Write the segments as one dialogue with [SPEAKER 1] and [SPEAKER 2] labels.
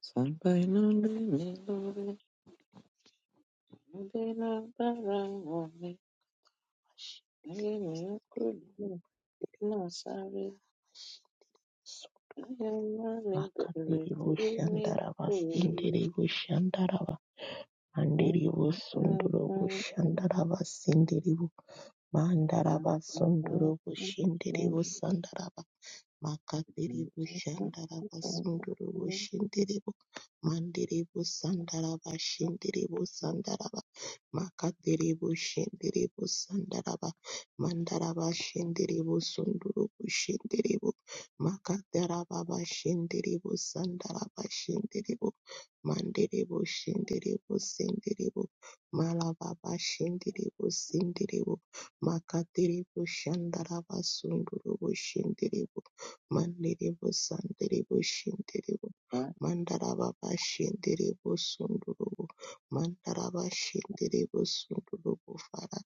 [SPEAKER 1] Sampai nonde milore, nonde nabara ngome, aye miokrudu nasare, aye mane bere
[SPEAKER 2] Makadiri
[SPEAKER 1] sini
[SPEAKER 2] shandarava,
[SPEAKER 1] kuru.
[SPEAKER 2] sindiri shandarava, handiri vosunduro shandarava, sindiri vo- mandarava, sunduro voshindiri sandarava. Makadhiribo Shandaraba Sundurubu Shindiribo Mandiribo Sandaraba Shindiribo Sandaraba Makadhiribo Shindiribo Sandaraba Mandaraba Shindiribo Sundurubu Shindiribo Makadarababa Shindiribo Sandaraba Shindiribo Mandiribo Shindiribo Sindiribo Malababa Shindiribo Sindiribo Makadiribo Shandaraba Sundurubu Shindiribo Manderebo Sanderebo Shinderebo Mandarababa Shinderebo Sundurubu Mandaraba Shinderebo Sundurubu Father.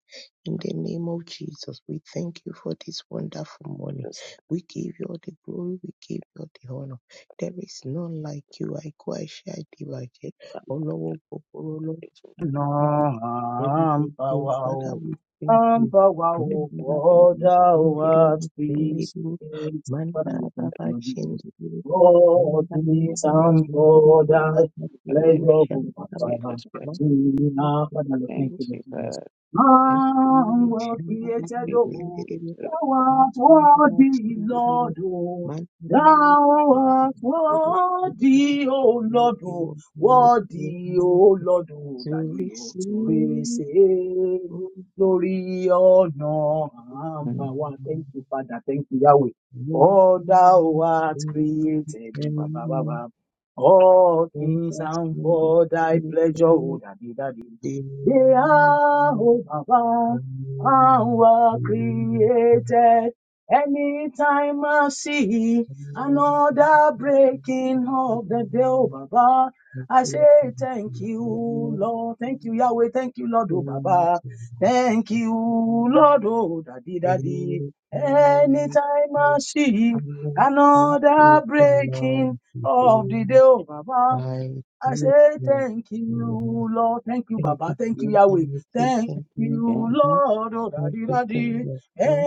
[SPEAKER 2] In the name of Jesus, we thank you for this wonderful morning.
[SPEAKER 1] Just
[SPEAKER 2] We give you all the glory, we give you all the honor. There is none like you. I go I shall divide. Olowo gbogbo,
[SPEAKER 1] picture
[SPEAKER 3] No,
[SPEAKER 2] Olowo Heavenly
[SPEAKER 3] I'm
[SPEAKER 2] Father, Father,
[SPEAKER 3] power,
[SPEAKER 2] we thank you.
[SPEAKER 3] I'm power,
[SPEAKER 2] Mandara Baba
[SPEAKER 3] for thou
[SPEAKER 2] Shindiri, we
[SPEAKER 3] art free.
[SPEAKER 2] thank
[SPEAKER 1] papers
[SPEAKER 2] you.
[SPEAKER 3] Father,
[SPEAKER 2] Mandara
[SPEAKER 3] we thank
[SPEAKER 2] Baba
[SPEAKER 3] you, Lord Jesus.
[SPEAKER 2] Shindiri,
[SPEAKER 3] All
[SPEAKER 2] Mandara
[SPEAKER 3] things
[SPEAKER 2] Baba
[SPEAKER 1] that
[SPEAKER 3] and
[SPEAKER 2] Shindiri,
[SPEAKER 3] for
[SPEAKER 2] O
[SPEAKER 3] thy
[SPEAKER 1] we can
[SPEAKER 2] Makatiri, O
[SPEAKER 1] make
[SPEAKER 3] pleasure, O
[SPEAKER 2] Shandaba,
[SPEAKER 3] Father.
[SPEAKER 1] Jesus Christ.
[SPEAKER 2] Mandara
[SPEAKER 3] We
[SPEAKER 2] Baba
[SPEAKER 3] now, Father, we
[SPEAKER 1] Thank
[SPEAKER 3] thank
[SPEAKER 2] Shindiri,
[SPEAKER 3] you, Lord
[SPEAKER 1] you,
[SPEAKER 3] Jesus.
[SPEAKER 1] God. Thank
[SPEAKER 3] Man
[SPEAKER 2] Makatiri,
[SPEAKER 3] was
[SPEAKER 2] Shandaba, Baba
[SPEAKER 3] created,
[SPEAKER 1] you,
[SPEAKER 3] O
[SPEAKER 2] Shindiri,
[SPEAKER 1] Jesus.
[SPEAKER 3] thou art
[SPEAKER 2] Mandara Baba
[SPEAKER 3] worthy, Lord,
[SPEAKER 2] Shindiri,
[SPEAKER 3] O
[SPEAKER 2] Mandiri,
[SPEAKER 3] thou art
[SPEAKER 2] Shindiri, Makatiri,
[SPEAKER 3] worthy, O
[SPEAKER 2] O
[SPEAKER 3] Lord,
[SPEAKER 2] Shandaba, Baba
[SPEAKER 3] Worthy, O
[SPEAKER 2] Shindiri,
[SPEAKER 3] Lord, O
[SPEAKER 2] to
[SPEAKER 3] Daddy, O to
[SPEAKER 2] receive.
[SPEAKER 3] receive
[SPEAKER 2] oh,
[SPEAKER 3] glory, honor, and power. Thank you, Father. Thank you, Yahweh.
[SPEAKER 2] Thank you,
[SPEAKER 3] All thou
[SPEAKER 2] Lord.
[SPEAKER 3] art
[SPEAKER 2] Thank
[SPEAKER 3] created, O Baba, Baba. All things and for thy pleasure, O Daddy, Daddy. They are, O Baba, and were created. Anytime I see another breaking of the day, O Baba. I say thank you, Lord. Thank you, Yahweh. Thank you, Lord, oh Baba. Thank you, Lord, oh Daddy, Daddy. Anytime I see another breaking of the day, oh Baba. I say thank you, Lord. Thank you, Baba.
[SPEAKER 2] you,
[SPEAKER 3] Thank you,
[SPEAKER 2] Lord.
[SPEAKER 3] Yahweh.
[SPEAKER 2] Thank
[SPEAKER 3] Thank
[SPEAKER 2] you,
[SPEAKER 3] you,
[SPEAKER 2] Lord.
[SPEAKER 3] Lord. Oh,
[SPEAKER 2] Thank
[SPEAKER 3] daddy,
[SPEAKER 2] you,
[SPEAKER 3] daddy.
[SPEAKER 2] Jesus. Thank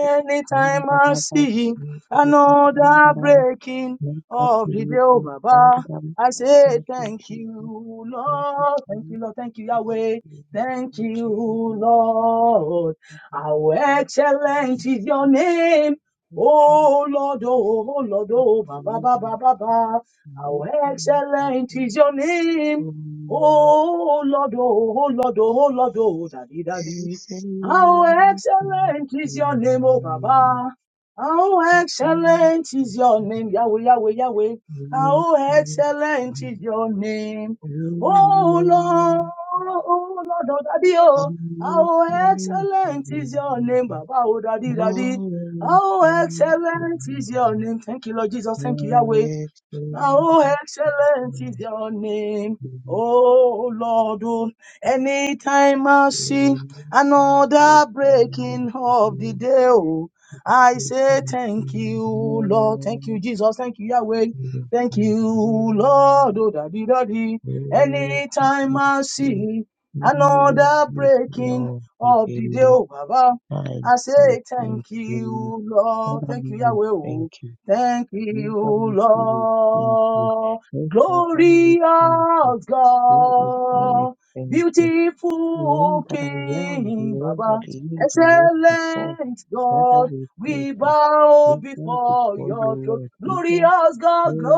[SPEAKER 2] you, Jesus.
[SPEAKER 3] I
[SPEAKER 2] Thank
[SPEAKER 3] see
[SPEAKER 2] you, Jesus. Thank
[SPEAKER 3] another breaking of the day,
[SPEAKER 2] you,
[SPEAKER 3] oh,
[SPEAKER 2] Jesus. Thank you, Jesus. Thank
[SPEAKER 3] Baba, I say thank
[SPEAKER 2] you,
[SPEAKER 3] you, Lord. Thank you, Lord. Thank you, Yahweh. Thank you,
[SPEAKER 2] Jesus.
[SPEAKER 3] Lord. How excellent is your name. Oh, Lord, oh, oh, Lord, oh, Baba, Baba, Baba. How
[SPEAKER 2] Thank you,
[SPEAKER 3] excellent
[SPEAKER 2] Jesus.
[SPEAKER 3] is your
[SPEAKER 2] Um, thank you, Jesus. Thank
[SPEAKER 3] name,
[SPEAKER 2] you,
[SPEAKER 3] oh Lord, oh oh, Lord, oh oh, Lord, oh Daddy, Daddy.
[SPEAKER 2] Jesus.
[SPEAKER 3] How excellent is your name, oh Baba. How excellent is your name, Yahweh, Yahweh, Yahweh. How excellent is your name,
[SPEAKER 2] Thank
[SPEAKER 3] oh
[SPEAKER 2] you, Jesus.
[SPEAKER 3] Lord, oh oh, Lord, oh Daddy,
[SPEAKER 2] I
[SPEAKER 3] oh.
[SPEAKER 2] Hallelujah to
[SPEAKER 3] How
[SPEAKER 2] you.
[SPEAKER 3] excellent is your name, Baba, oh Daddy, Daddy.
[SPEAKER 2] Hallelujah to
[SPEAKER 3] How excellent
[SPEAKER 2] you.
[SPEAKER 3] is your name. Thank you, Lord Jesus. Thank you,
[SPEAKER 2] How
[SPEAKER 3] Yahweh.
[SPEAKER 2] excellent
[SPEAKER 3] How
[SPEAKER 2] is your
[SPEAKER 3] excellent is
[SPEAKER 2] name
[SPEAKER 3] your name,
[SPEAKER 2] in
[SPEAKER 3] oh Lord. Oh, anytime I see
[SPEAKER 2] all the
[SPEAKER 3] another
[SPEAKER 2] earth.
[SPEAKER 3] breaking of the day, oh, I
[SPEAKER 2] Glory to you. Praise
[SPEAKER 3] say
[SPEAKER 2] the
[SPEAKER 3] thank
[SPEAKER 2] King and
[SPEAKER 3] you,
[SPEAKER 2] the
[SPEAKER 3] Lord. Thank
[SPEAKER 2] Lord.
[SPEAKER 3] you, Jesus. Thank you, Yahweh.
[SPEAKER 2] Today, I
[SPEAKER 3] Thank you, Lord. Oh, daddy, daddy. Anytime I see
[SPEAKER 2] thank
[SPEAKER 3] another breaking
[SPEAKER 2] you.
[SPEAKER 3] of the day, oh, Baba, I say
[SPEAKER 2] Thank
[SPEAKER 3] thank
[SPEAKER 2] you.
[SPEAKER 3] you, Lord.
[SPEAKER 2] Father,
[SPEAKER 3] Thank you,
[SPEAKER 2] we
[SPEAKER 3] Yahweh.
[SPEAKER 2] Thank you.
[SPEAKER 3] Thank
[SPEAKER 2] Never
[SPEAKER 3] you,
[SPEAKER 2] make me thank you.
[SPEAKER 3] Lord.
[SPEAKER 2] Yes, I will thank you.
[SPEAKER 3] Glorious
[SPEAKER 2] Yes, I will
[SPEAKER 3] God.
[SPEAKER 2] thank you. The one
[SPEAKER 3] Beautiful
[SPEAKER 2] that I am, the
[SPEAKER 3] King,
[SPEAKER 2] one that
[SPEAKER 3] Baba.
[SPEAKER 2] is the rest before.
[SPEAKER 3] Excellent
[SPEAKER 2] Father,
[SPEAKER 3] God.
[SPEAKER 2] we thank
[SPEAKER 3] We
[SPEAKER 2] you.
[SPEAKER 3] bow
[SPEAKER 2] We bow
[SPEAKER 3] before
[SPEAKER 2] before you,
[SPEAKER 3] your throne.
[SPEAKER 2] Lord. We are
[SPEAKER 3] Glorious God,
[SPEAKER 2] praise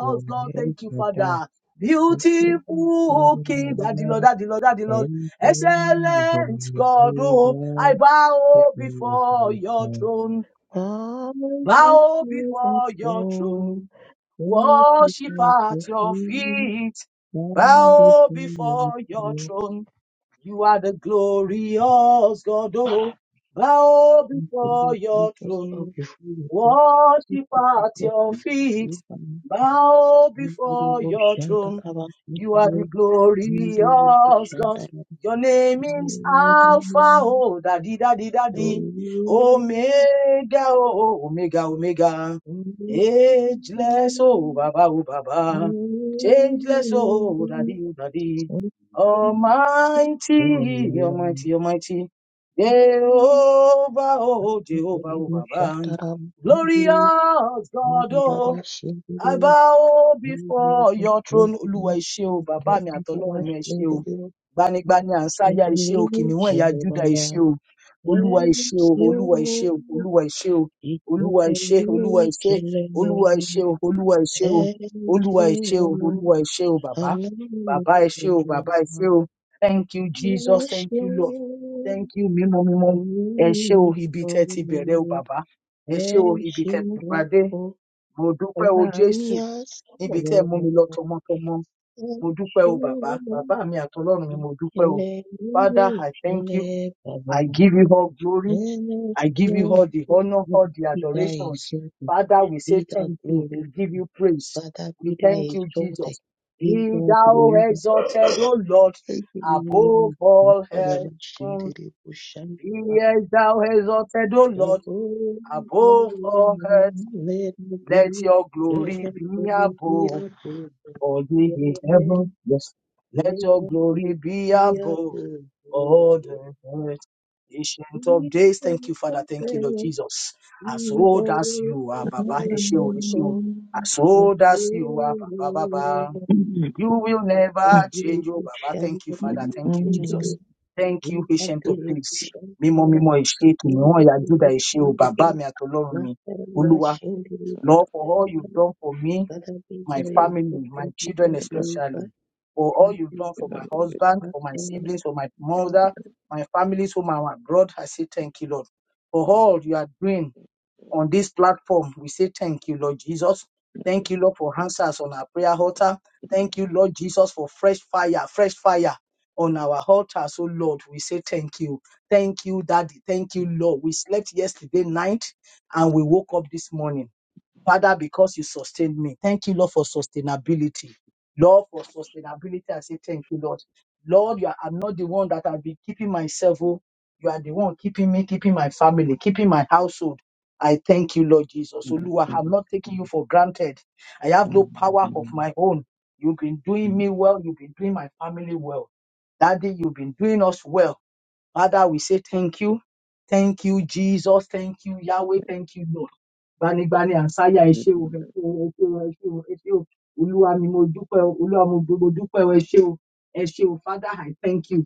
[SPEAKER 2] your
[SPEAKER 3] God.
[SPEAKER 2] name
[SPEAKER 3] Thank you,
[SPEAKER 2] for that.
[SPEAKER 3] Father.
[SPEAKER 2] We thank you,
[SPEAKER 3] Beautiful King, Daddy Lord,
[SPEAKER 2] Lord.
[SPEAKER 3] Daddy Lord, Daddy Lord.
[SPEAKER 2] And thank you, Lord.
[SPEAKER 3] Excellent
[SPEAKER 2] We thank
[SPEAKER 3] God,
[SPEAKER 2] you,
[SPEAKER 3] oh, I
[SPEAKER 2] Lord. Come
[SPEAKER 3] bow
[SPEAKER 2] and
[SPEAKER 3] before your throne.
[SPEAKER 2] give
[SPEAKER 3] Bow
[SPEAKER 2] me the
[SPEAKER 3] before your
[SPEAKER 2] joy.
[SPEAKER 3] throne,
[SPEAKER 2] Lord, you
[SPEAKER 3] worship
[SPEAKER 2] have
[SPEAKER 3] at your
[SPEAKER 2] to
[SPEAKER 3] feet.
[SPEAKER 2] Come
[SPEAKER 3] Bow
[SPEAKER 2] before your throne,
[SPEAKER 3] before your
[SPEAKER 2] Lord
[SPEAKER 3] throne, you are the glorious God. Oh, bow before your
[SPEAKER 2] Jesus, come before
[SPEAKER 3] throne,
[SPEAKER 2] your the
[SPEAKER 3] worship at
[SPEAKER 2] Lord, you
[SPEAKER 3] your
[SPEAKER 2] are
[SPEAKER 3] feet bow
[SPEAKER 2] the
[SPEAKER 3] before
[SPEAKER 2] Lord,
[SPEAKER 3] your
[SPEAKER 2] Shanta
[SPEAKER 3] throne.
[SPEAKER 2] Kaba, you
[SPEAKER 3] You are the
[SPEAKER 2] are the Lord,
[SPEAKER 3] glorious God.
[SPEAKER 2] Shanta
[SPEAKER 3] Your name is Alpha, oh, daddy, daddy, daddy, Omega, oh, Omega, Omega, ageless, oh, Baba, oh, Baba, changeless, oh, daddy, oh, daddy, Almighty, Almighty, Almighty, Jehovah, oh, Jehovah, oh, Baba, glorious God, I bow before your throne,
[SPEAKER 2] Kaba.
[SPEAKER 3] Olúwa ẹ ṣé o, bàbá
[SPEAKER 2] Yes,
[SPEAKER 3] mi àtọlọ́run mi ẹ ṣé o,
[SPEAKER 2] you
[SPEAKER 3] gbanigbani àǹsáyà ẹ ṣé o, kìnìún ẹ̀yà Júdà ẹ ṣé o, Olúwa ẹ ṣé o, Olúwa ẹ ṣé o, Olúwa ẹ ṣé o,
[SPEAKER 2] it would
[SPEAKER 3] Olúwa ẹ ṣé, Olúwa ẹ
[SPEAKER 2] really
[SPEAKER 3] ṣé,
[SPEAKER 2] kill
[SPEAKER 3] Olúwa ẹ ṣé
[SPEAKER 2] me.
[SPEAKER 3] o, Olúwa ẹ ṣé o,
[SPEAKER 2] Thank
[SPEAKER 3] Olúwa ẹ ṣé o, Olúwa ẹ ṣé o, bàbá, bàbá ẹ ṣé o, bàbá ẹ ṣé o, thank you Jesus, thank you Lord, thank you mímọ́ mímọ́, ẹ ṣé o, ibi tẹ́ ti bẹ̀rẹ̀ o, bàbá, ẹ ṣé o, ibi tẹ́ ti pàdé, mo dúpẹ́ o Jésù níbi tẹ́ ẹ mú mi lọ
[SPEAKER 2] you.
[SPEAKER 3] tọmọtọmọ mo dúpẹ́ o bàbá bàbá mi àtọlọ́run mi mo dúpẹ́ o
[SPEAKER 2] ìpínlẹ̀ nínú
[SPEAKER 3] father i thank you
[SPEAKER 2] ìpínlẹ̀
[SPEAKER 3] i
[SPEAKER 2] bàbá
[SPEAKER 3] give you all glory
[SPEAKER 2] And
[SPEAKER 3] i give you
[SPEAKER 2] glory
[SPEAKER 3] all the honour
[SPEAKER 2] Father,
[SPEAKER 3] all the
[SPEAKER 2] be thou
[SPEAKER 3] adorations
[SPEAKER 2] exalted,
[SPEAKER 3] father we say
[SPEAKER 2] be thou
[SPEAKER 3] thank you we give
[SPEAKER 2] glorified,
[SPEAKER 3] you praise
[SPEAKER 2] Father,
[SPEAKER 3] we
[SPEAKER 2] be thou
[SPEAKER 3] thank you jesus
[SPEAKER 2] exalted,
[SPEAKER 3] be
[SPEAKER 2] be thou
[SPEAKER 3] thou
[SPEAKER 2] glorified.
[SPEAKER 3] exalted o lord above
[SPEAKER 2] Amen.
[SPEAKER 3] all earth Mm.
[SPEAKER 2] Rabashindiri Bushandi
[SPEAKER 3] be thou exalted o lord
[SPEAKER 2] Bakudabo.
[SPEAKER 3] above all earth
[SPEAKER 2] Let the
[SPEAKER 3] let
[SPEAKER 2] glory,
[SPEAKER 3] your glory
[SPEAKER 2] let the
[SPEAKER 3] be
[SPEAKER 2] glory be
[SPEAKER 3] above.
[SPEAKER 2] upon thee.
[SPEAKER 3] all ye
[SPEAKER 2] Let
[SPEAKER 3] in
[SPEAKER 2] the
[SPEAKER 3] heaven, yes.
[SPEAKER 2] glory
[SPEAKER 3] Let
[SPEAKER 2] be
[SPEAKER 3] your
[SPEAKER 2] upon
[SPEAKER 3] glory
[SPEAKER 2] thee.
[SPEAKER 3] be
[SPEAKER 2] Be thou
[SPEAKER 3] above
[SPEAKER 2] exalted,
[SPEAKER 3] all the earth. Ancient of days, thank you, Father. Thank you, Lord Jesus. As
[SPEAKER 2] be
[SPEAKER 3] old
[SPEAKER 2] thou
[SPEAKER 3] as you are, Baba,
[SPEAKER 1] Thank
[SPEAKER 2] exalted, O
[SPEAKER 3] Eshio, Eshio.
[SPEAKER 2] Lord.
[SPEAKER 3] As
[SPEAKER 1] you.
[SPEAKER 2] Father,
[SPEAKER 3] old
[SPEAKER 2] be
[SPEAKER 3] as you are, Baba,
[SPEAKER 2] glorified.
[SPEAKER 3] Baba. You will never
[SPEAKER 2] Thank you,
[SPEAKER 3] change, oh Baba. Thank you,
[SPEAKER 2] God,
[SPEAKER 3] Father.
[SPEAKER 2] glorified.
[SPEAKER 3] Thank you,
[SPEAKER 2] Thank you, God,
[SPEAKER 3] Jesus. Thank you, Ancient of days. Mímọ́ mímọ́ ìṣe kìnìún ọ̀yà Júdà ìṣe o bàbá mi àtọlọ́run mi. Olúwa, Lord, for all you've done for me my family, my children especially, for all you've done for my husband, for my siblings, for my mother, my families, for my abroad. I say thank you, Lord. For all you are doing on this platform, we say thank you, Lord Jesus. Thank you, Lord, for answers on our prayer altar. Thank you, Lord Jesus, for fresh fire, fresh fire on our altar. So, Lord, we say thank you. Thank you, Daddy. Thank you, Lord. We slept yesterday night and we woke up this morning. Father, because you sustained me. Thank you, Lord, for sustainability. Lord, for sustainability, I say thank you, Lord. Lord, you are, I'm not the one that I'll be keeping myself. oh. You are the one keeping me, keeping my family, keeping my household. I thank you, Lord Jesus. Lord, I'm not taking you for granted. I have no power of my own. You've been doing me well. You've been doing my family well. Daddy, you've been doing us well. Father, we say thank you. Thank you, Jesus. Thank you, Yahweh. Thank you, Lord. Gbanigbani àsáyà ẹ ṣé o, ẹ ṣé o, ẹ ṣé o, ẹ ṣé o, ẹ ṣé o. Olúwa mi, mo dúpẹ́ o, Olúwa mo dú- mo dúpẹ́ o, ẹ ṣé o, ẹ ṣé o. Father, I thank you.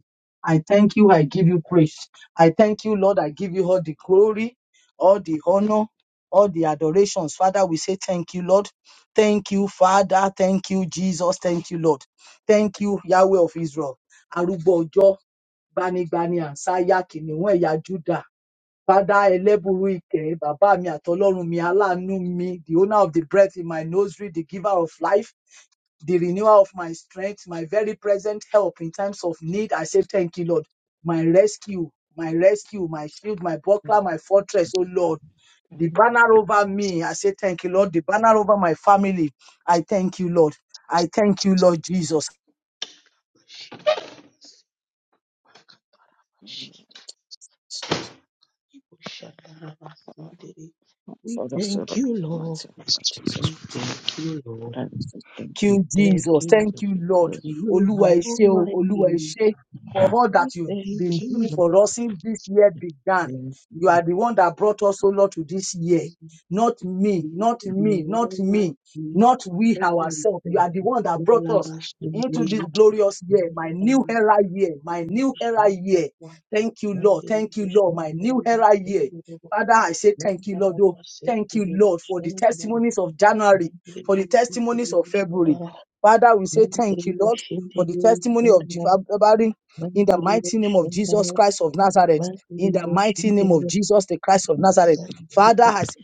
[SPEAKER 3] I thank you. I give you praise. I thank you, Lord. I give you all the glory, all the honor, all the adorations. Father, we say thank you, Lord. Thank you, Father. Thank you, Jesus. Thank you, Lord. Thank you, Yahweh of Israel. Arúgbó ọjọ́ gbanigbani àǹsáyà kìnìún ẹ̀yà Júdà. Father ẹlẹ́bùrú bàbá mi àtọlọ́run mi, aláàánú mi, the owner of the breath in my nostril, the giver of life, the renewer of my strength, my very present help in times of need. I say thank you, Lord. My rescue, my rescue, my shield, my buckler, my fortress, oh Lord. The banner over me, I say thank you, Lord. The banner over my family, I thank you, Lord. I thank you, Lord Jesus.
[SPEAKER 2] we
[SPEAKER 1] Father, serve
[SPEAKER 2] thank
[SPEAKER 1] up
[SPEAKER 2] you,
[SPEAKER 1] the
[SPEAKER 2] Lord.
[SPEAKER 1] anointing of
[SPEAKER 2] We
[SPEAKER 1] Jesus Christ.
[SPEAKER 2] thank you, Lord.
[SPEAKER 1] That I will say thank you.
[SPEAKER 2] We
[SPEAKER 3] you,
[SPEAKER 2] thank
[SPEAKER 3] Jesus.
[SPEAKER 1] It
[SPEAKER 2] you.
[SPEAKER 3] Thank
[SPEAKER 1] is
[SPEAKER 3] you,
[SPEAKER 1] your
[SPEAKER 3] Lord.
[SPEAKER 1] glory.
[SPEAKER 2] You are
[SPEAKER 3] Oluwa Ishe, Oluwa
[SPEAKER 2] almighty.
[SPEAKER 3] Ishe, for all that you've
[SPEAKER 2] Thank
[SPEAKER 3] been
[SPEAKER 2] you,
[SPEAKER 3] doing
[SPEAKER 2] Lord.
[SPEAKER 3] for us since this year
[SPEAKER 2] Thank
[SPEAKER 3] began.
[SPEAKER 2] you,
[SPEAKER 3] You are the one that brought us, O Lord, to this year. Not me,
[SPEAKER 2] You
[SPEAKER 3] not me,
[SPEAKER 2] are
[SPEAKER 3] not me,
[SPEAKER 2] like me,
[SPEAKER 3] not we
[SPEAKER 2] but no
[SPEAKER 3] ourselves. You
[SPEAKER 2] thank
[SPEAKER 3] are the
[SPEAKER 2] you.
[SPEAKER 3] one that brought
[SPEAKER 2] Mala
[SPEAKER 3] us into
[SPEAKER 2] basunduri,
[SPEAKER 3] this glorious year, my
[SPEAKER 2] shandara,
[SPEAKER 3] new era year, my new era year. Thank you, Lord.
[SPEAKER 2] mandiri,
[SPEAKER 3] Thank you, Lord. My
[SPEAKER 2] shandara,
[SPEAKER 3] new era year.
[SPEAKER 2] sunduru,
[SPEAKER 3] Father, I say thank you,
[SPEAKER 2] mandara,
[SPEAKER 3] Lord. Oh, thank you,
[SPEAKER 2] basinduri,
[SPEAKER 3] Lord, for the
[SPEAKER 2] shandara,
[SPEAKER 3] testimonies of January
[SPEAKER 2] mandiri,
[SPEAKER 3] for the testimonies
[SPEAKER 2] shandiri,
[SPEAKER 3] of February.
[SPEAKER 2] shandara,
[SPEAKER 3] Father, we say thank
[SPEAKER 2] mandiri,
[SPEAKER 3] you, Lord, for the
[SPEAKER 2] shandiri, shandara, mandiri, shandara,
[SPEAKER 3] testimony of Jeff- February in the
[SPEAKER 2] mandiri,
[SPEAKER 3] mighty
[SPEAKER 2] shandiri,
[SPEAKER 3] name of Jesus
[SPEAKER 2] shandara.
[SPEAKER 3] Christ of Nazareth.
[SPEAKER 2] Nakari,
[SPEAKER 3] In the mighty name of Jesus, the Christ of Nazareth. Father, as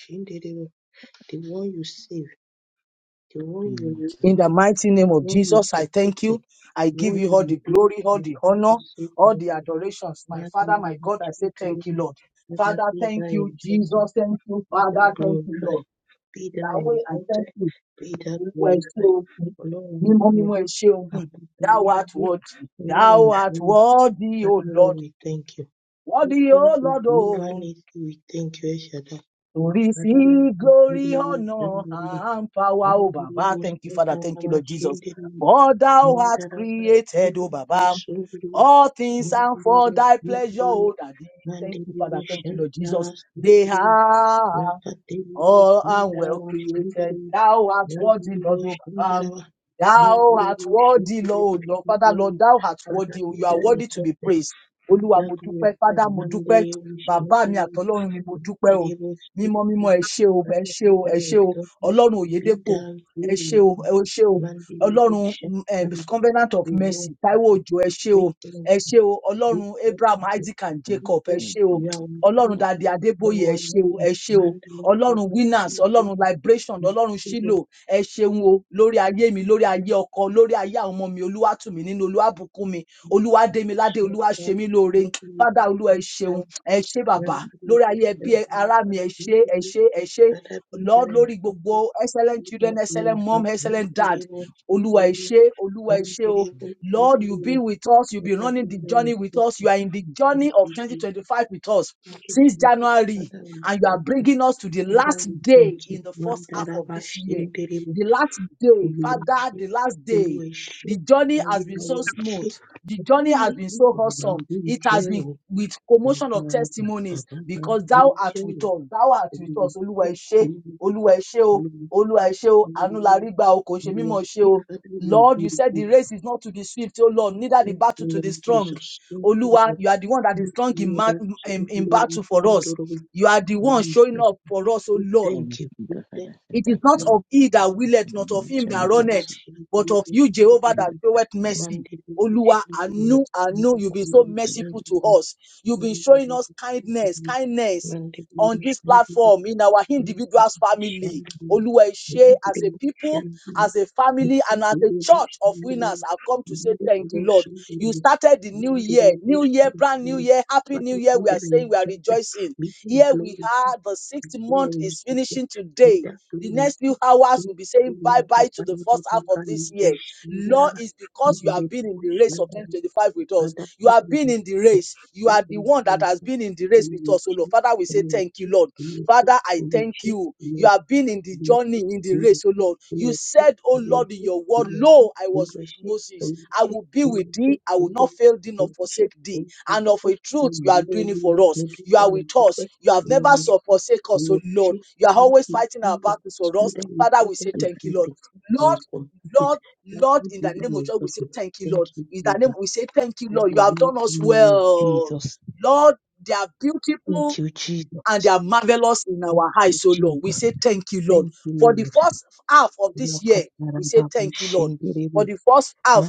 [SPEAKER 2] shandiri, the one you save, the one
[SPEAKER 1] In my
[SPEAKER 2] you
[SPEAKER 1] Jesus'
[SPEAKER 3] in the mighty name of
[SPEAKER 2] Lord, you
[SPEAKER 3] Jesus, I thank
[SPEAKER 2] protect it.
[SPEAKER 3] you. I give
[SPEAKER 2] Lord,
[SPEAKER 3] you all
[SPEAKER 2] you
[SPEAKER 3] the
[SPEAKER 2] bless
[SPEAKER 3] glory, all
[SPEAKER 2] and
[SPEAKER 3] the honor,
[SPEAKER 2] compensate
[SPEAKER 3] all
[SPEAKER 2] me.
[SPEAKER 3] the adorations. My
[SPEAKER 2] Father,
[SPEAKER 3] Father,
[SPEAKER 2] Lord,
[SPEAKER 3] my God, I say thank you,
[SPEAKER 2] children,
[SPEAKER 3] Lord.
[SPEAKER 2] Father,
[SPEAKER 3] Father,
[SPEAKER 2] be thou
[SPEAKER 3] thank you,
[SPEAKER 2] exalted,
[SPEAKER 3] Jesus. Thank you,
[SPEAKER 2] be thou
[SPEAKER 3] Father. Thank you,
[SPEAKER 2] glorified,
[SPEAKER 3] Lord.
[SPEAKER 2] be thou
[SPEAKER 3] That way, I thank
[SPEAKER 2] exalted,
[SPEAKER 3] you.
[SPEAKER 2] be thou
[SPEAKER 3] Olúwa ẹ ṣé o.
[SPEAKER 2] glorified. Ọlọ́run
[SPEAKER 3] Mímọ́ mímọ́
[SPEAKER 2] ayérayé,
[SPEAKER 3] ẹ ṣé o. Hmm.
[SPEAKER 2] àpótí
[SPEAKER 3] Thou art
[SPEAKER 2] ayérayé,
[SPEAKER 3] worthy, thou
[SPEAKER 2] Ọlọ́run
[SPEAKER 3] art
[SPEAKER 2] ìfẹ́mi,
[SPEAKER 3] worthy, O
[SPEAKER 2] Father, Lord,
[SPEAKER 3] Lord,
[SPEAKER 2] we thank you. We
[SPEAKER 3] worthy, O
[SPEAKER 2] thank you,
[SPEAKER 3] Lord, O.
[SPEAKER 2] Jehovah Nissi, we thank you, El Shaddai.
[SPEAKER 3] To
[SPEAKER 2] Father, Lord,
[SPEAKER 3] receive
[SPEAKER 2] we thank
[SPEAKER 3] glory,
[SPEAKER 2] you,
[SPEAKER 3] honor,
[SPEAKER 2] Jehovah Nissi,
[SPEAKER 3] and power, O Baba. Thank you,
[SPEAKER 2] we
[SPEAKER 3] Father.
[SPEAKER 2] thank
[SPEAKER 3] Thank you,
[SPEAKER 2] you, El
[SPEAKER 3] Lord Jesus.
[SPEAKER 2] Shaddai.
[SPEAKER 3] For thou
[SPEAKER 2] Mandiri
[SPEAKER 3] art
[SPEAKER 2] Shantara,
[SPEAKER 3] created, O Baba. All things and for thy pleasure, O Daddy. Thank you, Father. Thank you, Lord Jesus. They are all are well created. Thou art worthy, Lord. O Um, thou art worthy, Lord. Lord. Father, Lord, thou art worthy. Oh, You are worthy to be praised. Olúwa mo dúpẹ́, Father mo dúpẹ́, bàbá mi àtọlọ́run mi mo dúpẹ́ o. Mímọ́ mímọ́ ẹ ṣé o, ẹ ṣé o, ẹ ṣé o. Ọlọ́run Òyedépò, ẹ ṣé o, ẹ ṣé o. Ọlọ́run um, Covenant of
[SPEAKER 2] we know
[SPEAKER 3] Mercy, Táíwò Òjò, ẹ ṣé o,
[SPEAKER 2] with
[SPEAKER 3] ẹ ṣé o. Ọlọ́run
[SPEAKER 2] Thank you.
[SPEAKER 3] Abraham, Isaac and
[SPEAKER 1] name.
[SPEAKER 3] Jacob, ẹ
[SPEAKER 1] And
[SPEAKER 3] ṣé o. Ọlọ́run Dàdé Adébóyè, ẹ ṣé o, ẹ ṣé o ọlọ́run winners ọlọ́run liberation ọlọ́run shilo ẹ ṣeun o lórí ayé mi lórí ayé ọkọ lórí ayé àwọn ọmọ mi olúwàtúmí nínú olúwàbùkún mi olúwàdémiládé olúwàṣemí lóore fádà olú ẹ ṣeun ẹ ṣé bàbá lórí ayé ẹbí ẹ- ará mi ẹ ṣé ẹ ṣé ẹ ṣé lord lórí gbogbo excellent children excellent mom excellent dad olúwa ẹ ṣé olúwa ẹ ṣé o lord you have been with us you have been running the journey with us you are in the journey of twenty twenty five with us since january
[SPEAKER 2] Father, we
[SPEAKER 3] and you are
[SPEAKER 2] thank
[SPEAKER 3] bringing us to the last day
[SPEAKER 2] you.
[SPEAKER 3] in the first half of this year.
[SPEAKER 2] Mandarabashiri
[SPEAKER 3] The last day, Father,
[SPEAKER 2] olùwàṣẹ
[SPEAKER 3] the last day.
[SPEAKER 2] olùwàṣẹ
[SPEAKER 3] The journey has been
[SPEAKER 2] ayérayé
[SPEAKER 3] so smooth. The
[SPEAKER 2] ọjọ
[SPEAKER 3] journey has been
[SPEAKER 2] méjì
[SPEAKER 3] so
[SPEAKER 2] bàbá
[SPEAKER 3] awesome.
[SPEAKER 2] kú
[SPEAKER 3] It
[SPEAKER 2] iṣẹ
[SPEAKER 3] has
[SPEAKER 2] o
[SPEAKER 3] been with commotion of
[SPEAKER 2] bàbá bàbá
[SPEAKER 3] testimonies
[SPEAKER 2] bàbá
[SPEAKER 3] because
[SPEAKER 2] kú
[SPEAKER 3] thou art
[SPEAKER 2] iṣẹ
[SPEAKER 3] with
[SPEAKER 2] o
[SPEAKER 3] us. Thou art with us.
[SPEAKER 2] olùwàṣẹ
[SPEAKER 3] Olúwa ẹ ṣé.
[SPEAKER 2] olùwàṣẹ
[SPEAKER 3] Olúwa ẹ ṣé o.
[SPEAKER 2] olùwàṣẹ
[SPEAKER 3] Olúwa ẹ ṣé o. Àánú la rí
[SPEAKER 2] hallelujah
[SPEAKER 3] gbà o. Kò ṣe mímọ̀ ṣe
[SPEAKER 2] olùwàṣẹ
[SPEAKER 3] o.
[SPEAKER 2] father we are
[SPEAKER 3] Lord, you said the
[SPEAKER 2] grateful
[SPEAKER 3] race is not to the swift, oh Lord, neither
[SPEAKER 2] thank
[SPEAKER 3] the battle
[SPEAKER 2] you
[SPEAKER 3] to the
[SPEAKER 2] lord
[SPEAKER 3] strong.
[SPEAKER 2] jesus thank you
[SPEAKER 3] Oluwa,
[SPEAKER 2] lord
[SPEAKER 3] you are the one that is strong
[SPEAKER 2] thank
[SPEAKER 3] in, ma- in,
[SPEAKER 2] you
[SPEAKER 3] in
[SPEAKER 2] lord
[SPEAKER 3] battle
[SPEAKER 2] thank
[SPEAKER 3] for
[SPEAKER 2] you
[SPEAKER 3] us.
[SPEAKER 2] lord
[SPEAKER 3] You are the
[SPEAKER 2] thank
[SPEAKER 3] one
[SPEAKER 2] you lord
[SPEAKER 3] showing up for us, oh
[SPEAKER 2] we
[SPEAKER 3] Lord.
[SPEAKER 2] thank
[SPEAKER 1] thank
[SPEAKER 2] you
[SPEAKER 1] you,
[SPEAKER 2] we
[SPEAKER 1] God. I
[SPEAKER 2] thank
[SPEAKER 1] say
[SPEAKER 2] you
[SPEAKER 3] It is
[SPEAKER 1] thank
[SPEAKER 3] not
[SPEAKER 1] you.
[SPEAKER 3] of he that willeth,
[SPEAKER 1] And
[SPEAKER 3] not
[SPEAKER 1] you
[SPEAKER 3] of
[SPEAKER 1] will
[SPEAKER 3] him
[SPEAKER 1] turn my
[SPEAKER 3] that
[SPEAKER 1] back
[SPEAKER 3] runneth,
[SPEAKER 1] to you.
[SPEAKER 3] but of you, Jehovah,
[SPEAKER 1] And
[SPEAKER 2] Lord.
[SPEAKER 3] that
[SPEAKER 1] the
[SPEAKER 3] showeth
[SPEAKER 1] next minute,
[SPEAKER 3] mercy.
[SPEAKER 2] Monday we
[SPEAKER 3] Oluwa,
[SPEAKER 2] choose
[SPEAKER 3] I
[SPEAKER 2] to be
[SPEAKER 3] know, I know you've been
[SPEAKER 1] you
[SPEAKER 2] Monday
[SPEAKER 3] so
[SPEAKER 1] will pray for
[SPEAKER 2] choose
[SPEAKER 3] merciful
[SPEAKER 2] to
[SPEAKER 3] to
[SPEAKER 2] be
[SPEAKER 3] us. You've been
[SPEAKER 2] Monday
[SPEAKER 3] showing
[SPEAKER 2] we
[SPEAKER 3] us
[SPEAKER 2] choose to
[SPEAKER 3] kindness,
[SPEAKER 2] be
[SPEAKER 3] kindness
[SPEAKER 2] Monday we
[SPEAKER 3] on this
[SPEAKER 2] choose to
[SPEAKER 3] platform, in our
[SPEAKER 2] be
[SPEAKER 3] individuals' family.
[SPEAKER 2] Shandam
[SPEAKER 3] Oluwa, share
[SPEAKER 2] Monday
[SPEAKER 3] as a people,
[SPEAKER 2] Shandam
[SPEAKER 3] as a family,
[SPEAKER 2] Monday
[SPEAKER 3] and as a
[SPEAKER 2] we
[SPEAKER 3] church of
[SPEAKER 2] Shandam Monday
[SPEAKER 3] winners, I've come to say
[SPEAKER 2] we
[SPEAKER 3] thank you, Lord.
[SPEAKER 2] Shandam
[SPEAKER 3] You started the new
[SPEAKER 2] Monday
[SPEAKER 3] year, new
[SPEAKER 2] we
[SPEAKER 3] year, brand new
[SPEAKER 2] Shandam
[SPEAKER 3] year, happy new
[SPEAKER 2] Father,
[SPEAKER 3] year.
[SPEAKER 2] be
[SPEAKER 3] We are
[SPEAKER 2] that I
[SPEAKER 3] saying we are
[SPEAKER 2] exalted,
[SPEAKER 3] rejoicing.
[SPEAKER 2] be that
[SPEAKER 3] Here we
[SPEAKER 2] glory,
[SPEAKER 3] are, the
[SPEAKER 2] be
[SPEAKER 3] sixth
[SPEAKER 2] that I
[SPEAKER 3] month is
[SPEAKER 2] exalted,
[SPEAKER 3] finishing
[SPEAKER 2] be
[SPEAKER 3] today.
[SPEAKER 2] that
[SPEAKER 3] The
[SPEAKER 2] glory, be
[SPEAKER 3] next few hours
[SPEAKER 2] that
[SPEAKER 3] will be saying bye
[SPEAKER 2] glory,
[SPEAKER 3] bye to
[SPEAKER 2] Father,
[SPEAKER 3] the
[SPEAKER 2] be
[SPEAKER 3] first half
[SPEAKER 2] that
[SPEAKER 3] of this year.
[SPEAKER 2] glory,
[SPEAKER 3] Lord,
[SPEAKER 2] Shandam
[SPEAKER 3] it's because you have
[SPEAKER 2] Monday
[SPEAKER 3] been in
[SPEAKER 2] we
[SPEAKER 3] the race of
[SPEAKER 2] Shandam
[SPEAKER 3] 2025 with us.
[SPEAKER 2] Father,
[SPEAKER 3] You
[SPEAKER 2] we
[SPEAKER 3] have
[SPEAKER 2] thank
[SPEAKER 3] been
[SPEAKER 2] you
[SPEAKER 3] in the
[SPEAKER 2] for this.
[SPEAKER 3] race. You
[SPEAKER 2] We
[SPEAKER 3] are the
[SPEAKER 2] thank
[SPEAKER 3] one that
[SPEAKER 2] you
[SPEAKER 3] has
[SPEAKER 2] for
[SPEAKER 3] been in the race with
[SPEAKER 2] community,
[SPEAKER 3] us. Oh
[SPEAKER 2] community,
[SPEAKER 3] Lord, Father, we say thank
[SPEAKER 2] community,
[SPEAKER 3] you, Lord.
[SPEAKER 2] community, community,
[SPEAKER 3] Father, I thank
[SPEAKER 2] community,
[SPEAKER 3] you. You have been in the journey,
[SPEAKER 2] community,
[SPEAKER 3] in the
[SPEAKER 2] community,
[SPEAKER 3] race, oh
[SPEAKER 2] community,
[SPEAKER 3] Lord. You
[SPEAKER 2] community,
[SPEAKER 3] said, oh
[SPEAKER 2] community,
[SPEAKER 3] Lord, in your word,
[SPEAKER 2] community,
[SPEAKER 3] Lo, I was with Moses. I will be with
[SPEAKER 2] community,
[SPEAKER 3] thee. I will not fail thee nor
[SPEAKER 2] community,
[SPEAKER 3] forsake thee. And of
[SPEAKER 2] community,
[SPEAKER 3] a truth,
[SPEAKER 2] in
[SPEAKER 3] you
[SPEAKER 2] the
[SPEAKER 3] are doing it for us. You are with us. You have
[SPEAKER 1] me.
[SPEAKER 2] name
[SPEAKER 3] never
[SPEAKER 2] of
[SPEAKER 3] so forsake us, oh Lord.
[SPEAKER 2] Jesus,
[SPEAKER 3] You are
[SPEAKER 2] in the
[SPEAKER 3] always
[SPEAKER 2] community,
[SPEAKER 3] fighting our battles for
[SPEAKER 1] So,
[SPEAKER 2] community, community, community. You Jesus. You
[SPEAKER 3] us.
[SPEAKER 2] that we
[SPEAKER 3] Father, we
[SPEAKER 2] started
[SPEAKER 3] say
[SPEAKER 2] a
[SPEAKER 1] and
[SPEAKER 2] good
[SPEAKER 1] I
[SPEAKER 3] thank you, Lord.
[SPEAKER 2] thing, we will
[SPEAKER 3] Lord,
[SPEAKER 1] just
[SPEAKER 2] complete it.
[SPEAKER 3] Lord,
[SPEAKER 2] That
[SPEAKER 3] Lord,
[SPEAKER 2] good
[SPEAKER 3] in the
[SPEAKER 2] that
[SPEAKER 3] name of
[SPEAKER 2] we
[SPEAKER 3] God, we say
[SPEAKER 2] started.
[SPEAKER 3] thank you,
[SPEAKER 2] Thank
[SPEAKER 3] Lord.
[SPEAKER 2] you,
[SPEAKER 3] In the
[SPEAKER 2] Jesus.
[SPEAKER 3] name, we say thank you,
[SPEAKER 2] In
[SPEAKER 3] Lord.
[SPEAKER 2] the
[SPEAKER 3] You have done
[SPEAKER 2] mighty
[SPEAKER 3] us
[SPEAKER 2] name of
[SPEAKER 3] well.
[SPEAKER 2] Jesus.
[SPEAKER 3] Lord, they are beautiful
[SPEAKER 2] Thank you, Jesus.
[SPEAKER 3] and they are marvelous in
[SPEAKER 2] Thank
[SPEAKER 3] our eyes,
[SPEAKER 2] you,
[SPEAKER 3] so Lord. We
[SPEAKER 2] Jesus.
[SPEAKER 3] say thank you, Lord.
[SPEAKER 2] Thank you,
[SPEAKER 3] For the
[SPEAKER 2] Lord.
[SPEAKER 3] first half of this year, we say
[SPEAKER 2] Makatarababa
[SPEAKER 3] thank you, Lord. For
[SPEAKER 2] shinderebo.
[SPEAKER 3] the first half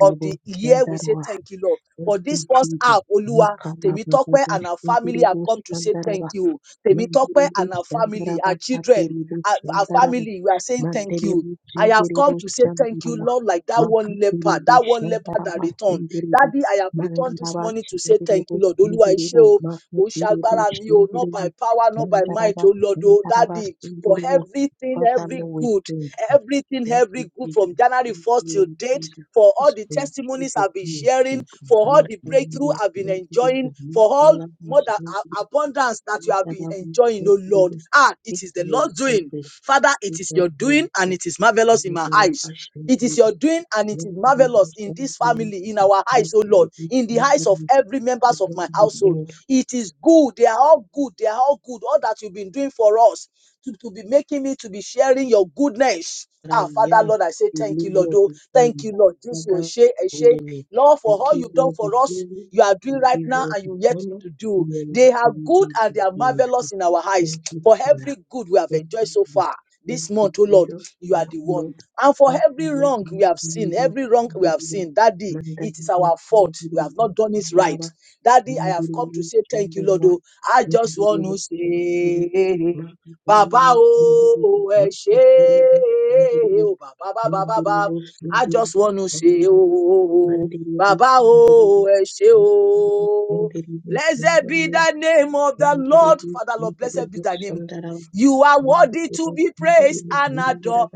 [SPEAKER 3] of the year, we say
[SPEAKER 2] shandarawa.
[SPEAKER 3] thank you, Lord.
[SPEAKER 2] Thank
[SPEAKER 3] For this
[SPEAKER 2] you,
[SPEAKER 3] first
[SPEAKER 2] Jesus.
[SPEAKER 3] half, Olua, Temitope
[SPEAKER 2] Makalababa
[SPEAKER 3] and our family have
[SPEAKER 2] shinderebo
[SPEAKER 3] come to say thank you. Temitope
[SPEAKER 2] Mandiribu
[SPEAKER 3] and our family,
[SPEAKER 2] Shandaraba
[SPEAKER 3] our children,
[SPEAKER 2] Atiribu
[SPEAKER 3] our, our
[SPEAKER 2] Shandaraba
[SPEAKER 3] family, we are saying thank you.
[SPEAKER 2] Mandiribu
[SPEAKER 3] I have come
[SPEAKER 2] Sindiribu
[SPEAKER 3] to say thank you,
[SPEAKER 2] Shandaraba
[SPEAKER 3] Lord, like that one leper,
[SPEAKER 2] Makatiribu
[SPEAKER 3] that one leper that
[SPEAKER 2] Shandaraba
[SPEAKER 3] returned.
[SPEAKER 2] Sindiribu
[SPEAKER 3] Daddy, I have returned this
[SPEAKER 2] Mandaraba
[SPEAKER 3] morning to say thank
[SPEAKER 2] Sindiribu
[SPEAKER 3] you, Lord. Olúwa iṣẹ́
[SPEAKER 2] Sindiribu
[SPEAKER 3] o, kò ń ṣe
[SPEAKER 2] Makatiribu
[SPEAKER 3] agbára mi o, not by
[SPEAKER 2] Sindiribu
[SPEAKER 3] power, not by might,
[SPEAKER 2] Mandaraba
[SPEAKER 3] oh Lord, oh
[SPEAKER 2] Shandaraba
[SPEAKER 3] Daddy, for
[SPEAKER 2] Sindiribu
[SPEAKER 3] everything,
[SPEAKER 2] Father
[SPEAKER 3] every
[SPEAKER 2] Lord we
[SPEAKER 3] good,
[SPEAKER 2] pray
[SPEAKER 3] everything,
[SPEAKER 2] thank
[SPEAKER 3] every good
[SPEAKER 2] you Jesus
[SPEAKER 3] from January
[SPEAKER 2] thank
[SPEAKER 3] 1st
[SPEAKER 2] you
[SPEAKER 3] till
[SPEAKER 2] Lord
[SPEAKER 3] date
[SPEAKER 2] Jesus
[SPEAKER 3] for all
[SPEAKER 1] bless
[SPEAKER 3] the
[SPEAKER 2] thank
[SPEAKER 3] testimonies
[SPEAKER 2] you
[SPEAKER 3] I've been
[SPEAKER 2] Jesus
[SPEAKER 1] you.
[SPEAKER 3] sharing, for all the
[SPEAKER 2] Thank you,
[SPEAKER 3] breakthrough
[SPEAKER 2] Lord Jesus,
[SPEAKER 3] I've been
[SPEAKER 2] Thank you,
[SPEAKER 3] enjoying,
[SPEAKER 2] Jesus,
[SPEAKER 3] for all
[SPEAKER 2] Makarabo Sindiribu
[SPEAKER 3] more mother
[SPEAKER 2] Jesus,
[SPEAKER 3] abundance that you
[SPEAKER 2] you
[SPEAKER 3] have
[SPEAKER 2] live
[SPEAKER 3] been
[SPEAKER 2] your value,
[SPEAKER 3] enjoying,
[SPEAKER 2] Father,
[SPEAKER 3] oh Lord.
[SPEAKER 2] with
[SPEAKER 3] Ah,
[SPEAKER 2] the name. We
[SPEAKER 3] it
[SPEAKER 2] give
[SPEAKER 3] is the
[SPEAKER 2] you
[SPEAKER 3] Lord
[SPEAKER 2] all
[SPEAKER 3] doing.
[SPEAKER 2] the
[SPEAKER 3] Father, it is your doing and it is marvelous in my eyes. It is your doing and it is marvelous in this
[SPEAKER 2] glory,
[SPEAKER 3] family, in our eyes, oh Lord, in the eyes of every members of my
[SPEAKER 1] Thank
[SPEAKER 3] household. It is good. They are all good. They are all good. All that you've been doing for us to, to be making me to be sharing your goodness. Ah, Father, Lord, I say thank you, Lord. Oh, thank you, Lord. This will share, share. Lord, for all you've done for us you are
[SPEAKER 2] we
[SPEAKER 3] doing right
[SPEAKER 2] give you
[SPEAKER 3] now
[SPEAKER 2] all
[SPEAKER 3] and
[SPEAKER 2] the
[SPEAKER 3] you yet
[SPEAKER 2] honor,
[SPEAKER 3] to
[SPEAKER 2] we
[SPEAKER 3] do.
[SPEAKER 2] are not
[SPEAKER 3] They are
[SPEAKER 2] going
[SPEAKER 3] good
[SPEAKER 2] to
[SPEAKER 3] and
[SPEAKER 2] be
[SPEAKER 3] they are
[SPEAKER 2] glorified.
[SPEAKER 3] marvelous in our eyes.
[SPEAKER 2] Thank
[SPEAKER 3] For
[SPEAKER 2] you,
[SPEAKER 3] every good we have
[SPEAKER 2] Thank
[SPEAKER 3] enjoyed
[SPEAKER 2] you,
[SPEAKER 3] so
[SPEAKER 2] Jesus.
[SPEAKER 3] far this
[SPEAKER 2] Thank you,
[SPEAKER 3] month, oh Lord,
[SPEAKER 2] Jesus.
[SPEAKER 3] you are
[SPEAKER 2] Thank
[SPEAKER 3] the
[SPEAKER 2] you, Lord.
[SPEAKER 3] one. And for
[SPEAKER 2] Thank you,
[SPEAKER 3] every
[SPEAKER 2] Lord.
[SPEAKER 3] wrong we
[SPEAKER 2] Thank
[SPEAKER 3] have seen,
[SPEAKER 2] you, Lord.
[SPEAKER 3] every wrong we
[SPEAKER 2] Thank
[SPEAKER 3] have
[SPEAKER 2] you, Lord.
[SPEAKER 3] seen, Daddy,
[SPEAKER 2] Mandaraba,
[SPEAKER 3] it is our
[SPEAKER 2] mandaraba,
[SPEAKER 3] fault. We have not done it right.
[SPEAKER 2] mandaraba,
[SPEAKER 3] Daddy, I have come to
[SPEAKER 2] mandaraba,
[SPEAKER 3] say thank you, Lord.
[SPEAKER 2] mandaraba,
[SPEAKER 3] oh. I just want
[SPEAKER 2] mandaraba,
[SPEAKER 3] to
[SPEAKER 2] mandaraba.
[SPEAKER 3] say, Baba,
[SPEAKER 2] Makakaribu, mandaraba,
[SPEAKER 3] oh, eh, ṣé,
[SPEAKER 2] makakaribu, mandaraba,
[SPEAKER 3] oh, Baba,
[SPEAKER 2] mandaraba, mandaraba,
[SPEAKER 3] Baba,
[SPEAKER 2] mandaraba, mandaraba, mandaraba,
[SPEAKER 3] Baba. I
[SPEAKER 2] mandaraba,
[SPEAKER 3] just want to say, oh. oh, oh, oh. Baba o, ẹ ṣé o. Blessed
[SPEAKER 2] mandaraba,
[SPEAKER 3] be
[SPEAKER 2] mandaraba,
[SPEAKER 3] the name of the Lord. Father Lord, blessed be
[SPEAKER 2] mandaraba,
[SPEAKER 3] thy
[SPEAKER 2] mandaraba,
[SPEAKER 3] name.
[SPEAKER 2] mandaraba,
[SPEAKER 3] You are
[SPEAKER 2] Thank
[SPEAKER 3] worthy
[SPEAKER 2] Jesus'
[SPEAKER 3] to be praised and adored.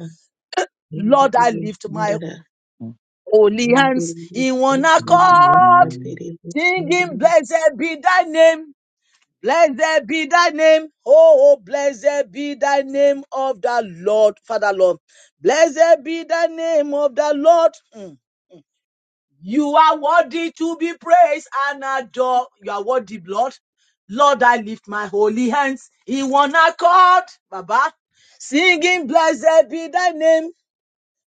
[SPEAKER 3] Lord, I lift my
[SPEAKER 1] you.
[SPEAKER 3] holy hands in one
[SPEAKER 1] Amen.
[SPEAKER 3] accord,
[SPEAKER 1] Amen.
[SPEAKER 3] singing, Blessed be thy name. Blessed be thy name. Oh, blessed be thy name of the Lord. Father Lord, blessed be the name of the Lord. Mm. You are worthy to be praised and adored. You are worthy, Lord. Lord, I lift my holy hands in one accord, Baba, singing, Blessed be thy name.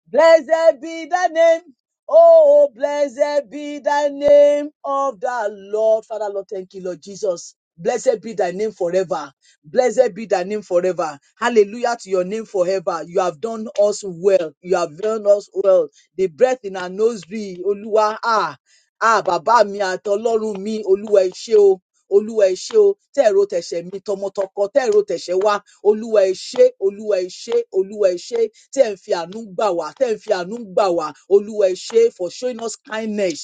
[SPEAKER 3] Blessed be the name. Oh, blessed be the name of the Lord. Father, Lord, thank you, Lord Jesus. Blessed be thy name forever. Blessed be thy name forever. Hallelujah to your name forever. You have done us well. You have done us well. The breath in our nose, Oluwa, ah. Ah, bàbá mi àtọlọ́run mi, Olúwa ẹ ṣé o. Olúwa ẹ ṣé o, tẹ́ ẹ̀rọ tẹ̀ṣẹ̀ mi tọmọtọkọ, tẹ́ ẹ̀rọ tẹ̀ṣẹ̀ wá, Olúwa ẹ ṣé, Olúwa ẹ ṣé, Olúwa ẹ ṣé, tẹ́ ẹ̀ ń fi àánú gbà wá, tẹ́ ẹ̀ ń fi àánú gbà wá, Olúwa ẹ ṣé for showing us kindness,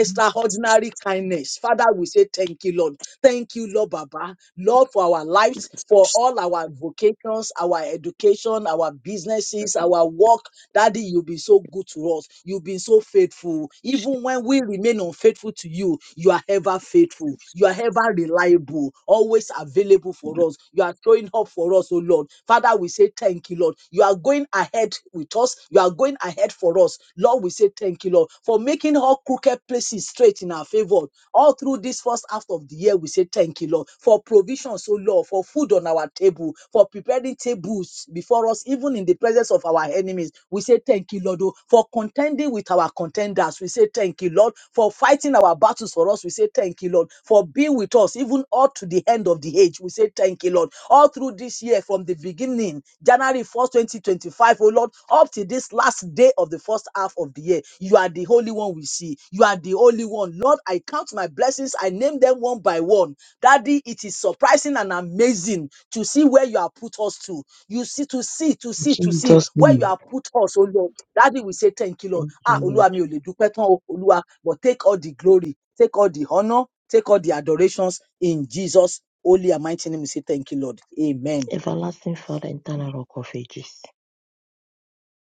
[SPEAKER 3] extraordinary kindness. Father, we say thank you, Lord. Thank you, Lord Baba, Lord, for our lives, for all our vocations, our education, our businesses, our work. Daddy, Daddy, you've been so good to us. You've been so faithful. Even when we remain unfaithful to you, you are ever faithful. You are ever reliable, always available for us. You are showing up for us, oh Lord. Father, we say thank you, Lord. You are going ahead with us. You are going ahead for us. Lord, we say thank you, Lord, for making all crooked places straight in our favor. All through this first half of the year, we say thank you, Lord, for provision, so Lord, for food on our table, for preparation preparing tables before us, even in the presence of our enemies. We say thank you, Lord, oh, for contending with our contenders. We say thank you, Lord, for fighting our battles for us. We say thank you, Lord, for being with us, even all to the end of the age. We say thank you, Lord. All through this year, from the beginning, January 1st, 2025, oh Lord, up to this last day of the first half of the year, you are the Holy One we see. You are the only one. Lord, I count my blessings, I name them one by one. Daddy, it is surprising and amazing to see where you have put us to. You see, to see, to see, to see where you
[SPEAKER 2] name.
[SPEAKER 3] have put us, oh Lord. Daddy, we say thank you, Lord.
[SPEAKER 2] Thank you,
[SPEAKER 3] Ah,
[SPEAKER 2] Lord.
[SPEAKER 3] Olúwa mi ò lè dúpẹ́ tán o, Olúwa, but take all the glory, take all the honor, take all the adorations in Jesus. Holy and mighty name, we say thank you, Lord. Amen.
[SPEAKER 2] Everlasting Father, eternal rock of ages.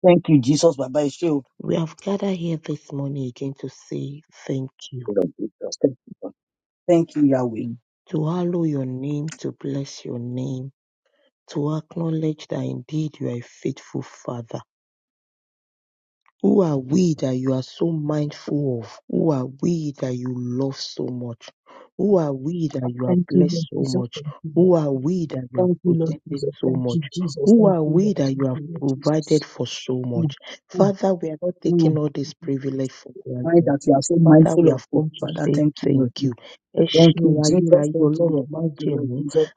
[SPEAKER 3] Thank you, Jesus. Baba Ẹ ṣé o.
[SPEAKER 2] We have gathered here this morning again to say thank you,
[SPEAKER 3] Lord Jesus. Thank you, Lord. Thank you, Yahweh.
[SPEAKER 2] to hallow your name, to bless your name, to acknowledge that indeed you are a faithful Father. Who are we that you are so mindful of? Who are we that you love so much? Who are we that you are
[SPEAKER 3] Thank you,
[SPEAKER 2] blessed
[SPEAKER 3] Lord
[SPEAKER 2] so
[SPEAKER 3] Jesus.
[SPEAKER 2] much?
[SPEAKER 3] Thank you,
[SPEAKER 2] Who
[SPEAKER 3] Lord.
[SPEAKER 2] are we that you are
[SPEAKER 3] Thank you, Lord
[SPEAKER 2] protected
[SPEAKER 3] Jesus.
[SPEAKER 2] so
[SPEAKER 3] Thank
[SPEAKER 2] much?
[SPEAKER 3] you, Jesus.
[SPEAKER 2] Who
[SPEAKER 3] Thank
[SPEAKER 2] are
[SPEAKER 3] you,
[SPEAKER 2] we
[SPEAKER 3] Lord.
[SPEAKER 2] that you
[SPEAKER 3] Thank
[SPEAKER 2] have
[SPEAKER 3] you, Lord
[SPEAKER 2] provided
[SPEAKER 3] Jesus.
[SPEAKER 2] for so much?
[SPEAKER 3] Mm.
[SPEAKER 2] Father, we are not taking
[SPEAKER 3] Mm,
[SPEAKER 2] all this privilege for
[SPEAKER 3] Why
[SPEAKER 2] granted.
[SPEAKER 3] that you are so
[SPEAKER 2] Father,
[SPEAKER 3] mindful
[SPEAKER 2] we
[SPEAKER 3] of
[SPEAKER 2] have
[SPEAKER 3] us.
[SPEAKER 2] come to
[SPEAKER 3] Father,
[SPEAKER 2] say
[SPEAKER 3] thank you,
[SPEAKER 2] thank
[SPEAKER 3] Lord.
[SPEAKER 2] you. Ẹ
[SPEAKER 3] Thank
[SPEAKER 2] ṣeun
[SPEAKER 3] you, Jesus.
[SPEAKER 2] ayérayé
[SPEAKER 3] Thank you,
[SPEAKER 2] Ọlọ́run
[SPEAKER 3] Lord. Thank you, Lord
[SPEAKER 2] májẹ̀mú,
[SPEAKER 3] Jesus.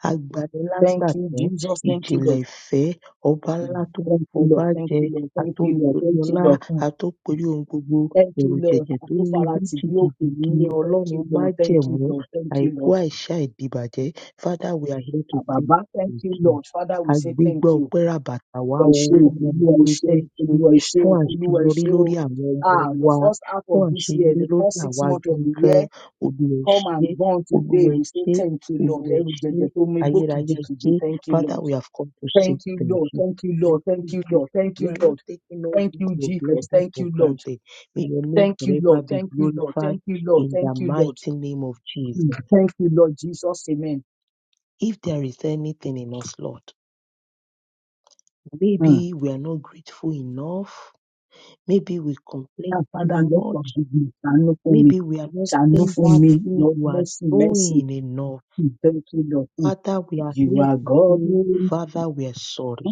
[SPEAKER 3] Thank you,
[SPEAKER 2] agbanilágbàtán,
[SPEAKER 3] Jesus. Thank you,
[SPEAKER 2] ìjìnlẹ̀
[SPEAKER 3] Lord.
[SPEAKER 2] ìfẹ́, ọba ńlá
[SPEAKER 3] Mm.
[SPEAKER 2] tó ń
[SPEAKER 3] Thank you,
[SPEAKER 2] fọba
[SPEAKER 3] Lord. Thank
[SPEAKER 2] jẹ,
[SPEAKER 3] you, Lord. Thank you, Lord.
[SPEAKER 2] atóporí
[SPEAKER 3] Thank you,
[SPEAKER 2] ọlá,
[SPEAKER 3] Lord. Mm.
[SPEAKER 2] atóporí ohun gbogbo,
[SPEAKER 3] Thank you, Lord.
[SPEAKER 2] ẹ̀rùjẹ̀jẹ̀ tó ń migbó
[SPEAKER 3] Àtúfàlà tì bí òkè
[SPEAKER 2] jìgìjìgì
[SPEAKER 3] nílé. Thank you,
[SPEAKER 2] Ọlọ́run
[SPEAKER 3] Lord. Thank you,
[SPEAKER 2] májẹ̀mú,
[SPEAKER 3] Lord. Thank you,
[SPEAKER 2] àìkú
[SPEAKER 3] Lord.
[SPEAKER 2] àìsà ìdìbàjẹ́. Father, we are here to
[SPEAKER 3] Ah,
[SPEAKER 2] say
[SPEAKER 3] Bàbá, thank
[SPEAKER 2] thank
[SPEAKER 3] you,
[SPEAKER 2] you.
[SPEAKER 3] Lord. Father, we say
[SPEAKER 2] Àgbégbá
[SPEAKER 3] thank you.
[SPEAKER 2] ọpẹ́ ràbàtà wá o fún gbogbo
[SPEAKER 3] Olúwa ẹ
[SPEAKER 2] oore
[SPEAKER 3] ṣé
[SPEAKER 2] tẹ́
[SPEAKER 3] o,
[SPEAKER 2] ẹ ṣe
[SPEAKER 3] Olúwa ẹ ṣé o, Olúwa ẹ ṣé
[SPEAKER 2] fún
[SPEAKER 3] o, Olúwa ẹ
[SPEAKER 2] àṣeyọrí
[SPEAKER 3] ṣé
[SPEAKER 2] lórí
[SPEAKER 3] o.
[SPEAKER 2] àwọn ọmọ
[SPEAKER 3] Ah, the
[SPEAKER 2] wa
[SPEAKER 3] first half
[SPEAKER 2] fún
[SPEAKER 3] of this year,
[SPEAKER 2] àṣeyọrí
[SPEAKER 3] the
[SPEAKER 2] lórí
[SPEAKER 3] first six
[SPEAKER 2] àwa
[SPEAKER 3] months of the
[SPEAKER 2] gangan
[SPEAKER 3] year.
[SPEAKER 2] olúwa ẹ
[SPEAKER 3] come
[SPEAKER 2] ṣé
[SPEAKER 3] and gone
[SPEAKER 2] olúwa
[SPEAKER 3] today.
[SPEAKER 2] ẹ
[SPEAKER 3] We say
[SPEAKER 2] ṣé
[SPEAKER 3] thank you, Lord.
[SPEAKER 2] olúwa ẹ
[SPEAKER 3] Every day,
[SPEAKER 2] ṣé
[SPEAKER 3] they told me, "Go
[SPEAKER 2] ayérayé
[SPEAKER 3] kiji
[SPEAKER 2] ẹ ṣé
[SPEAKER 3] kiji." Thank you,
[SPEAKER 2] father
[SPEAKER 3] Lord.
[SPEAKER 2] we have come to say
[SPEAKER 3] Thank you,
[SPEAKER 2] thank
[SPEAKER 3] Lord.
[SPEAKER 2] you.
[SPEAKER 3] Thank you, Lord.
[SPEAKER 2] Thank you,
[SPEAKER 3] Thank you, Lord.
[SPEAKER 2] grateful.
[SPEAKER 3] Thank
[SPEAKER 2] We
[SPEAKER 3] you,
[SPEAKER 2] are not
[SPEAKER 3] Lord.
[SPEAKER 2] taking all
[SPEAKER 3] Thank
[SPEAKER 2] these
[SPEAKER 3] you,
[SPEAKER 2] your
[SPEAKER 3] Jesus.
[SPEAKER 2] blessings
[SPEAKER 3] Thank
[SPEAKER 2] for
[SPEAKER 3] you, Lord.
[SPEAKER 2] granted. May your name
[SPEAKER 3] Thank you,
[SPEAKER 2] forever
[SPEAKER 3] Lord.
[SPEAKER 2] be
[SPEAKER 3] Thank you, Lord.
[SPEAKER 2] glorified
[SPEAKER 3] Thank you, Lord.
[SPEAKER 2] in the
[SPEAKER 3] Thank you, Lord.
[SPEAKER 2] mighty name of
[SPEAKER 3] Mm.
[SPEAKER 2] Jesus.
[SPEAKER 3] Thank you, Lord Jesus. Amen.
[SPEAKER 2] If there is anything in us, Lord, maybe
[SPEAKER 3] Mm.
[SPEAKER 2] we are not grateful enough, maybe we complain
[SPEAKER 3] And
[SPEAKER 2] too
[SPEAKER 3] Father, Lord,
[SPEAKER 2] much,
[SPEAKER 3] forgive me. Ṣàánú fún me.
[SPEAKER 2] maybe we are not
[SPEAKER 3] Ṣàánú
[SPEAKER 2] seeing
[SPEAKER 3] fún
[SPEAKER 2] that
[SPEAKER 3] me.
[SPEAKER 2] thing
[SPEAKER 3] Lord,
[SPEAKER 2] you are
[SPEAKER 3] mercy, mercy.
[SPEAKER 2] doing enough.
[SPEAKER 3] Mm. Thank you, Lord. Mm.
[SPEAKER 2] Father, we are
[SPEAKER 3] You
[SPEAKER 2] here
[SPEAKER 3] are
[SPEAKER 2] to
[SPEAKER 3] God.
[SPEAKER 2] say,
[SPEAKER 3] oh,
[SPEAKER 2] Father, we are sorry.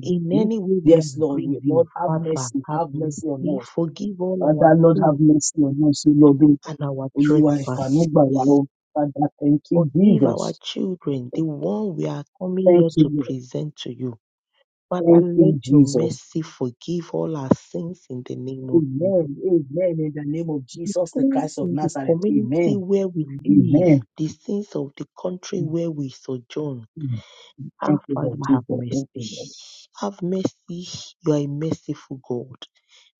[SPEAKER 2] In any way we
[SPEAKER 3] Yes,
[SPEAKER 2] have
[SPEAKER 3] Lord,
[SPEAKER 2] grieved
[SPEAKER 3] we,
[SPEAKER 2] you,
[SPEAKER 3] Lord, have
[SPEAKER 2] Father,
[SPEAKER 3] mercy,
[SPEAKER 2] have
[SPEAKER 3] have mercy
[SPEAKER 2] mercy.
[SPEAKER 3] on us.
[SPEAKER 2] Forgive all our
[SPEAKER 3] Father, Lord, have
[SPEAKER 2] sins
[SPEAKER 3] mercy on us, O Lord. O
[SPEAKER 2] and our
[SPEAKER 3] Olúwa,
[SPEAKER 2] trespass.
[SPEAKER 3] ìfàmì wá o. Father, thank you,
[SPEAKER 2] Forgive our
[SPEAKER 3] Jesus.
[SPEAKER 2] children, the one we are coming
[SPEAKER 3] Thank
[SPEAKER 2] here
[SPEAKER 3] you,
[SPEAKER 2] to
[SPEAKER 3] Lord.
[SPEAKER 2] present to you. Father,
[SPEAKER 3] Thank you,
[SPEAKER 2] let your
[SPEAKER 3] Jesus.
[SPEAKER 2] mercy forgive all our sins in the name of Jesus.
[SPEAKER 3] Amen. Amen. In the name of Jesus, the
[SPEAKER 2] Sins
[SPEAKER 3] Christ of
[SPEAKER 2] in the
[SPEAKER 3] Nazareth.
[SPEAKER 2] community
[SPEAKER 3] Amen.
[SPEAKER 2] where we live,
[SPEAKER 3] Amen.
[SPEAKER 2] the sins of the country where we sojourn
[SPEAKER 3] Mm.
[SPEAKER 2] Our
[SPEAKER 3] Thank you,
[SPEAKER 2] Father,
[SPEAKER 3] Lord
[SPEAKER 2] have
[SPEAKER 3] Jesus. Thank
[SPEAKER 2] mercy.
[SPEAKER 3] you, Lord.
[SPEAKER 2] Have mercy. You are a merciful God.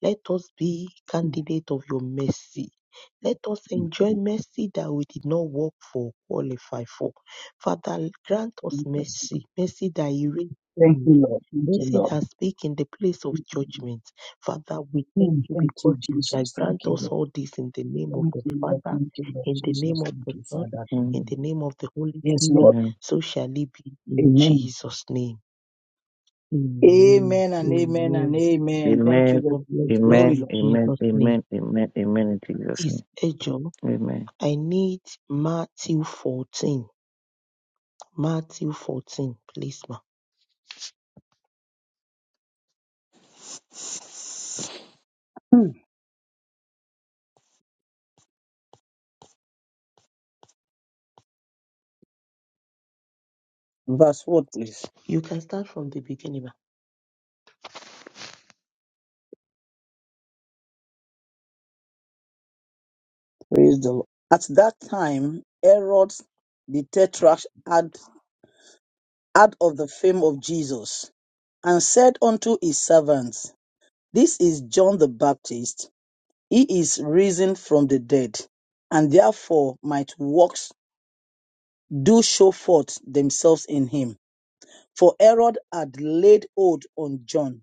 [SPEAKER 2] Let us be candidate of your mercy. Let us
[SPEAKER 3] Mm.
[SPEAKER 2] enjoy mercy that we did not work for, qualify for. Father, grant us
[SPEAKER 3] Thank you,
[SPEAKER 2] mercy, mercy that erases.
[SPEAKER 3] Thank you, Lord. Thank you,
[SPEAKER 2] Mercy
[SPEAKER 3] Lord.
[SPEAKER 2] that speak in the place of judgment. Father, we thank
[SPEAKER 3] Mm.
[SPEAKER 2] you
[SPEAKER 3] Thank
[SPEAKER 2] because
[SPEAKER 3] you,
[SPEAKER 2] you shall
[SPEAKER 3] Jesus. Thank
[SPEAKER 2] grant
[SPEAKER 3] you, Lord.
[SPEAKER 2] us all this in the name of
[SPEAKER 3] Thank
[SPEAKER 2] the
[SPEAKER 3] you, Lord.
[SPEAKER 2] Father,
[SPEAKER 3] Thank you, Lord
[SPEAKER 2] in the name
[SPEAKER 3] Jesus.
[SPEAKER 2] of
[SPEAKER 3] Thank
[SPEAKER 2] the
[SPEAKER 3] you,
[SPEAKER 2] Son,
[SPEAKER 3] Father. Thank
[SPEAKER 2] in
[SPEAKER 3] you,
[SPEAKER 2] the
[SPEAKER 3] Lord.
[SPEAKER 2] name of the Holy
[SPEAKER 3] Yes,
[SPEAKER 2] Spirit.
[SPEAKER 3] Lord.
[SPEAKER 1] Amen.
[SPEAKER 2] So shall it be in
[SPEAKER 3] Amen.
[SPEAKER 2] Jesus' name. Amen.
[SPEAKER 3] Amen and amen and
[SPEAKER 2] Amen.
[SPEAKER 3] amen. Thank you,
[SPEAKER 1] Amen.
[SPEAKER 3] Lord
[SPEAKER 2] God
[SPEAKER 3] Jesus.
[SPEAKER 2] bless us
[SPEAKER 3] Glory,
[SPEAKER 2] in
[SPEAKER 3] Lord.
[SPEAKER 1] Amen.
[SPEAKER 2] Jesus' name.
[SPEAKER 1] Amen. Amen. In Jesus'
[SPEAKER 2] Is
[SPEAKER 1] name.
[SPEAKER 2] Ejo.
[SPEAKER 1] Amen.
[SPEAKER 2] I need Matthew 14. Matthew 14, please, ma.
[SPEAKER 3] Hmm. Verse 4, please.
[SPEAKER 2] You can start from the beginning, ma.
[SPEAKER 3] Praise the Lord. At that time, Herod the Tetrarch had heard of the fame of Jesus and said unto his servants, This is John the Baptist. He is risen from the dead, and therefore might works do show forth themselves in him. For Herod had laid hold on John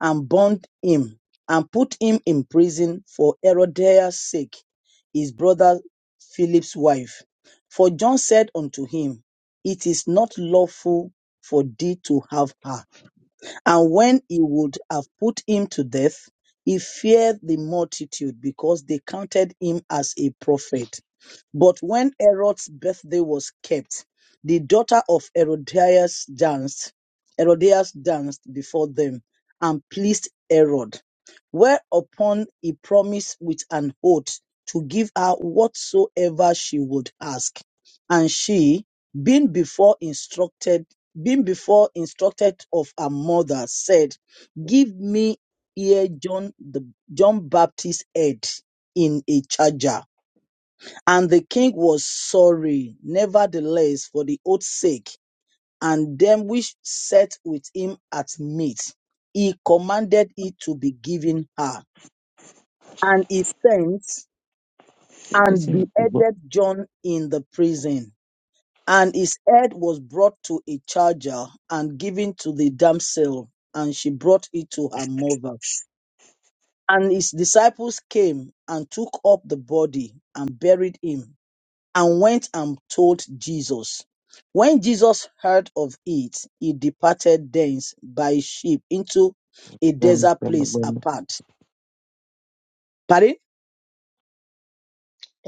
[SPEAKER 3] and bound him and put him in prison for Herodias' sake, his brother Philip's wife. For John said unto him, It is not lawful for thee to have her. And when he would have put him to death, he feared the multitude because they counted him as a prophet. But when Herod's birthday was kept, the daughter of Herodias danced. Herodias danced before them and pleased Herod, whereupon he promised with an oath to give her whatsoever she would ask. And she, being before instructed, being before instructed of her mother, said, Give me here John the John Baptist's head in a charger and the king was sorry, nevertheless, for the oath's sake, and them which sat with him at meat. He commanded it to be given her. And he sent and
[SPEAKER 1] Everything is about
[SPEAKER 3] beheaded John in the prison. And his head was brought to a charger and given to the damsel, and she brought it to her mother. And his disciples came and took up the body and buried him and went and told Jesus. When Jesus heard of it, he departed thence by ship into a
[SPEAKER 1] them,
[SPEAKER 3] desert
[SPEAKER 1] them,
[SPEAKER 3] place
[SPEAKER 1] them.
[SPEAKER 3] apart. Pardon?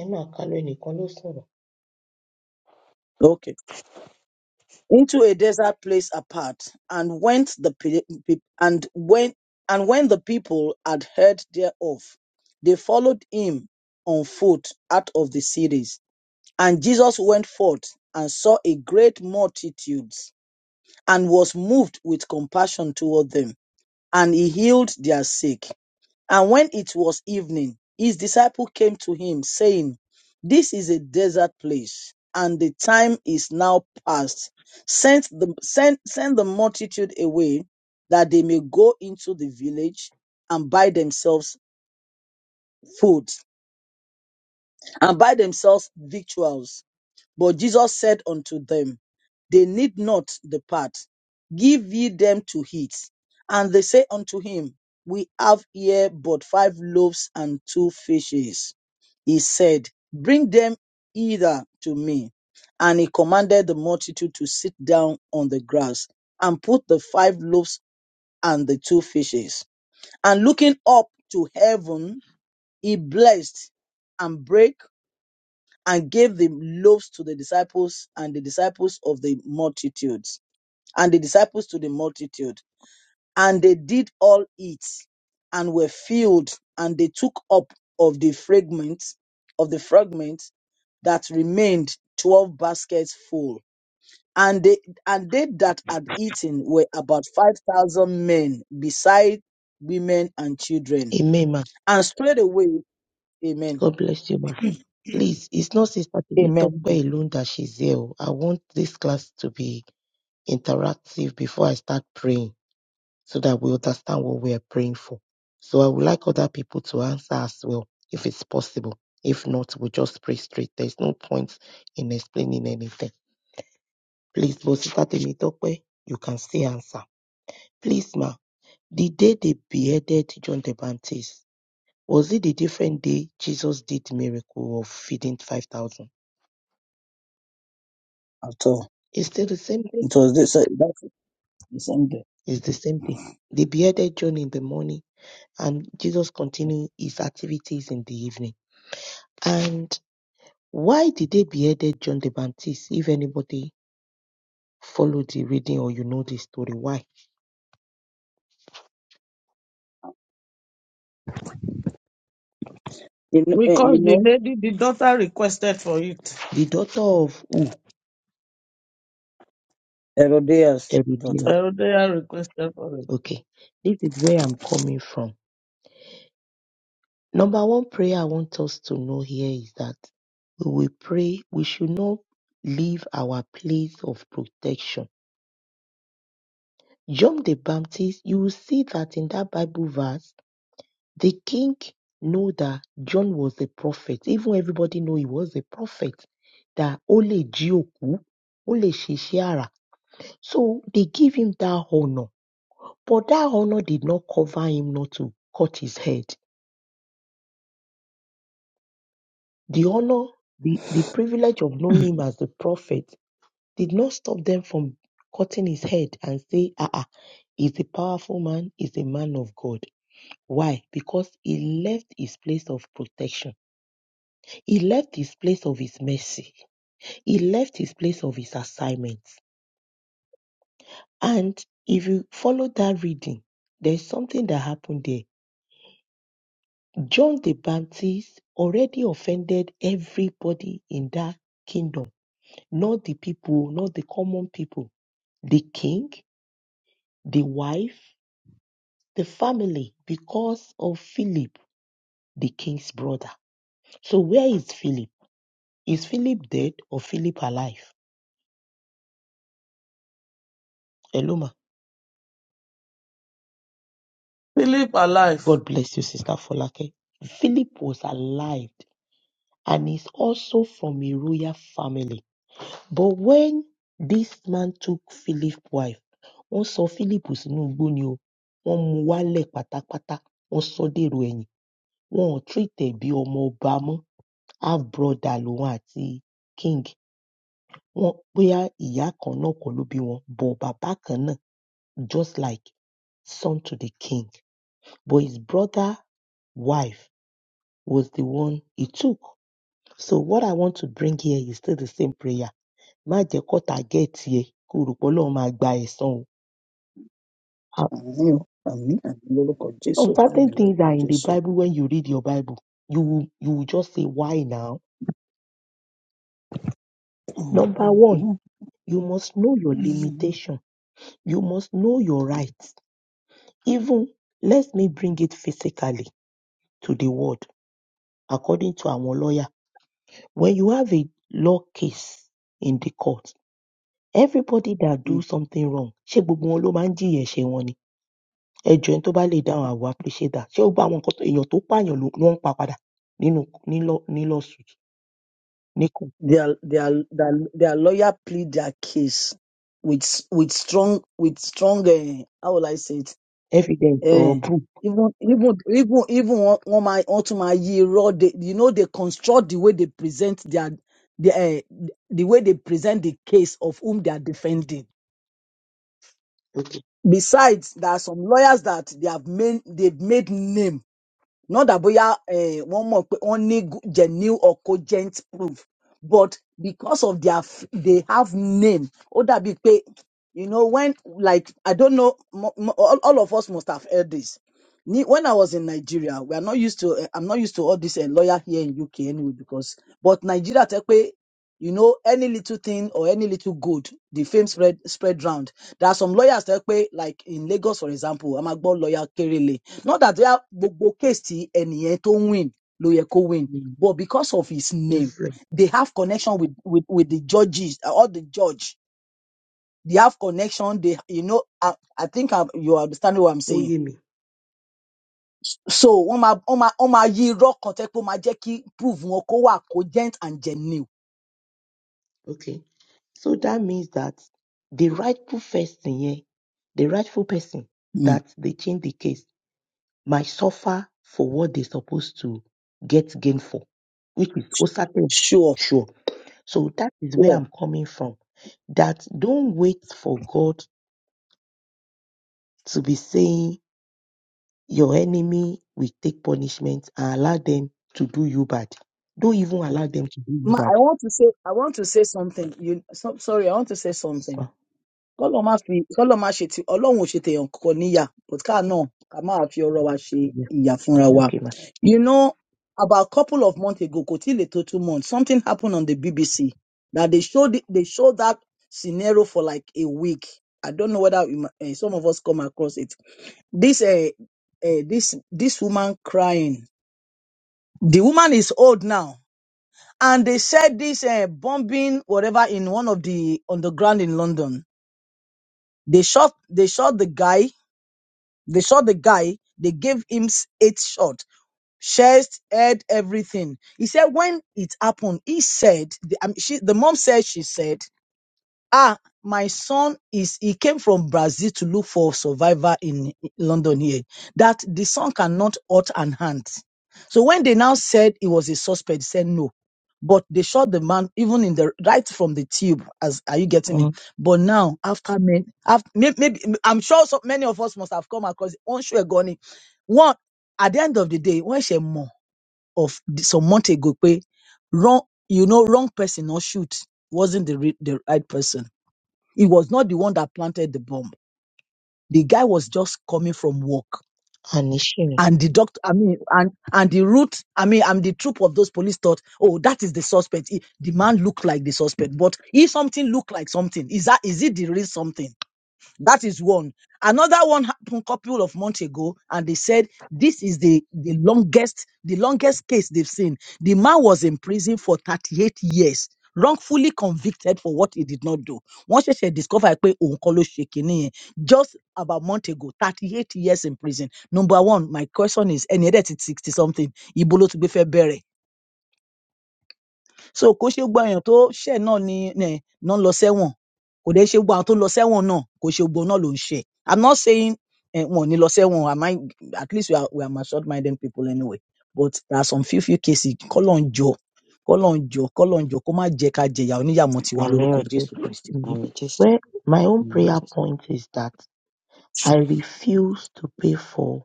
[SPEAKER 2] Emma Kalu ẹnìkan ló sọ̀rọ̀.
[SPEAKER 3] Okay. Into a desert place apart, and went the pe- pe- and when and when the people had heard thereof, they followed him on foot out of the cities. And Jesus went forth and saw a great multitudes, and was moved with compassion toward them and he healed their sick. And when it was evening, his disciple came to him, saying, This is a desert place, and the time is now past. Send the, send, send the multitude away, that they may go into the village and buy themselves food, and buy themselves victuals But Jesus said unto them, They need not depart. Give ye them to eat. And they say unto him, We have here but five loaves and two fishes. He said, Bring them hither to me. And he commanded the multitude to sit down on the grass and put the five loaves and the two fishes. And looking up to heaven, he blessed and brake and gave the loaves to the disciples and the disciples of the multitudes and the disciples to the multitude and they did all eat and were filled and they took up of the fragments of the fragments that remained 12 baskets full and they and they that had eaten were about 5000 men beside women and children
[SPEAKER 2] Amen, ma.
[SPEAKER 3] and straight away amen
[SPEAKER 2] God bless you, ma. Please, it's not Sister
[SPEAKER 3] amen
[SPEAKER 2] Temitope alone that she's here. oh. I want this class to be interactive before I start praying. so that we understand what we are praying for. So I would like other people to answer as well, if it's possible. If not, we just pray straight. There's no point in explaining anything. Please, Bosita Temitope, you can still answer. Please, ma, the day they beheaded John the Baptist, was it the different day Jesus did miracle of feeding 5,000?
[SPEAKER 3] at all
[SPEAKER 2] It's still the same day.
[SPEAKER 3] it was this that's
[SPEAKER 2] It's the same day. They beheaded John in the morning and Jesus continued his activities in the evening. And Why did they beheaded John the Baptist? If anybody follow the reading or you know the story, why?
[SPEAKER 3] You know, eh,
[SPEAKER 4] Because
[SPEAKER 3] you
[SPEAKER 4] the
[SPEAKER 3] know
[SPEAKER 4] lady, the daughter requested for it.
[SPEAKER 2] The daughter of who?
[SPEAKER 3] Herodias'
[SPEAKER 2] Herodiana.
[SPEAKER 3] daughter.
[SPEAKER 4] Herodiah requested for it.
[SPEAKER 2] Okay. This is where I'm coming from. Number one prayer I want us to know here is that we will pray, we should not leave our place of protection. John the Baptist, you will see that in that Bible verse, The king know that John was a prophet. Even everybody know he was a prophet. That ó lè jí òkú, ó lè ṣiṣẹ́ àrà. So they give him that honor. But that honor did not cover him not to cut his head. The honor, the, the privilege of knowing him as the prophet did not stop them from cutting his head and say, ah, ah, he's a powerful man, he's a man of God. Why? Because he left his place of protection He left his place of his mercy. He left his place of his assignment. And if you follow that reading, there's something that happened there. John the Baptist already offended everybody in that kingdom, not the people, not the common people, the king, the wife, the family, because of Philip, the king's brother. So where is Philip? Is Philip dead or Philip alive? Hello, ma.
[SPEAKER 4] Philip alive.
[SPEAKER 2] God bless you, Sister Folake. Philip was alive and is also from a royal family. But when this man took Philip wife, wọ́n sọ Philip sínú igbó ni o. Wọ́n mu wálẹ̀ pátápátá. Wọ́n sọ ọ́ dèrò ẹ̀yìn. Wọn ò treat ẹ̀ bí ọmọ ọba mọ́. Half brother lòun àti King. Wọ́n bóyá ìyá kan náà kọ́ ló bí wọn, but bàbá kan náà just like son to the king. But his brother wife was the one he took. So what I want to bring here is still the same prayer. Má jẹ́ kọ́tà gẹ̀ẹ́tì ẹ kó rò pé Ọlọ́run máa gba ẹ̀san o. Ah,
[SPEAKER 3] Àmì o, àmì, àmì lórúkọ
[SPEAKER 2] Some
[SPEAKER 3] Jésù, àmì
[SPEAKER 2] certain things
[SPEAKER 3] lórúkọ
[SPEAKER 2] are in the
[SPEAKER 3] Jésù.
[SPEAKER 2] Bible when you read your Bible. You will, you will just say why now. Number one,
[SPEAKER 3] Mm-hmm.
[SPEAKER 2] you must know your
[SPEAKER 3] Mm-hmm.
[SPEAKER 2] limitation. You must know your rights. Even let me bring it physically to the word. According to our lawyer, when you have a law case in the court, everybody that do something wrong ṣé gbogbo wọn ló máa ń jìyà ẹ̀ṣẹ̀ wọn ni ẹjọ ẹni tó bá lè dáhùn àwọn appreciate that ṣé ó gba àwọn nǹkan tó èèyàn tó pààyàn ló ló ń pa padà nínú ní law- ní lawsuit ní court
[SPEAKER 3] Their, their, their, their lawyer plead their case with with strong with strong uh, how will I say it?
[SPEAKER 2] evidence or
[SPEAKER 3] Uh,
[SPEAKER 2] proof
[SPEAKER 3] even even even even one one my one to my year old, they, you know they construct the way they present their the uh, the way they present the case of whom they are defending.
[SPEAKER 2] okay
[SPEAKER 3] Besides, there are some lawyers that they have made they've made name. Not that boya eh, one more only genuine or cogent proof, but because of their f- they have name. Oh, that big pay. You know when like I don't know mo- mo- all, all of us must have heard this. Ni- When I was in Nigeria, we are not used to. eh, I'm not used to all this eh, lawyer here in UK anyway because but Nigeria take you know any little thing or any little good the fame spread spread round there are some lawyers that pé like in lagos for example I'm a máa gbọ́ lawyer kerele not that they are gbogbo case tí ẹnìyẹn tó win ló yẹ kó win
[SPEAKER 2] mm,
[SPEAKER 3] but because of his name
[SPEAKER 2] influence
[SPEAKER 3] they have connection with with with the judges uh, all the judge they have connection they you know i, I think I'm, you understand what i'm
[SPEAKER 2] ó
[SPEAKER 3] saying
[SPEAKER 2] yé mi
[SPEAKER 3] so wọ́n máa wọ́n máa wọ́n máa yí irọ́ kan tẹ́ pé ó máa jẹ́ kí proof wọn kó wà cogent and genuine.
[SPEAKER 2] okay so that means that the rightful person yẹn the rightful person
[SPEAKER 3] Mm.
[SPEAKER 2] that they change the case might suffer for what they supposed to get gain for which is ó certain
[SPEAKER 3] sure.
[SPEAKER 2] sure So that is where I'm coming from. That don't wait for God to be saying your enemy will take punishment and allow them to do you bad. Don't even allow them to do you
[SPEAKER 3] Ma,
[SPEAKER 2] bad.
[SPEAKER 3] I want to say, I want to say something. You, so, sorry, I want to say something.
[SPEAKER 2] Oh,
[SPEAKER 3] Kọ́lọ̀ má fi, kọ́lọ̀ má ṣe ti, Ọlọ́run ò ṣe tèèyàn kankan níyà, but ká náà, ká máa fi ọ̀rọ̀ wa ṣe
[SPEAKER 2] yeah.
[SPEAKER 3] ìyà fúnra wa.
[SPEAKER 2] Okay, ma.
[SPEAKER 3] You know, about a couple of months ago, kò tí ì lè tó two months, something happened on the BBC that they showed, it- they showed that scenario for like a week. I don't know whether you, uh, some of us come across it. This, uh, uh, this, this woman crying. The woman is old now and they said this uh, bombing whatever in one of the underground in london they shot they shot the guy they shot the guy they gave him s- eight shot chest head everything he said when it happened he said the, um, she, the mom said she said ah, my son is, he came from Brazil to look for survivor in London here, that the son cannot hurt an hand. So when they now said he was a suspect, he said no. But they shot the man even in the right from the tube. As are you getting me?
[SPEAKER 2] Mm.
[SPEAKER 3] But now after men, after maybe, maybe I'm sure so many of us must have come across Onshue Goni. One at the end of the day, when she more of the- some month ago, pe, wrong you know wrong person or shoot wasn't the re- the right person he was not the one that planted the bomb. The guy was just coming from work.
[SPEAKER 2] And Nishini,
[SPEAKER 3] And the doctor, I mean, and and the route, I mean, and the troop of those police thought, oh, that is the suspect. He- the man looked like the suspect, but if something looked like something, is that is it the real something? That is one. Another one happened couple of months ago, and they said this is the, the longest, the longest case they've seen. The man was in prison for 38 years, wrongfully convicted for what he did not do. Once she discovered pé òun kọ́ ló ṣe kinní yẹn, just about a month ago, 38 years in prison. Number one, my question is, ẹni ẹ̀dẹ̀ ti 60 something, ibo ló ti gbé fẹ́ bẹ̀rẹ̀? So kò ṣe gbogbo èèyàn tó ṣẹ̀ náà ni um ná ń lọ sẹ́wọ̀n. Kò dẹ̀ ṣe gbogbo àwọn tó ń lọ sẹ́wọ̀n náà, kò ṣe gbogbo wọn náà ló ń ṣẹ̀. I'm not saying um, wọn ò ní lọ sẹ́wọ̀n, am I, at least we are, we are matured minded people anyway. But there are some few few cases kọ́lọ́n jọ kọ́lọ́n jọ kọ́lọ́n jọ kó má jẹ́ ká jẹ̀yà oníyàmọ̀ tiwa
[SPEAKER 1] I'm
[SPEAKER 3] lórúkọ
[SPEAKER 1] here
[SPEAKER 3] Jésù
[SPEAKER 1] to
[SPEAKER 3] Kristì.
[SPEAKER 2] mm.
[SPEAKER 1] I'm just
[SPEAKER 2] well, my own
[SPEAKER 1] I'm
[SPEAKER 2] prayer
[SPEAKER 1] just
[SPEAKER 2] point is that I refuse to pay for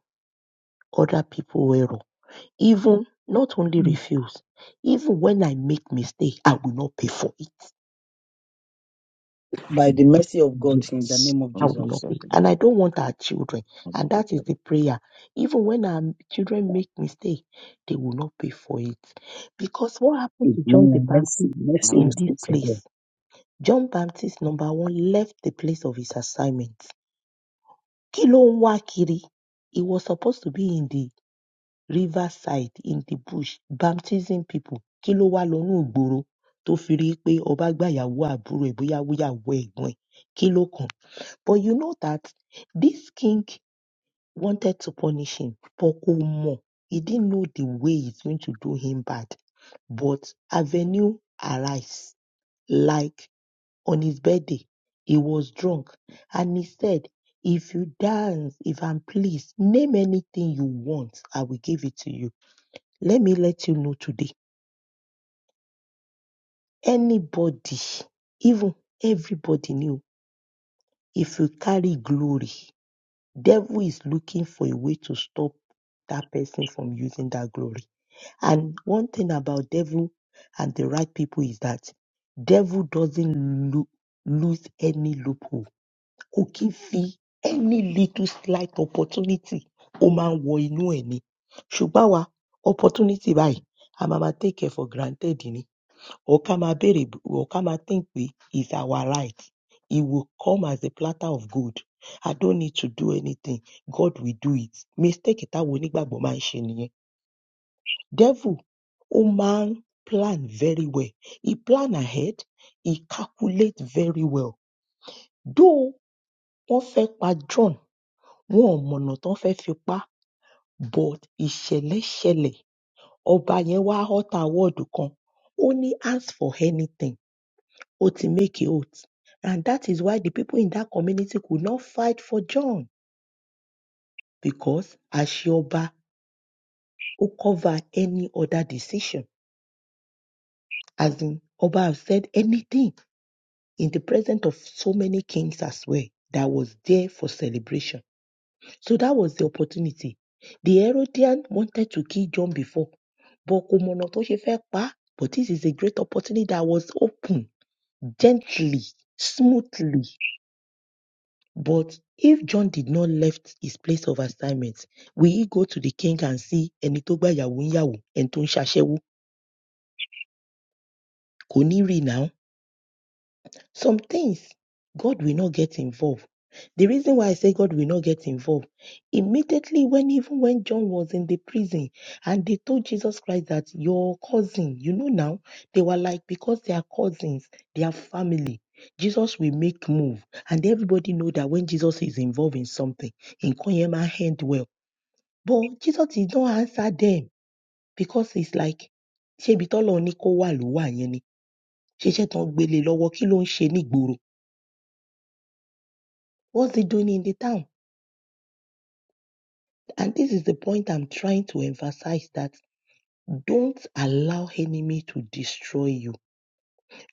[SPEAKER 2] other people's error. Even not only
[SPEAKER 1] I'm
[SPEAKER 2] refuse, even when I make mistake, I will not pay for it.
[SPEAKER 3] By the mercy of God in the
[SPEAKER 2] Yes,
[SPEAKER 3] name of
[SPEAKER 2] I
[SPEAKER 1] not
[SPEAKER 2] will
[SPEAKER 3] Jesus.
[SPEAKER 2] not
[SPEAKER 1] myself,
[SPEAKER 2] fail.
[SPEAKER 1] Lord.
[SPEAKER 2] And I don't want our children.
[SPEAKER 1] I'm not
[SPEAKER 2] And that is the
[SPEAKER 1] myself.
[SPEAKER 2] prayer. Even when our children make mistake, they will not pay for it. Because what happened to John the
[SPEAKER 3] Amen. Mercy,
[SPEAKER 2] Baptist
[SPEAKER 3] mercy
[SPEAKER 1] I'm
[SPEAKER 3] will
[SPEAKER 1] here
[SPEAKER 2] in this
[SPEAKER 3] speak for
[SPEAKER 1] to
[SPEAKER 3] them.
[SPEAKER 2] place? John Baptist, number one, left the place of his assignment. Kí ló ń wá kiri? He was supposed to be in the riverside, in the bush, baptizing people. Kí ló wá lọ inú ìgboro tó fi rí i pé ọba gbàyàwó àbúrò ẹ̀ bóyá wíyàwó ẹ̀gbọ́n ẹ̀? Kí ló kàn? But you know that this king wanted to punish him, but kò mọ̀. He didn't know the way it's going to do him bad. But avenue arise. Like on his birthday, he was drunk and he said, If you dance, if I'm pleased, name anything you want, I will give it to you. Let me let you know today. Anybody, even everybody knew, if you carry glory, devil is looking for a way to stop that person from using that glory. And one thing about devil and the right people is that devil doesn't lo- lose any loophole. Kò kí fi
[SPEAKER 1] I'm
[SPEAKER 2] any little slight opportunity ó máa ń wọ inú ẹ̀ ni. Ṣùgbọ́n àwa opportunity báyìí a máa ma take it for granted ni. Okamaberib will come and think we is our right. He will come as a platter of gold. I don't need to do anything. God will do it. Mistake táwọn onígbàgbọ́ máa ń ṣe nìyẹn. Devil ó máa ń plan very well. He plan ahead. He calculate very well. Though wọ́n fẹ́ pa John, wọn ò mọ̀nà tán fẹ́ fi pa but ìṣẹ̀lẹ̀ ṣẹlẹ̀. Ọba yẹn wá hota word kan. Ó ní ask for anything. Otimeke oath. And that is why the people in that community could not fight for John because Ashioba who covered any other decision. As in, Oba have said anything in the presence of so many kings as well that was there for celebration. So that was the opportunity. The Herodian wanted to kill John before, but kò mọ̀nà tó ṣe fẹ́ pa á. But this is a great opportunity that was open gently, smoothly But if John did not left his place of assignment, will he go to the king and see ẹni tó gbàyàwó ń yàwó, ẹni tó ń ṣaṣẹ́wó? Kò ní rí now. Some things God will not get involved. The reason why I say God will not get involved, immediately when even when John was in the prison and they told Jesus Christ that your cousin, you know now, they were like because they are cousins, they are family. Jesus will make move and everybody know that when Jesus is involved in something, in Konyema hand well. But Jesus did not answer them because it's like ṣébi tọ́lọ́run ní kó wà ló wà yẹn ni. Ṣiṣẹ́ tán gbé gbe lọ́wọ́ kí ló ń ṣe nígboro? What's he doing in the town? And this is the point I'm trying to emphasize that don't allow enemy to destroy you.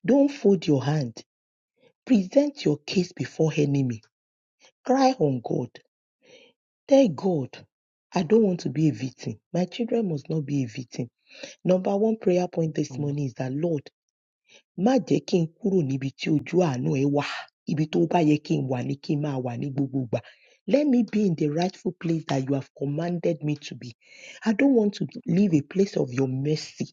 [SPEAKER 2] Don't fold your hand. Present your case before enemy. Cry on God. Tell God, I don't want to be a victim. My children must not be a victim. Number one prayer point this
[SPEAKER 1] not
[SPEAKER 2] morning is that, Lord, Má jẹ́ kí n kúrò níbi tí ojú àánú ẹ wà. Ibi tó bá yẹ kí n wà ni kí n máa wà ní gbogbo ìgbà. Let me be in the rightful place that you have commanded me to be. I don't want to leave a place of your mercy.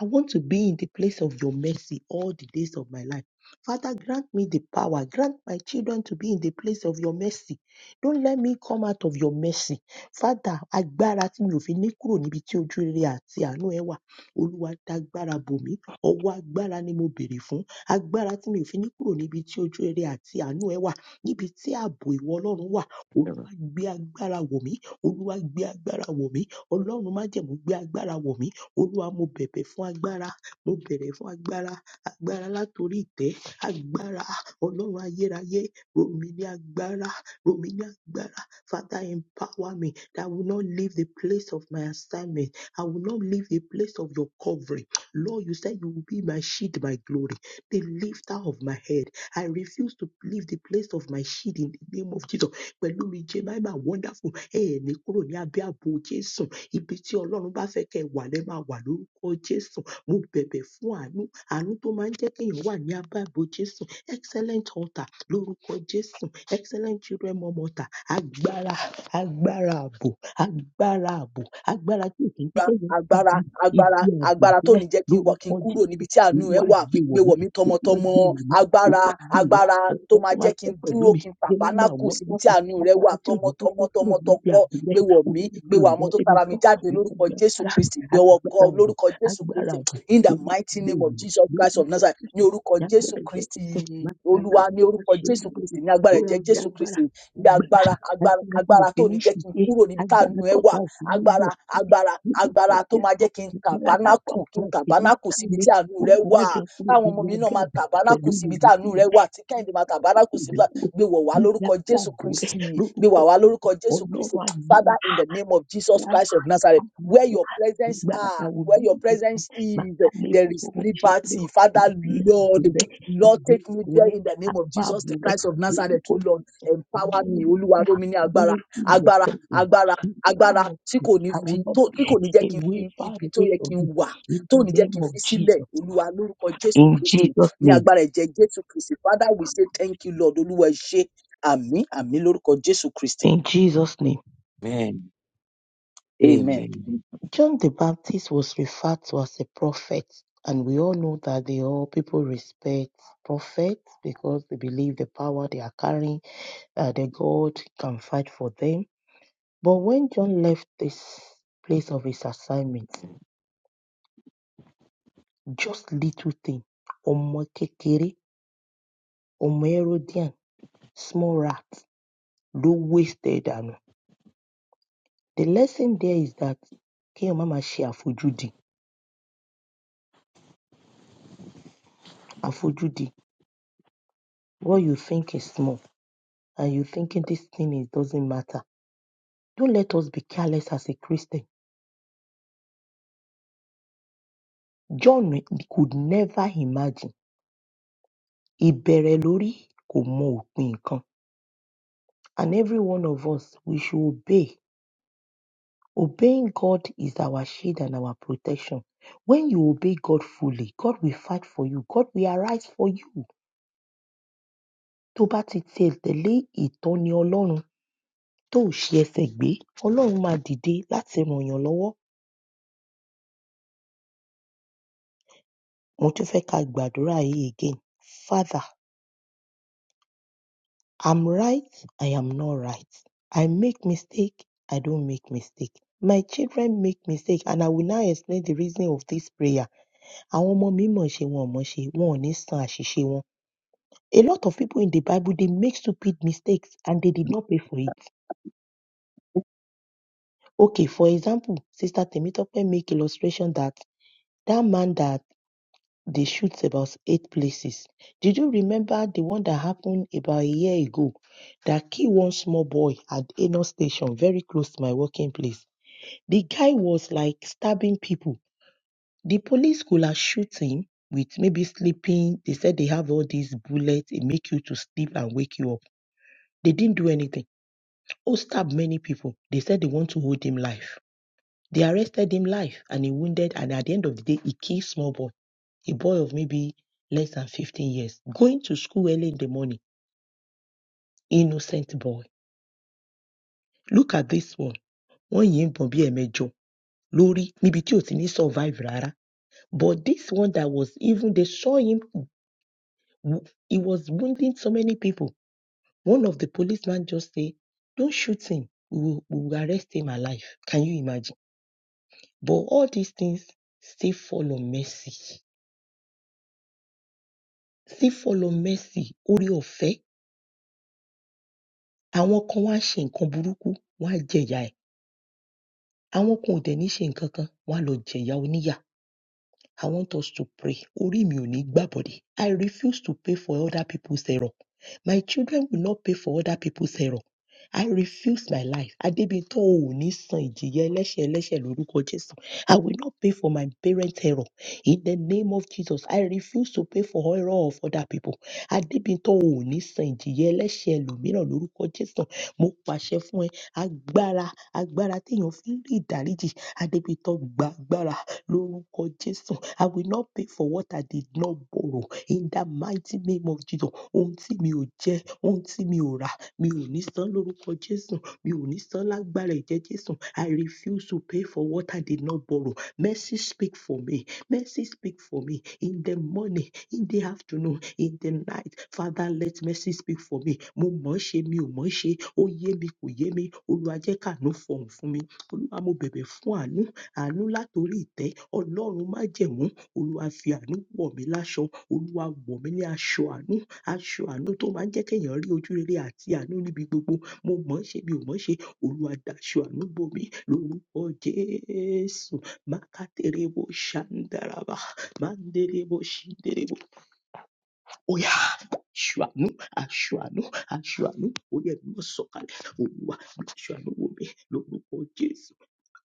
[SPEAKER 2] I want to be in the place of your mercy all the days of my life. Father, grant me the power. Grant my children to be in the place of your mercy. Don't let me come out of your mercy. Father, agbára tí mi ò fi ní kúrò níbi tí ojú rere àti àánú ẹ wà. Olúwa, dágbára bò mí. Ọwọ́ agbára ni mo bèrè fún. Agbára tí mi ò fi ní kúrò níbi tí ojú rere àti àánú ẹ wà. Níbi tí ààbò ìwọ Ọlọ́run wà.
[SPEAKER 1] myself.
[SPEAKER 2] Olúwa gbé agbára wọ̀ mí. Olúwa gbé agbára wọ̀ mí. Ọlọ́run májẹ̀mú gbé agbára wọ̀ mí. Olúwa mo bẹ̀bẹ̀ fún agbára. Mo bẹ̀rẹ̀ fún agbára. Agbára látorí ìtẹ́. Agbára Ọlọ́run ayérayé. Rọ̀ mí ní agbára. Rọ̀ mí ní agbára. Father empower me that I will not leave the place of my assignment. I will not leave the place of your covering. Lord, you said you will be my shield, my glory, the lifter of my head. I refuse to leave the place of my shield in the name of Jesus. Pẹ̀lú mi jẹ́ máa máa wonderful. Ẹ ẹ̀ ní kúrò ní abẹ́ ààbò Jésù. Ibi tí Ọlọ́run bá fẹ́ kẹ́ ẹ wà lẹ́ máa wà lórúkọ Jésù. Mo bẹ̀bẹ̀ fún àánú. Àánú tó máa ń jẹ́ kéèyàn wà ní abẹ́ ààbò Jésù. Excellent altar lórúkọ Jésù. Excellent children mom altar. Agbára agbára ààbò agbára ààbò agbára tí òkè ń kékeré ti di
[SPEAKER 3] agbára
[SPEAKER 2] ibi
[SPEAKER 3] agbára
[SPEAKER 2] ààbò
[SPEAKER 3] agbára tó
[SPEAKER 2] sílẹ̀
[SPEAKER 3] ní jẹ́ kí n wà kí
[SPEAKER 2] lórúkọ
[SPEAKER 3] n kúrò
[SPEAKER 2] jésù
[SPEAKER 3] níbi tí àánú ẹ
[SPEAKER 2] olúwa
[SPEAKER 3] wà
[SPEAKER 2] gbé wọ̀
[SPEAKER 3] gbé
[SPEAKER 2] mí
[SPEAKER 3] wọ̀ mí
[SPEAKER 2] olúwa gbé
[SPEAKER 3] tọmọtọmọ
[SPEAKER 2] wọ̀ mí olúwa
[SPEAKER 3] agbára
[SPEAKER 2] gbé wọ̀
[SPEAKER 3] agbára tó
[SPEAKER 2] ọ̀pọ̀ tó
[SPEAKER 3] máa
[SPEAKER 2] máa
[SPEAKER 3] jẹ́ kí n
[SPEAKER 2] fẹ́ pẹ̀lú
[SPEAKER 3] dúró
[SPEAKER 2] mi
[SPEAKER 3] kí n
[SPEAKER 2] jẹ́nẹ́mà
[SPEAKER 3] tàbánákù
[SPEAKER 2] wọ́n
[SPEAKER 3] síbi tí
[SPEAKER 2] dákun
[SPEAKER 3] àánú rẹ wà
[SPEAKER 2] agbára tí òní fẹ́
[SPEAKER 3] tọmọtọmọ
[SPEAKER 2] fẹ́ kúrò níbi
[SPEAKER 3] tọmọtọkọ
[SPEAKER 2] ààbò rẹ̀
[SPEAKER 3] gbé wọ̀ mí
[SPEAKER 2] olúwa
[SPEAKER 3] gbé
[SPEAKER 2] gbé
[SPEAKER 3] wọ̀
[SPEAKER 2] ìyá
[SPEAKER 3] àwọn tó
[SPEAKER 2] ẹni
[SPEAKER 3] tara mi
[SPEAKER 2] tọ́
[SPEAKER 3] jáde
[SPEAKER 2] olúwa
[SPEAKER 3] lórúkọ
[SPEAKER 2] gbé
[SPEAKER 3] Jésù
[SPEAKER 2] agbára
[SPEAKER 3] Kristi gbé ọwọ́ kọ
[SPEAKER 2] agbára ààbò
[SPEAKER 3] lórúkọ Jésù
[SPEAKER 2] agbára
[SPEAKER 3] Kristi
[SPEAKER 2] ààbò
[SPEAKER 3] in the
[SPEAKER 2] olúwa
[SPEAKER 3] mighty
[SPEAKER 2] gbé
[SPEAKER 3] name
[SPEAKER 2] wọ̀
[SPEAKER 3] of
[SPEAKER 2] mí
[SPEAKER 3] Jesus Christ of
[SPEAKER 2] lórúkọ
[SPEAKER 3] Nazareth ní
[SPEAKER 2] jésù
[SPEAKER 3] orúkọ Jésù
[SPEAKER 2] lágbẹ́rẹ́ jẹ́ kí sùn
[SPEAKER 3] Kristi
[SPEAKER 2] máa ta
[SPEAKER 3] Olúwa
[SPEAKER 2] lábọ́
[SPEAKER 3] ní
[SPEAKER 2] máa
[SPEAKER 3] orúkọ
[SPEAKER 2] ṣe é
[SPEAKER 3] Jésù
[SPEAKER 2] lóru
[SPEAKER 3] Kristi ní agbára
[SPEAKER 2] ó rà
[SPEAKER 3] ẹ̀jẹ̀
[SPEAKER 2] gbé
[SPEAKER 3] Jésù
[SPEAKER 2] agbára
[SPEAKER 3] Kristi gbé agbára agbára
[SPEAKER 2] agbára tí mo
[SPEAKER 3] agbára
[SPEAKER 2] fi
[SPEAKER 3] tó
[SPEAKER 2] ní
[SPEAKER 3] ní jẹ́ kí n
[SPEAKER 2] ṣìṣe
[SPEAKER 3] kúrò níbi tí
[SPEAKER 2] agbára
[SPEAKER 3] ẹ wà
[SPEAKER 2] tọ̀tá ò fi ní
[SPEAKER 3] agbára
[SPEAKER 2] yọ̀ sí
[SPEAKER 3] agbára
[SPEAKER 2] mi lórúkọ
[SPEAKER 3] agbára tó máa
[SPEAKER 2] jésù
[SPEAKER 3] jẹ́ kí n
[SPEAKER 2] agbára tápá
[SPEAKER 3] tàbánákù
[SPEAKER 2] ọ̀tá
[SPEAKER 3] kí
[SPEAKER 2] ò
[SPEAKER 3] n
[SPEAKER 2] fi ní
[SPEAKER 3] tàbánákù
[SPEAKER 2] ká
[SPEAKER 3] síbi
[SPEAKER 2] mi
[SPEAKER 3] tí àánú rẹ
[SPEAKER 2] olúwa má
[SPEAKER 3] wà
[SPEAKER 2] jẹ́ kúrò
[SPEAKER 3] táwọn ọmọ
[SPEAKER 2] níbi
[SPEAKER 3] mi náà
[SPEAKER 2] abẹ́
[SPEAKER 3] máa
[SPEAKER 2] ààbò
[SPEAKER 3] tàbánákù
[SPEAKER 2] pẹ̀lú
[SPEAKER 3] síbi tí
[SPEAKER 2] ìrètí
[SPEAKER 3] àánú
[SPEAKER 2] mi
[SPEAKER 3] rẹ wà tí kẹ́hìndé
[SPEAKER 2] ẹ̀kọ́
[SPEAKER 3] máa tàbánákù
[SPEAKER 2] mi
[SPEAKER 3] síbi tí
[SPEAKER 2] kúrò
[SPEAKER 3] gbé wọ̀ wá
[SPEAKER 2] níbi
[SPEAKER 3] lórúkọ
[SPEAKER 2] abẹ́
[SPEAKER 3] jésù
[SPEAKER 2] ààbò rẹ̀
[SPEAKER 3] kristi gbé
[SPEAKER 2] lórúkọ
[SPEAKER 3] wà wá
[SPEAKER 2] jésù
[SPEAKER 3] lórúkọ jésù
[SPEAKER 2] ọlọ́run
[SPEAKER 3] kristi
[SPEAKER 2] agbára
[SPEAKER 3] father in the name of jesus christ of nazareth
[SPEAKER 2] agbára agbára
[SPEAKER 3] where your presence
[SPEAKER 2] agbára
[SPEAKER 3] are
[SPEAKER 2] táwọn òbí
[SPEAKER 3] where your
[SPEAKER 2] mi fẹ́ fi
[SPEAKER 3] presence
[SPEAKER 2] máa
[SPEAKER 3] is
[SPEAKER 2] ká lé
[SPEAKER 3] there is
[SPEAKER 2] bọ́bọ́ ṣe kéré
[SPEAKER 3] liberty father
[SPEAKER 2] ibi ààbò
[SPEAKER 3] lord
[SPEAKER 2] rẹ̀
[SPEAKER 3] Lord,
[SPEAKER 2] ibi
[SPEAKER 3] take me
[SPEAKER 2] ààbò
[SPEAKER 3] there
[SPEAKER 2] rẹ̀
[SPEAKER 3] in the name of
[SPEAKER 2] apá
[SPEAKER 3] Jesus,
[SPEAKER 2] ààbò
[SPEAKER 3] the
[SPEAKER 2] rẹ̀
[SPEAKER 3] Christ of Nazareth,
[SPEAKER 2] lórúkọ
[SPEAKER 3] oh Lord.
[SPEAKER 2] I
[SPEAKER 3] Empower me, Oluwa ni Agbara,
[SPEAKER 2] will feel your
[SPEAKER 3] Agbara,
[SPEAKER 2] presence.
[SPEAKER 3] Agbara,
[SPEAKER 2] In the
[SPEAKER 3] agbára
[SPEAKER 2] name of
[SPEAKER 3] tí
[SPEAKER 2] Jesus,
[SPEAKER 3] kò ní
[SPEAKER 2] I will
[SPEAKER 3] fi
[SPEAKER 2] not
[SPEAKER 3] tó tí kò
[SPEAKER 2] be
[SPEAKER 3] ní jẹ́ kí n
[SPEAKER 2] away,
[SPEAKER 3] fi
[SPEAKER 2] far
[SPEAKER 3] ibi tó
[SPEAKER 2] away
[SPEAKER 3] yẹ kí
[SPEAKER 2] from
[SPEAKER 3] n
[SPEAKER 2] you.
[SPEAKER 3] wà
[SPEAKER 2] In
[SPEAKER 3] tó
[SPEAKER 2] the
[SPEAKER 3] ní jẹ́
[SPEAKER 2] name
[SPEAKER 3] kí n
[SPEAKER 2] of
[SPEAKER 3] fi sílẹ̀
[SPEAKER 2] Jesus.
[SPEAKER 3] olúwa lórúkọ jésù
[SPEAKER 2] In
[SPEAKER 3] kristi
[SPEAKER 2] Jesus'
[SPEAKER 3] ní
[SPEAKER 2] name.
[SPEAKER 3] agbára ẹ̀jẹ̀ jésù kristi father we say thank you lord olúwa ẹ ṣé àmì àmì lórúkọ jésù kristi
[SPEAKER 2] In Jesus' name.
[SPEAKER 1] Amen.
[SPEAKER 3] amen
[SPEAKER 1] Amen.
[SPEAKER 2] John the Baptist was referred to as a prophet, and we all know that they all people respect prophets because they believe the power they are carrying, uh, the God can fight for them. But when John left this place of his assignment, just little thing, ọmọ kékeré Omerodian, small rat ló waste ẹ̀ dànù. The lesson there is that kéèyàn má máa ṣe àfojúdi. Àfojúdi, what you think is small and you thinking this thing is doesn't matter. Don't let us be careless as a Christian. John could never imagine. Ìbẹ̀rẹ̀ lórí kò mọ òpin nǹkan. And every one of us, we should obey. Obeying God is our shield and our protection. When you obey God fully, God will fight for you. God will arise for you. tó bá ti tiẹ̀ tẹ̀lé ìtọ́ni Ọlọ́run tó ò ṣe ẹsẹ̀ gbé, Ọlọ́run máa dìde láti ràn yàn lọ́wọ́. Mo tún fẹ́ ká gbàdúrà yìí again. Father, I'm right, I am not right. I make mistake, I don't make mistake. My children make mistake and I will now explain the reason of this prayer. Àwọn ọmọ mi mọ̀ ṣe wọn ò mọ̀ ṣe, wọn ò ní san àṣìṣe wọn. A lot of people in the Bible, they make stupid mistakes and they did not pay for it. Okay, for example, Sister Temitope make illustration that That man that they shoot about eight places. Did you remember the one that happened about a year ago that killed one small boy at Enos Station, very close to my working place? The guy was like stabbing people. The police could have shoot him with maybe sleeping. They said they have all these bullets, it make you to sleep and wake you up. They didn't do anything. Oh, stabbed many people. They said they want to hold him life. They arrested him life and he wounded, and at the end of the day, he killed small boy. a boy of maybe less than 15 years, going to school early in the morning, innocent boy. Look at this one. Wọ́n yìí ń bọ̀n bí ẹ̀mẹjọ lórí níbi tí ò ti ní survive rárá. But this one that was even they saw him, he was wounding so many people. One of the policemen just say, don't shoot him, we will, we will arrest him alive. Can you imagine? But all these things still follow mercy. Still follow mercy, orí ọ̀fẹ́. Àwọn kan wá ṣe nǹkan burúkú, wọ́n á jẹ̀yà ẹ̀. Àwọn kan ò dẹ̀ ní ṣe nǹkan kan, wọ́n á lọ jẹ̀yà oníyà. I want us to pray. Orí mi ò ní gbá body. I refuse to pay for other people's error. My children will not pay for other people's error. I refuse my life. Adébíntọ́ ò ní san ìjìyà ẹlẹ́ṣẹ̀ ẹlẹ́ṣẹ̀ lórúkọ Jésù. I will not pay for my parents' error. In the name of Jesus, I refuse to pay for error of other people. Adébíntọ́ ò ní san ìjìyà ẹlẹ́ṣẹ̀ ẹlòmíràn lórúkọ Jésù. Mo pàṣẹ fún ẹ agbára agbára téèyàn fi ń rí ìdáríjì Adébíntọ́ gba agbára lórúkọ Jésù. I will not pay for what I did not borrow in the mighty name of Jesus. Ohun tí mi ò jẹ, ohun tí mi ò rà, mi ò ní san lórúkọ Jésù. Mi ò ní san lágbára ẹ̀jẹ̀ Jésù. I refuse to pay for what I did not borrow. Mercy speak for me. Mercy speak for me in the morning, in the afternoon, in the night. Father, let mercy speak for me. Mo mọ̀ ọ́ ṣe, mi ò mọ̀ ọ́ ṣe. Ó yé mi, kò yé mi. Olúwa jẹ́ kàánú fọ̀hún fún mi. Olúwa, mo bẹ̀bẹ̀ fún àánú àánú látorí ìtẹ́ ọlọ́run májẹ̀mú olúwa fi àánú wọ̀ mí láṣọ olúwa wọ̀ mí ní aṣọ àánú aṣọ àánú tó máa ń jẹ́ kéèyàn rí ojú rere àti àánú níbi gbogbo mo mọ̀ ọ́n ṣe mi ò mọ̀ ọ́n ṣe olúwa daṣọ àánú bò mí lórúkọ jésù mákàtẹ́rẹ́bó ṣàǹdàràbà máńdẹ́rẹ́bó ṣìndẹ́rẹ́bó óyá aṣọ àánú aṣọ àánú aṣọ àánú ó yẹ kí wọ́n sọ̀kalẹ̀ olúwa daṣọ àánú wò mí lórúkọ jésù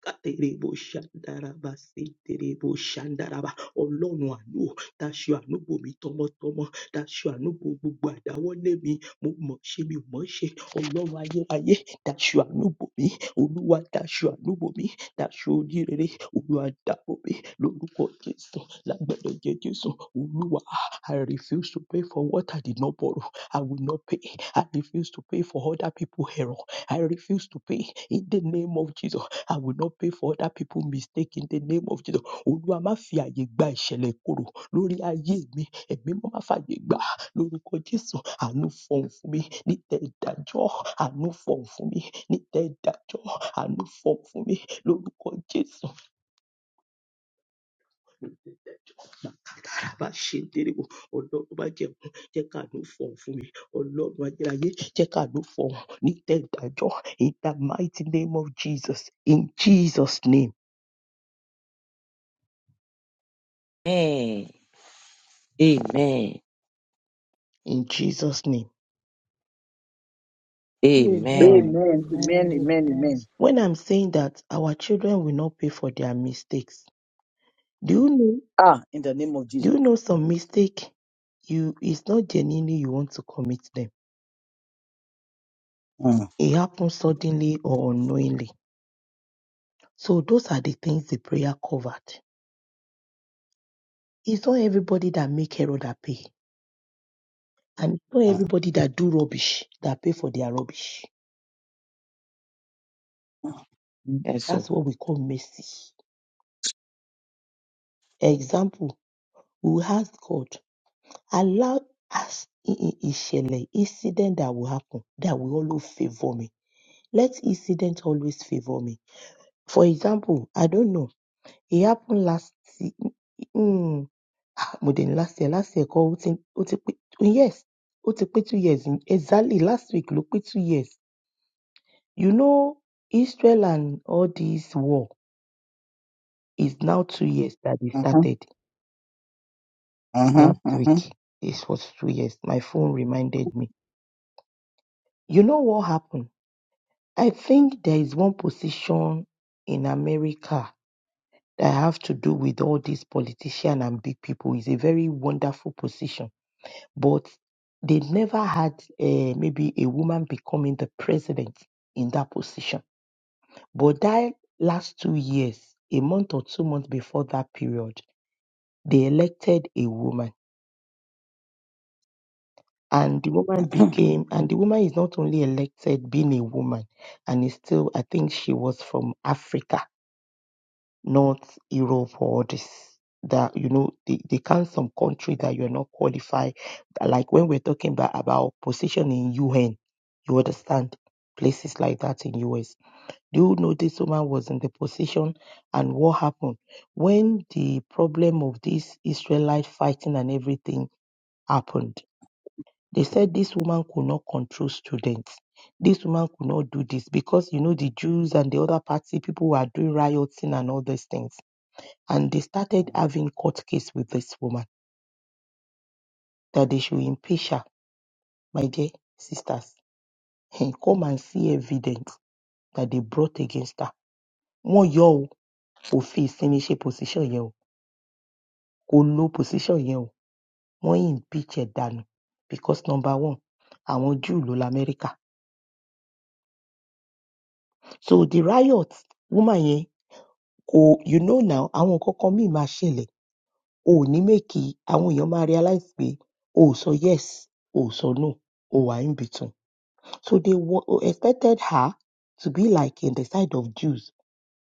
[SPEAKER 2] Katerebo-shandaraba-siterebo-shandaraba. ọlọ́run àánú dáṣọ àánúgbò mi tọmọtọmọ dáṣọ àánúgbò gbogbo àdáwọ́lé mi mo mọ̀ ṣe mi ò mọ̀ ṣe ọlọ́run ayérayé dáṣọ àánúgbò mi olúwa dáṣọ àánúgbò mi dáṣọ onírere olúwa dáàbò mi lórúkọ jésù lágbẹ̀dẹ̀ jẹ́ jésù olúwa i refuse to pay for what i did not borrow i will not pay i refuse to pay for other people's error i refuse to pay in the name of jesus I will not pay for other people's mistake in the name of Jesus. Olúwa má fi àyè gba ìṣẹ̀lẹ̀ ìkorò lórí ayé mi. Ẹ̀mí mímọ́ má fàyè gbà á. lórúkọ Jésù. Àánú fọ̀hún fún mi níta ìdájọ́. Àánú fọ̀hún fún mi níta ìdájọ́. Àánú fọ̀hún fún mi lórúkọ Jésù. Bàbá ṣe ń tẹ́lẹ̀ wò. Ọlọ́run má jẹun. Jẹ́ káàánú fọ̀hún fún mi. Ọlọ́run ajẹ́láyé jẹ́ káàánú fọ̀hún níta ìdájọ́. In the mighty name of Jesus. In Jesus' name.
[SPEAKER 1] Amen. Amen.
[SPEAKER 2] In Jesus' name.
[SPEAKER 5] Amen,
[SPEAKER 1] Amen.
[SPEAKER 3] amen amen
[SPEAKER 5] amen,
[SPEAKER 3] amen amen
[SPEAKER 5] amen.
[SPEAKER 2] When I'm saying that our children will not pay for their mistakes, do you know
[SPEAKER 3] ah in the name of
[SPEAKER 2] do you
[SPEAKER 3] jesus.
[SPEAKER 2] know some mistake you it's not genuinely you want to commit them.
[SPEAKER 3] Mm,
[SPEAKER 2] It happens suddenly or unknowingly. So those are the things the prayer covered. It's not everybody that make error that pay. And it's not
[SPEAKER 3] mm,
[SPEAKER 2] everybody that do rubbish that pay for their rubbish.
[SPEAKER 3] mm,
[SPEAKER 1] Yes,
[SPEAKER 2] That's
[SPEAKER 1] so
[SPEAKER 2] what we call mercy. Example, we will ask God, allow us in in- ìṣẹ̀lẹ̀ incident that will happen that will always favor me. let incident always favor me. For example, I don't know, it happened last ye- mm, ah, mo dẹ̀ last year, last year kọ́ ó ti ó ti pé yes, ó ti pé two years exactly last week ló pé two years. You know, Israel and all this war is now two years that they started
[SPEAKER 3] mhm, mhm, mhm,
[SPEAKER 2] last week. This was two years. My phone reminded me. You know what happened? I think there is one position in America that have to do with all these politicians and big people is a very wonderful position. But they never had eh, maybe a woman becoming the president in that position. But that last two years, a month or two months before that period, they elected a woman. And the woman became, and the woman is not only elected being a woman, and is still, I think she was from Africa North Europe or this that you know they, they count some country that you're not qualified. Like when we're talking about, about position in UN, you understand places like that in US. Do you know this woman was in the position and what happened? When the problem of this Israelite fighting and everything happened, they said this woman could not control students. This woman could not do this because you know the Jews and the other party people were doing rioting and all these things and they started having court case with this woman that they should impeach her. My dear sisters, eh, come and see evidence that they brought against her. Wọ́n yọ ọ́ o, kò fi ìsinmi ṣe position yẹn o, kò lo position yẹn o, wọ́n impeach ẹ̀ dànù because number one, àwọn Jew ló lamẹ́ríkà. So the riot woman yẹn kò you know now àwọn nǹkan kan míì máa ṣẹlẹ̀ o ò ní make àwọn èèyàn máa realize pé o ò sọ yes o ò sọ no o wà in between. So they wa- expected her to be like in the side of Jews,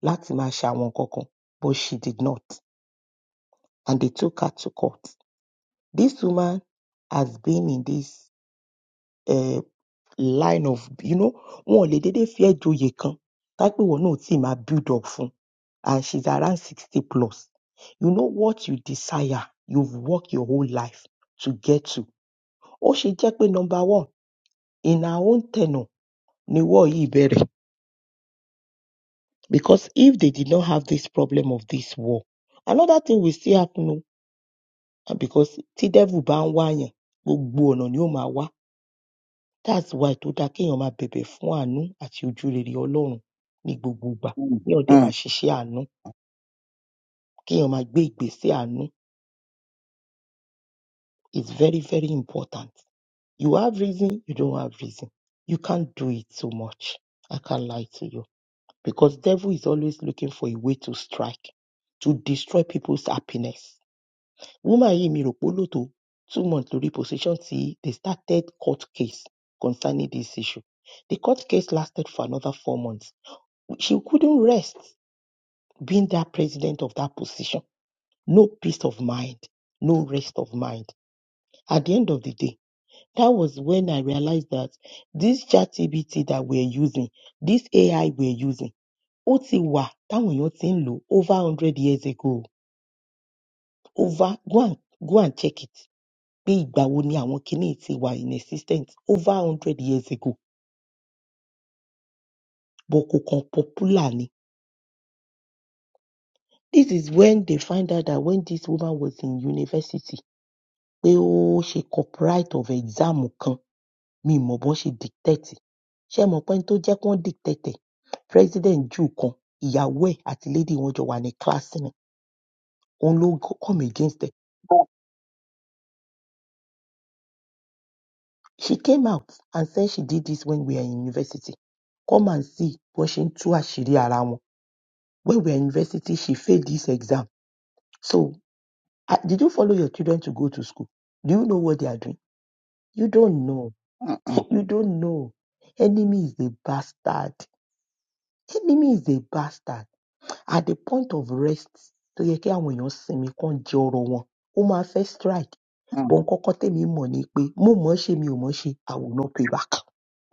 [SPEAKER 2] láti máa ṣe àwọn nǹkan kan, but she did not. And they took her to court. This woman has been in this uh, line of, you know, wọn ò lè dédé fi ẹ́ joyè kan, tápé ìwọ náà ò tíì máa build up fún. And she's around 60 plus. You know what you desire, you've worked your whole life to get to. Ó ṣe jẹ́ pé number one, in her own tenure ni war yìí bẹ̀rẹ̀. Because if they did not have this problem of this war, another thing will still happen o. And because tí devil bá ń wáyàn, gbogbo ọ̀nà ni ó máa wá. That's why tó dáa kéèyàn máa bẹ̀bẹ̀ fún àánú àti ojúrere Ọlọ́run ní gbogbo ìgbà.
[SPEAKER 3] mm,
[SPEAKER 2] Kéèyàn dẹ̀ máa
[SPEAKER 3] mm,
[SPEAKER 2] ṣiṣẹ́ àánú, kéèyàn máa gbé ìgbésẹ̀ àánú. It's very very important. You have reason, you don't have reason. You can't do it so much. I can't lie to you. Because devil is always looking for a way to strike, to destroy people's happiness umahi to two months to reposition till they started court case concerning this issue. The court case lasted for another four months. She couldn't rest being that president of that position. No peace of mind, no rest of mind. At the end of the day, that was when I realized that this chat TBT that we're using, this AI we're using, Otiwa, that one lo over 100 years ago. Over, go and, go and check it. pé ìgbà wo ni àwọn kiní yìí ti wà inexistent over hundred years ago but kò kàn popular ni. This is when they find out that when this woman was in university pé ó ṣe copyright of exam kan mi ì mọ̀ bọ́n ṣe dictate ẹ̀. Ṣé ẹ mọ̀ pẹ́ni tó jẹ́ kán dictate ẹ̀ president Jew kan ìyàwó ẹ̀ àti lady wọn jọ wà ní class ni òun ló come against ẹ̀.
[SPEAKER 3] mm,
[SPEAKER 2] She came out and said she did this when we are in university. Come and see bọ́n ṣe ń tú àṣírí ara wọn. When we were in university, she failed this exam. So, uh, did you follow your children to go to school? Do you know what they are doing? You don't know.
[SPEAKER 3] mm, mm,
[SPEAKER 2] you don't know. Enemy is a bastard. Enemy is a bastard. At the point of rest, tó yẹ kí àwọn èèyàn sinmi kán jẹ ọrọ̀ wọn, ó máa fẹ́ strike. But nǹkan kan tèmi mọ̀ ni pé mo mọ̀ ọ́ ṣe mi ò mọ̀ ọ́ ṣe, I will not pay back.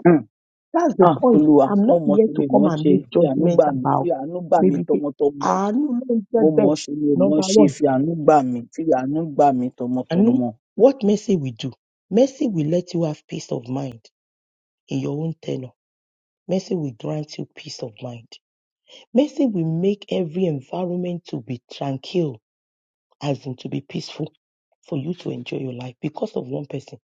[SPEAKER 3] mm.
[SPEAKER 2] That's the
[SPEAKER 3] ah
[SPEAKER 2] point.
[SPEAKER 3] olúwa
[SPEAKER 2] I'm
[SPEAKER 3] mo
[SPEAKER 2] not
[SPEAKER 3] mọ̀
[SPEAKER 2] here
[SPEAKER 3] sí
[SPEAKER 2] to
[SPEAKER 3] mi
[SPEAKER 2] come
[SPEAKER 3] mọ̀
[SPEAKER 2] and
[SPEAKER 3] ṣe
[SPEAKER 2] make
[SPEAKER 3] fi àánú
[SPEAKER 2] judgement
[SPEAKER 3] gbà mí fi
[SPEAKER 2] about
[SPEAKER 3] àánú gbà mí
[SPEAKER 2] maybe pé
[SPEAKER 3] tọmọtọmọ
[SPEAKER 2] àánú ló ń
[SPEAKER 3] mo
[SPEAKER 2] jẹ́ bẹ́ẹ̀.
[SPEAKER 3] mọ̀ ṣe mi ò mọ̀
[SPEAKER 2] Number
[SPEAKER 3] ṣe
[SPEAKER 2] one.
[SPEAKER 3] fi àánú gbà mí fi àánú gbà mí
[SPEAKER 2] Anu,
[SPEAKER 3] tọmọtọmọ
[SPEAKER 2] what mercy will do? Mercy will let you have peace of mind in your own tenor. Mercy will grant you peace of mind. Mercy will make every environment to be tranquil, as in to be peaceful, for you to enjoy your life because of one person.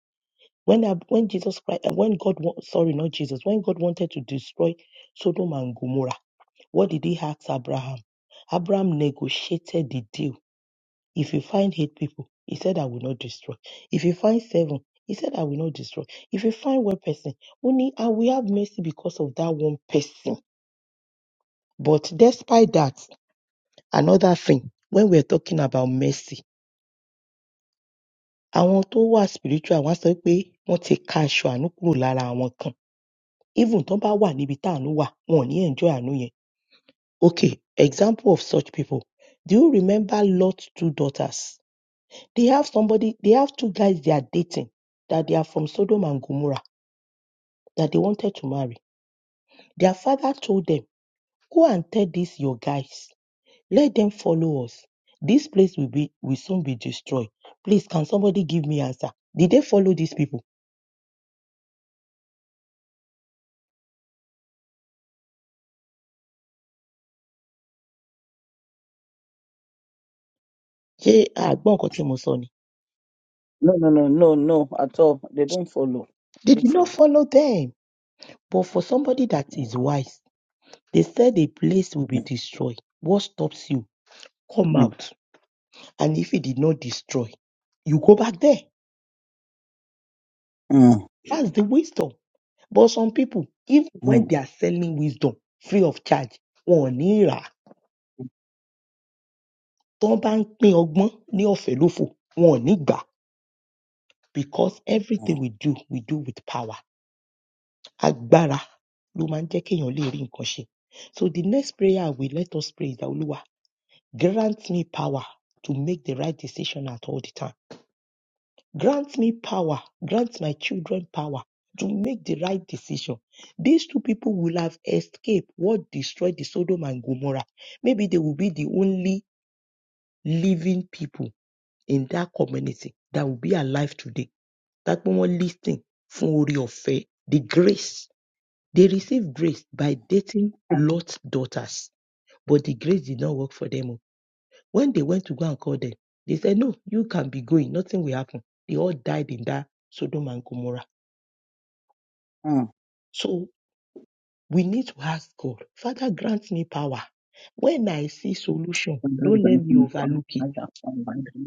[SPEAKER 2] When I, when Jesus Christ, and when God, wa- sorry, not Jesus, when God wanted to destroy Sodom and Gomorrah, what did He ask Abraham? Abraham negotiated the deal If you find eight people, he said, I will not destroy. If you find seven, he said, I will not destroy. If you find one person, only I will have mercy because of that one person. But despite that, another thing, when we're talking about mercy, àwọn tó wà spiritual wọ́n á sọ pé wọ́n ti ka aṣọ àánú kúrò lára àwọn kan. Even tó bá wà níbi tá àánú wà, wọn ò ní enjoy àánú yẹn. Okay, example of such people. Do you remember Lot's two daughters? They have somebody, they have two guys they are dating that they are from Sodom and Gomorrah that they wanted to marry. Their father told them, Go and tell these your guys, let them follow us. This place will be will soon be destroyed. Please, can somebody give me answer? Did they follow these people? Ṣé àgbọ̀n nǹkan tí mo sọ ni?
[SPEAKER 3] no no no no no at all they don't follow they
[SPEAKER 2] They
[SPEAKER 3] don't
[SPEAKER 2] did not
[SPEAKER 3] follow.
[SPEAKER 2] follow them. But for somebody that is
[SPEAKER 3] Mm,
[SPEAKER 2] wise, they said a place will be destroyed. What stops you? Come
[SPEAKER 3] mm,
[SPEAKER 2] out. And if it did not destroy, you go back there.
[SPEAKER 3] mm,
[SPEAKER 2] That's the wisdom. But some people, even
[SPEAKER 3] mm,
[SPEAKER 2] when they are selling wisdom free of charge, wọn ò ní rà á. Tí wọ́n bá ń pín ọgbọ́n ní ọ̀fẹ́ lófò, wọn ò ní gbà á. Because everything we do, we do with power. Agbára ló máa ń jẹ́ kéèyàn lè rí nǹkan ṣe. So the next prayer we let us pray is that Olúwa grant me power to make the right decision at all the time. Grant me power. Grant my children power to make the right decision. These two people will have escaped what destroyed the Sodom and Gomorrah. Maybe they will be the only living people in that community that will be alive today. That one listening for the grace. They received grace by dating
[SPEAKER 3] mm.
[SPEAKER 2] Lot's daughters, but the grace did not work for them. oh. When they went to go and call them, they said, No, you can be going. Nothing will happen. They all died in that Sodom and Gomorrah.
[SPEAKER 3] mm.
[SPEAKER 2] So we need to ask God, Father, grant me power. When I see solution,
[SPEAKER 3] Father,
[SPEAKER 2] don't let
[SPEAKER 3] grant
[SPEAKER 2] me
[SPEAKER 3] me power,
[SPEAKER 2] overlook it.
[SPEAKER 3] Father,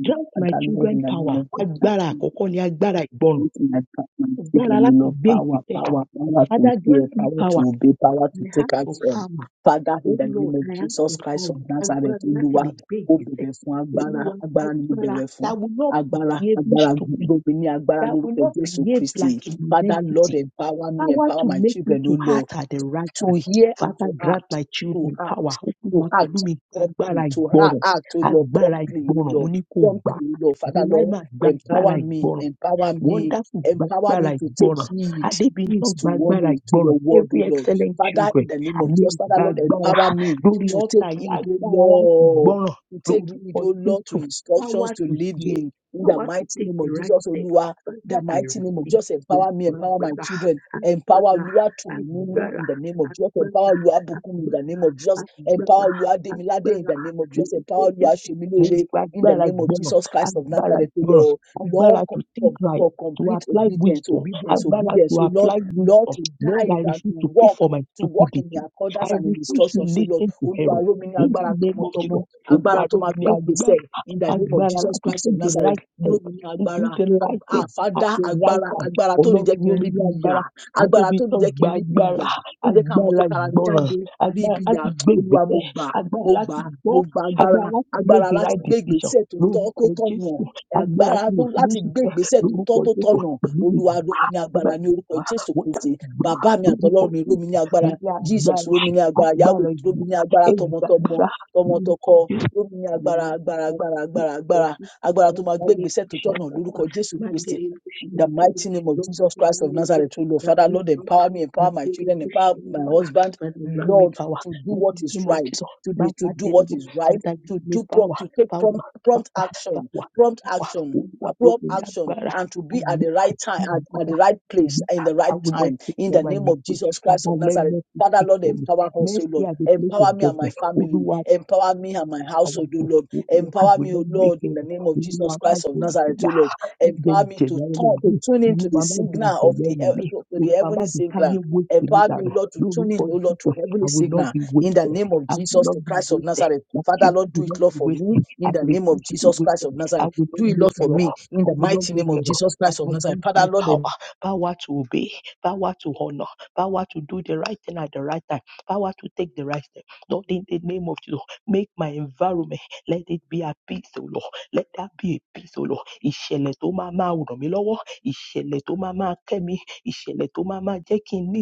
[SPEAKER 2] Grant my
[SPEAKER 3] Father, Lord,
[SPEAKER 2] children
[SPEAKER 3] in the name
[SPEAKER 2] power.
[SPEAKER 3] of
[SPEAKER 2] Agbára
[SPEAKER 3] Christ.
[SPEAKER 2] àkọ́kọ́ ni agbára ìgbọràn.
[SPEAKER 3] Using my pa- my
[SPEAKER 2] Agbára
[SPEAKER 3] children, you
[SPEAKER 2] láti
[SPEAKER 3] know,
[SPEAKER 2] gbé
[SPEAKER 3] power,
[SPEAKER 2] ìgbésẹ̀.
[SPEAKER 3] power, power
[SPEAKER 2] Father,
[SPEAKER 3] to hear,
[SPEAKER 2] grant me
[SPEAKER 3] power to
[SPEAKER 2] power.
[SPEAKER 3] obey, power
[SPEAKER 2] I
[SPEAKER 3] to take
[SPEAKER 2] ask for
[SPEAKER 3] action.
[SPEAKER 2] power.
[SPEAKER 3] Father, in
[SPEAKER 2] Oh
[SPEAKER 3] the
[SPEAKER 2] Lord,
[SPEAKER 3] name of
[SPEAKER 2] I ask for
[SPEAKER 3] Jesus Christ
[SPEAKER 2] power.
[SPEAKER 3] of Nazareth,
[SPEAKER 2] Agbára láti lè
[SPEAKER 3] Olúwa,
[SPEAKER 2] gbé
[SPEAKER 3] mo
[SPEAKER 2] ìgbésẹ̀.
[SPEAKER 3] bẹ̀bẹ̀ fún agbára,
[SPEAKER 2] Olúwa,
[SPEAKER 3] agbára ni mo
[SPEAKER 2] agbára
[SPEAKER 3] bẹ̀bẹ̀ fún.
[SPEAKER 2] that will not
[SPEAKER 3] Agbára,
[SPEAKER 2] behave
[SPEAKER 3] agbára,
[SPEAKER 2] stupid,
[SPEAKER 3] gbogbo ní agbára
[SPEAKER 2] that will
[SPEAKER 3] lórúkọ
[SPEAKER 2] not
[SPEAKER 3] Jésù
[SPEAKER 2] behave
[SPEAKER 3] Kristi.
[SPEAKER 2] like an
[SPEAKER 3] Father, Lord,
[SPEAKER 2] entity.
[SPEAKER 3] empower me,
[SPEAKER 2] Power
[SPEAKER 3] empower
[SPEAKER 2] to
[SPEAKER 3] my
[SPEAKER 2] make me
[SPEAKER 3] children, O
[SPEAKER 2] to heart
[SPEAKER 3] Lord,
[SPEAKER 2] at the right
[SPEAKER 3] to
[SPEAKER 2] time.
[SPEAKER 3] hear and to
[SPEAKER 2] Father, grant
[SPEAKER 3] act,
[SPEAKER 2] my
[SPEAKER 3] to
[SPEAKER 2] children
[SPEAKER 3] act
[SPEAKER 2] power. Open
[SPEAKER 3] to
[SPEAKER 2] wa pẹ̀lú
[SPEAKER 3] act
[SPEAKER 2] mi agbára
[SPEAKER 3] promptly, to ha-
[SPEAKER 2] ìgbọràn.
[SPEAKER 3] act, oh Lord,
[SPEAKER 2] Agbára
[SPEAKER 3] promptly, oh
[SPEAKER 2] ìgbọràn. Mo
[SPEAKER 3] Lord,
[SPEAKER 2] ní kó gbà.
[SPEAKER 3] promptly, oh Lord. Father,
[SPEAKER 2] Deny
[SPEAKER 3] Lord,
[SPEAKER 2] ma gba agbára
[SPEAKER 3] empower me,
[SPEAKER 2] ìgbọràn.
[SPEAKER 3] empower
[SPEAKER 2] Wọ́n
[SPEAKER 3] me,
[SPEAKER 2] dákun
[SPEAKER 3] empower
[SPEAKER 2] gbàgbára
[SPEAKER 3] me to take
[SPEAKER 2] ìgbọràn.
[SPEAKER 3] heed, heed
[SPEAKER 2] Adébíyàn
[SPEAKER 3] to
[SPEAKER 2] gbàgbára
[SPEAKER 3] warning, to
[SPEAKER 2] ìgbọràn.
[SPEAKER 3] your word,
[SPEAKER 2] Every
[SPEAKER 3] oh Lord.
[SPEAKER 2] excellent
[SPEAKER 3] Father,
[SPEAKER 2] children.
[SPEAKER 3] in the name of
[SPEAKER 2] Àní
[SPEAKER 3] Jesus, Father, Lord,
[SPEAKER 2] gbàgbára
[SPEAKER 3] empower me
[SPEAKER 2] lórí
[SPEAKER 3] to
[SPEAKER 2] ọ̀tá
[SPEAKER 3] take
[SPEAKER 2] yìí
[SPEAKER 3] heed, oh
[SPEAKER 2] agbára láti
[SPEAKER 3] Lord.
[SPEAKER 2] gbọ́ràn
[SPEAKER 3] To take
[SPEAKER 2] lórúkọ
[SPEAKER 3] heed, oh Lord,
[SPEAKER 2] Jésù.
[SPEAKER 3] to
[SPEAKER 2] Power
[SPEAKER 3] instructions, to
[SPEAKER 2] to hear.
[SPEAKER 3] leading. In the
[SPEAKER 2] Power to
[SPEAKER 3] mighty
[SPEAKER 2] take
[SPEAKER 3] name
[SPEAKER 2] the
[SPEAKER 3] of
[SPEAKER 2] right
[SPEAKER 3] Jesus,
[SPEAKER 2] step.
[SPEAKER 3] Olua,
[SPEAKER 2] Father,
[SPEAKER 3] the
[SPEAKER 2] I
[SPEAKER 3] mighty name of
[SPEAKER 2] receive.
[SPEAKER 3] Jesus,
[SPEAKER 2] Mo
[SPEAKER 3] empower me, empower my
[SPEAKER 2] gbàgbára
[SPEAKER 3] children, empower
[SPEAKER 2] agbára
[SPEAKER 3] Olua to me
[SPEAKER 2] agbára
[SPEAKER 3] in the name of Jesus, empower Olua Bukum in the
[SPEAKER 2] agbára
[SPEAKER 3] name of Jesus. Empower
[SPEAKER 2] agbára agbára
[SPEAKER 3] Luademilade in
[SPEAKER 2] agbára
[SPEAKER 3] the name of Jesus.
[SPEAKER 2] lórúkọ
[SPEAKER 3] Empower
[SPEAKER 2] Jésù. Mo
[SPEAKER 3] Luashemilore in the
[SPEAKER 2] gbàgbára
[SPEAKER 3] name of
[SPEAKER 2] gbọ́ràn
[SPEAKER 3] Jesus Christ of
[SPEAKER 2] agbára
[SPEAKER 3] Nazareth, O
[SPEAKER 2] gbọ́ràn
[SPEAKER 3] Lord.
[SPEAKER 2] agbára
[SPEAKER 3] Lord, co-
[SPEAKER 2] to think
[SPEAKER 3] com-
[SPEAKER 2] right
[SPEAKER 3] for
[SPEAKER 2] to
[SPEAKER 3] complete
[SPEAKER 2] apply
[SPEAKER 3] obedience,
[SPEAKER 2] wisdom,
[SPEAKER 3] obedience,
[SPEAKER 2] agbára
[SPEAKER 3] obedience.
[SPEAKER 2] to
[SPEAKER 3] So, Lord,
[SPEAKER 2] apply
[SPEAKER 3] Lord,
[SPEAKER 2] wisdom.
[SPEAKER 3] to
[SPEAKER 2] Lord,
[SPEAKER 3] dive
[SPEAKER 2] I
[SPEAKER 3] and
[SPEAKER 2] refuse
[SPEAKER 3] to
[SPEAKER 2] to pay
[SPEAKER 3] walk.
[SPEAKER 2] for my
[SPEAKER 3] To walk in the
[SPEAKER 2] stupidity.
[SPEAKER 3] accordance
[SPEAKER 2] I
[SPEAKER 3] and in
[SPEAKER 2] refuse to
[SPEAKER 3] instructions, so Lord,
[SPEAKER 2] listen to
[SPEAKER 3] Olúwa
[SPEAKER 2] error.
[SPEAKER 3] rọ̀ mí ní
[SPEAKER 2] In
[SPEAKER 3] agbára
[SPEAKER 2] the name of
[SPEAKER 3] tọmọtọmọ,
[SPEAKER 2] Jesus,
[SPEAKER 3] agbára
[SPEAKER 2] Olúwa
[SPEAKER 3] tó
[SPEAKER 2] ló
[SPEAKER 3] máa
[SPEAKER 2] ní
[SPEAKER 3] gbé ìgbésẹ̀
[SPEAKER 2] agbára
[SPEAKER 3] in the name of
[SPEAKER 2] agbára
[SPEAKER 3] Jesus
[SPEAKER 2] láti
[SPEAKER 3] Christ of
[SPEAKER 2] take the
[SPEAKER 3] Nazareth,
[SPEAKER 2] right
[SPEAKER 3] rọ̀
[SPEAKER 2] step,
[SPEAKER 3] mí ní
[SPEAKER 2] to do
[SPEAKER 3] agbára,
[SPEAKER 2] the right
[SPEAKER 3] ag-
[SPEAKER 2] thing at
[SPEAKER 3] àfádá
[SPEAKER 2] the right
[SPEAKER 3] agbára,
[SPEAKER 2] time.
[SPEAKER 3] agbára tó ní
[SPEAKER 2] Ọlọ́run
[SPEAKER 3] jẹ́ kí
[SPEAKER 2] ló
[SPEAKER 3] n rí
[SPEAKER 2] ní
[SPEAKER 3] bí ìyà,
[SPEAKER 2] agbára.
[SPEAKER 3] agbára tó ní jẹ́
[SPEAKER 2] Adébítán
[SPEAKER 3] kí n
[SPEAKER 2] gba
[SPEAKER 3] rí bí
[SPEAKER 2] agbára,
[SPEAKER 3] ìyà, tó jẹ́ ká mọ̀ tó
[SPEAKER 2] agbára
[SPEAKER 3] kára mi
[SPEAKER 2] ìgbọràn,
[SPEAKER 3] jáde, rí
[SPEAKER 2] agbára
[SPEAKER 3] ibi
[SPEAKER 2] láti gbé
[SPEAKER 3] olúwa mo
[SPEAKER 2] ìgbésẹ̀,
[SPEAKER 3] gbà á,
[SPEAKER 2] agbára
[SPEAKER 3] mo
[SPEAKER 2] láti
[SPEAKER 3] gbà á,
[SPEAKER 2] gbọ́,
[SPEAKER 3] mo gba agbára
[SPEAKER 2] agbára láti make
[SPEAKER 3] agbára
[SPEAKER 2] the
[SPEAKER 3] láti
[SPEAKER 2] right
[SPEAKER 3] gbé
[SPEAKER 2] decision.
[SPEAKER 3] ìgbésẹ̀ tó tọ́ tó
[SPEAKER 2] Lórúkọ
[SPEAKER 3] tọ̀nà
[SPEAKER 2] Jésù, agbára
[SPEAKER 3] agbára
[SPEAKER 2] tí
[SPEAKER 3] tó
[SPEAKER 2] mi ò fi ní
[SPEAKER 3] láti gbé
[SPEAKER 2] ṣìṣẹ́
[SPEAKER 3] ìgbésẹ̀ tó
[SPEAKER 2] lórúkọ
[SPEAKER 3] tọ́ tó
[SPEAKER 2] jésù
[SPEAKER 3] tọ̀nà
[SPEAKER 2] pẹ̀lú
[SPEAKER 3] olúwa
[SPEAKER 2] ìlú
[SPEAKER 3] ró mi ní
[SPEAKER 2] nígbà
[SPEAKER 3] agbára ní orúkọ
[SPEAKER 2] bá
[SPEAKER 3] jésù
[SPEAKER 2] wọ́n yà
[SPEAKER 3] kristi
[SPEAKER 2] gbà
[SPEAKER 3] bàbá mi
[SPEAKER 2] lórúkọ
[SPEAKER 3] àtọlọ́run mi ró mi
[SPEAKER 2] jésù
[SPEAKER 3] ní
[SPEAKER 2] mo
[SPEAKER 3] agbára
[SPEAKER 2] yà
[SPEAKER 3] jesus
[SPEAKER 2] agbára
[SPEAKER 3] ró mi ní agbára yahoo
[SPEAKER 2] agbára
[SPEAKER 3] ró mi ní
[SPEAKER 2] ìgbà
[SPEAKER 3] agbára tọmọtọmọ
[SPEAKER 2] ẹgbàgbára lórúkọ
[SPEAKER 3] tọmọtọkọ
[SPEAKER 2] jésù.
[SPEAKER 3] ró mi ní
[SPEAKER 2] Father,
[SPEAKER 3] agbára agbára agbára agbára agbára agbára tó máa gbé ìgbésẹ̀ tó tọ̀nà lórúkọ jésù kristi In the mighty name of Jesus Christ of Nazareth, O Lord, Father, Lord, empower me, empower my children, empower my husband,
[SPEAKER 2] grant me
[SPEAKER 3] Lord,
[SPEAKER 2] power
[SPEAKER 3] to do
[SPEAKER 2] in
[SPEAKER 3] what
[SPEAKER 2] the
[SPEAKER 3] is
[SPEAKER 2] name of
[SPEAKER 3] right,
[SPEAKER 2] Jesus.
[SPEAKER 3] to
[SPEAKER 2] My
[SPEAKER 3] be to
[SPEAKER 2] Father,
[SPEAKER 3] do what is
[SPEAKER 2] Father,
[SPEAKER 3] right,
[SPEAKER 2] grant
[SPEAKER 3] to
[SPEAKER 2] me
[SPEAKER 3] do
[SPEAKER 2] power,
[SPEAKER 3] prompt, to take
[SPEAKER 2] power,
[SPEAKER 3] prompt,
[SPEAKER 2] power,
[SPEAKER 3] prompt action,
[SPEAKER 2] power,
[SPEAKER 3] prompt
[SPEAKER 2] power.
[SPEAKER 3] action, uh,
[SPEAKER 2] Olúwa, fún
[SPEAKER 3] prompt
[SPEAKER 2] mi ní
[SPEAKER 3] action,
[SPEAKER 2] agbára,
[SPEAKER 3] and to be at the
[SPEAKER 2] agbára,
[SPEAKER 3] right time,
[SPEAKER 2] agbára,
[SPEAKER 3] at, at
[SPEAKER 2] agbára.
[SPEAKER 3] the right place, in the
[SPEAKER 2] I
[SPEAKER 3] right
[SPEAKER 2] will not
[SPEAKER 3] time,
[SPEAKER 2] pay
[SPEAKER 3] in
[SPEAKER 2] for
[SPEAKER 3] the
[SPEAKER 2] my
[SPEAKER 3] name of
[SPEAKER 2] mistake.
[SPEAKER 3] Jesus Christ
[SPEAKER 2] Father,
[SPEAKER 3] of
[SPEAKER 2] let
[SPEAKER 3] Nazareth.
[SPEAKER 2] mercy
[SPEAKER 3] Father,
[SPEAKER 2] speak
[SPEAKER 3] Lord,
[SPEAKER 2] for me.
[SPEAKER 3] empower us, O
[SPEAKER 2] Mercy
[SPEAKER 3] Lord.
[SPEAKER 2] at the place of
[SPEAKER 3] Empower me and my
[SPEAKER 2] judgment.
[SPEAKER 3] family.
[SPEAKER 2] Oh,
[SPEAKER 3] Empower me and my
[SPEAKER 2] our
[SPEAKER 3] household, O
[SPEAKER 2] book.
[SPEAKER 3] Lord.
[SPEAKER 2] We will
[SPEAKER 3] Empower me, O
[SPEAKER 2] make
[SPEAKER 3] Lord, in
[SPEAKER 2] it.
[SPEAKER 3] the name of
[SPEAKER 2] We will
[SPEAKER 3] Jesus
[SPEAKER 2] not make
[SPEAKER 3] Christ of Nazareth,
[SPEAKER 2] it
[SPEAKER 3] O Lord.
[SPEAKER 2] má jẹ́
[SPEAKER 3] Empower me to
[SPEAKER 2] ìjẹ̀yà
[SPEAKER 3] turn, to
[SPEAKER 2] ẹlòmíì
[SPEAKER 3] tune into
[SPEAKER 2] olúwa
[SPEAKER 3] the
[SPEAKER 2] má jẹ́
[SPEAKER 3] signal of
[SPEAKER 2] ìjẹ̀yà
[SPEAKER 3] the, hea-
[SPEAKER 2] ẹlòmíì
[SPEAKER 3] to to the
[SPEAKER 2] olúwa má
[SPEAKER 3] heavenly
[SPEAKER 2] jẹ́
[SPEAKER 3] signal
[SPEAKER 2] káyé wéṣẹ̀ mi
[SPEAKER 3] Empower me,
[SPEAKER 2] dànù
[SPEAKER 3] O Lord, to tune
[SPEAKER 2] lórúkọ
[SPEAKER 3] in, O Lord,
[SPEAKER 2] jésù
[SPEAKER 3] to
[SPEAKER 2] i
[SPEAKER 3] heavenly
[SPEAKER 2] will not
[SPEAKER 3] signal.
[SPEAKER 2] be
[SPEAKER 3] In the
[SPEAKER 2] wasted
[SPEAKER 3] name of
[SPEAKER 2] i will
[SPEAKER 3] Jesus,
[SPEAKER 2] not
[SPEAKER 3] the
[SPEAKER 2] be
[SPEAKER 3] Christ of
[SPEAKER 2] wasted
[SPEAKER 3] Nazareth.
[SPEAKER 2] my
[SPEAKER 3] Father,
[SPEAKER 2] children
[SPEAKER 3] Lord, do
[SPEAKER 2] will
[SPEAKER 3] it,
[SPEAKER 2] not
[SPEAKER 3] Lord,
[SPEAKER 2] be
[SPEAKER 3] for me.
[SPEAKER 2] wasted i
[SPEAKER 3] In the name of
[SPEAKER 2] refuse to be
[SPEAKER 3] Jesus Christ
[SPEAKER 2] wasted
[SPEAKER 3] of
[SPEAKER 2] i
[SPEAKER 3] Nazareth.
[SPEAKER 2] will not
[SPEAKER 3] Do it, Lord,
[SPEAKER 2] make
[SPEAKER 3] for
[SPEAKER 2] error
[SPEAKER 3] me. In
[SPEAKER 2] i
[SPEAKER 3] the
[SPEAKER 2] will not
[SPEAKER 3] mighty name
[SPEAKER 2] make
[SPEAKER 3] of
[SPEAKER 2] error
[SPEAKER 3] Jesus Christ of
[SPEAKER 2] father
[SPEAKER 3] Nazareth.
[SPEAKER 2] grant
[SPEAKER 3] Father,
[SPEAKER 2] me
[SPEAKER 3] Lord,
[SPEAKER 2] power power to obey power to honor power to do the right thing at the right time power to take the right step lord in the name of jesus make my environment let it be a peace o lord let that be a peace o lord ìṣẹ̀lẹ̀ tó máa máa ràn mí lọ́wọ́, ìṣẹ̀lẹ̀ tó máa máa kẹ́ mi, ìṣẹ̀lẹ̀ tó máa máa jẹ́ kí n ní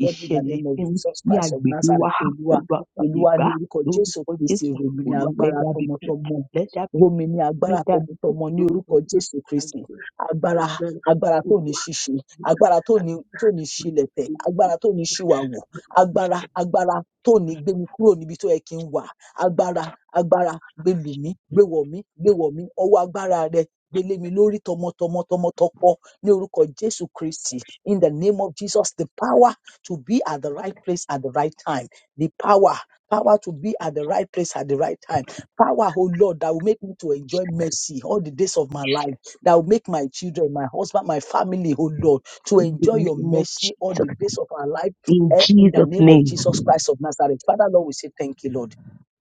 [SPEAKER 3] Lord, in the
[SPEAKER 2] ìṣẹ̀lẹ̀
[SPEAKER 3] name of
[SPEAKER 2] ìsinmi
[SPEAKER 3] Jesus
[SPEAKER 2] ní
[SPEAKER 3] Christ of
[SPEAKER 2] agbègbè wa.
[SPEAKER 3] Nazareth, Olúwa,
[SPEAKER 2] Olúwa fàyè
[SPEAKER 3] Olúwa
[SPEAKER 2] gbà
[SPEAKER 3] ní orúkọ Jésù
[SPEAKER 2] lórúkọ
[SPEAKER 3] Kristi,
[SPEAKER 2] Jésù.
[SPEAKER 3] rọ̀ mí ní
[SPEAKER 2] Olúwa let
[SPEAKER 3] agbára
[SPEAKER 2] there be peace,
[SPEAKER 3] tọmọtọmọ,
[SPEAKER 2] let there be
[SPEAKER 3] rọ̀ mí
[SPEAKER 2] peace,
[SPEAKER 3] ní
[SPEAKER 2] let
[SPEAKER 3] agbára
[SPEAKER 2] there be peace
[SPEAKER 3] tọmọtọmọ ní
[SPEAKER 2] lórúkọ
[SPEAKER 3] orúkọ
[SPEAKER 2] Jésù.
[SPEAKER 3] Jésù Kristi.
[SPEAKER 2] Agbára,
[SPEAKER 3] Agbára
[SPEAKER 2] agbára.
[SPEAKER 3] agbára tó ní
[SPEAKER 2] Olúwa,
[SPEAKER 3] ṣíṣe,
[SPEAKER 2] yóò ṣe
[SPEAKER 3] agbára tó ní tó ní ṣílẹ̀tẹ̀, agbára tó ní ṣìwàwò, agbára agbára tó ní gbé mi kúrò níbi tó yẹ kí n wà, agbára agbára gbé lù mí, gbé wọ̀ mí, gbé wọ̀ mí, ọwọ́ agbára rẹ gbé lé mi lórí tọmọtọmọ tọmọtọkọ ní orúkọ Jésù Kristi. In the name of Jesus, the power to be at the right place at the right time. The power, power to be at the right place at the right time. Power, oh Lord, that will make me to enjoy mercy all the days of my life. That will make my children, my husband, my family, oh Lord, to
[SPEAKER 2] in the
[SPEAKER 3] enjoy your
[SPEAKER 2] name of
[SPEAKER 3] mercy all
[SPEAKER 2] Jesus,
[SPEAKER 3] the days of our life.
[SPEAKER 2] in
[SPEAKER 3] eh, In the
[SPEAKER 2] Jesus'
[SPEAKER 3] name of
[SPEAKER 2] name.
[SPEAKER 3] Jesus Christ of Nazareth. Father, Lord, we say thank you, Lord.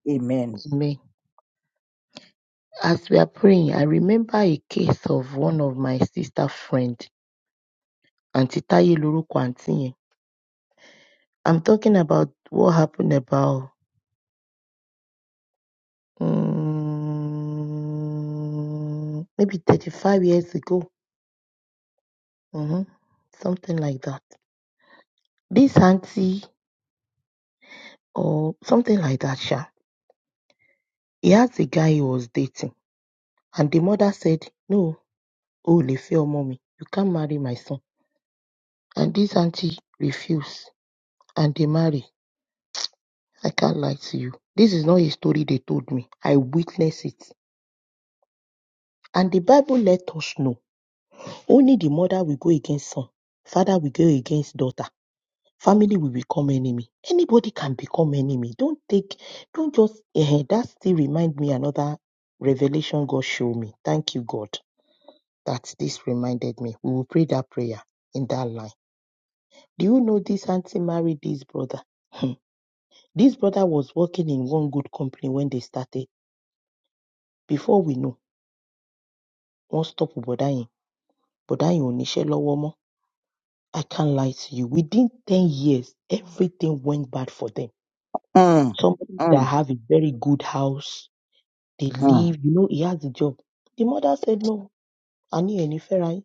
[SPEAKER 3] Amen.
[SPEAKER 2] Amen. As we are praying, I remember a case of one of my sister friend, Auntie Taye lorúkọ àǹtí yẹn. I'm talking about what happened about mm, maybe 35 years ago, hmm something like that. This auntie or something like that, Sha. He asked the guy he was dating, and the mother said, "No, oh, Lefio, mommy, you can't marry my son." And this auntie refused, and they marry. I can't lie to you. This is not a story they told me. I witnessed it, and the Bible let us know Only the mother will go against son, father will go against daughter, family will become enemy. Anybody can become enemy. Don't take, don't just, eh, that still remind me another revelation God showed me. Thank you, God, that this reminded me. We will pray that prayer in that line. Do you know this auntie married this brother? Hmm. This brother was working in one good company when they started. Before we know, one stop Bodayin. Bodayin ò níṣẹ́ I can't lie to you. Within 10 years, everything went bad for them.
[SPEAKER 3] Mm,
[SPEAKER 2] Somebody that
[SPEAKER 3] mm,
[SPEAKER 2] have a very good house, they
[SPEAKER 3] mm,
[SPEAKER 2] leave, you know, he has a job. The mother said, no, I need any ferry.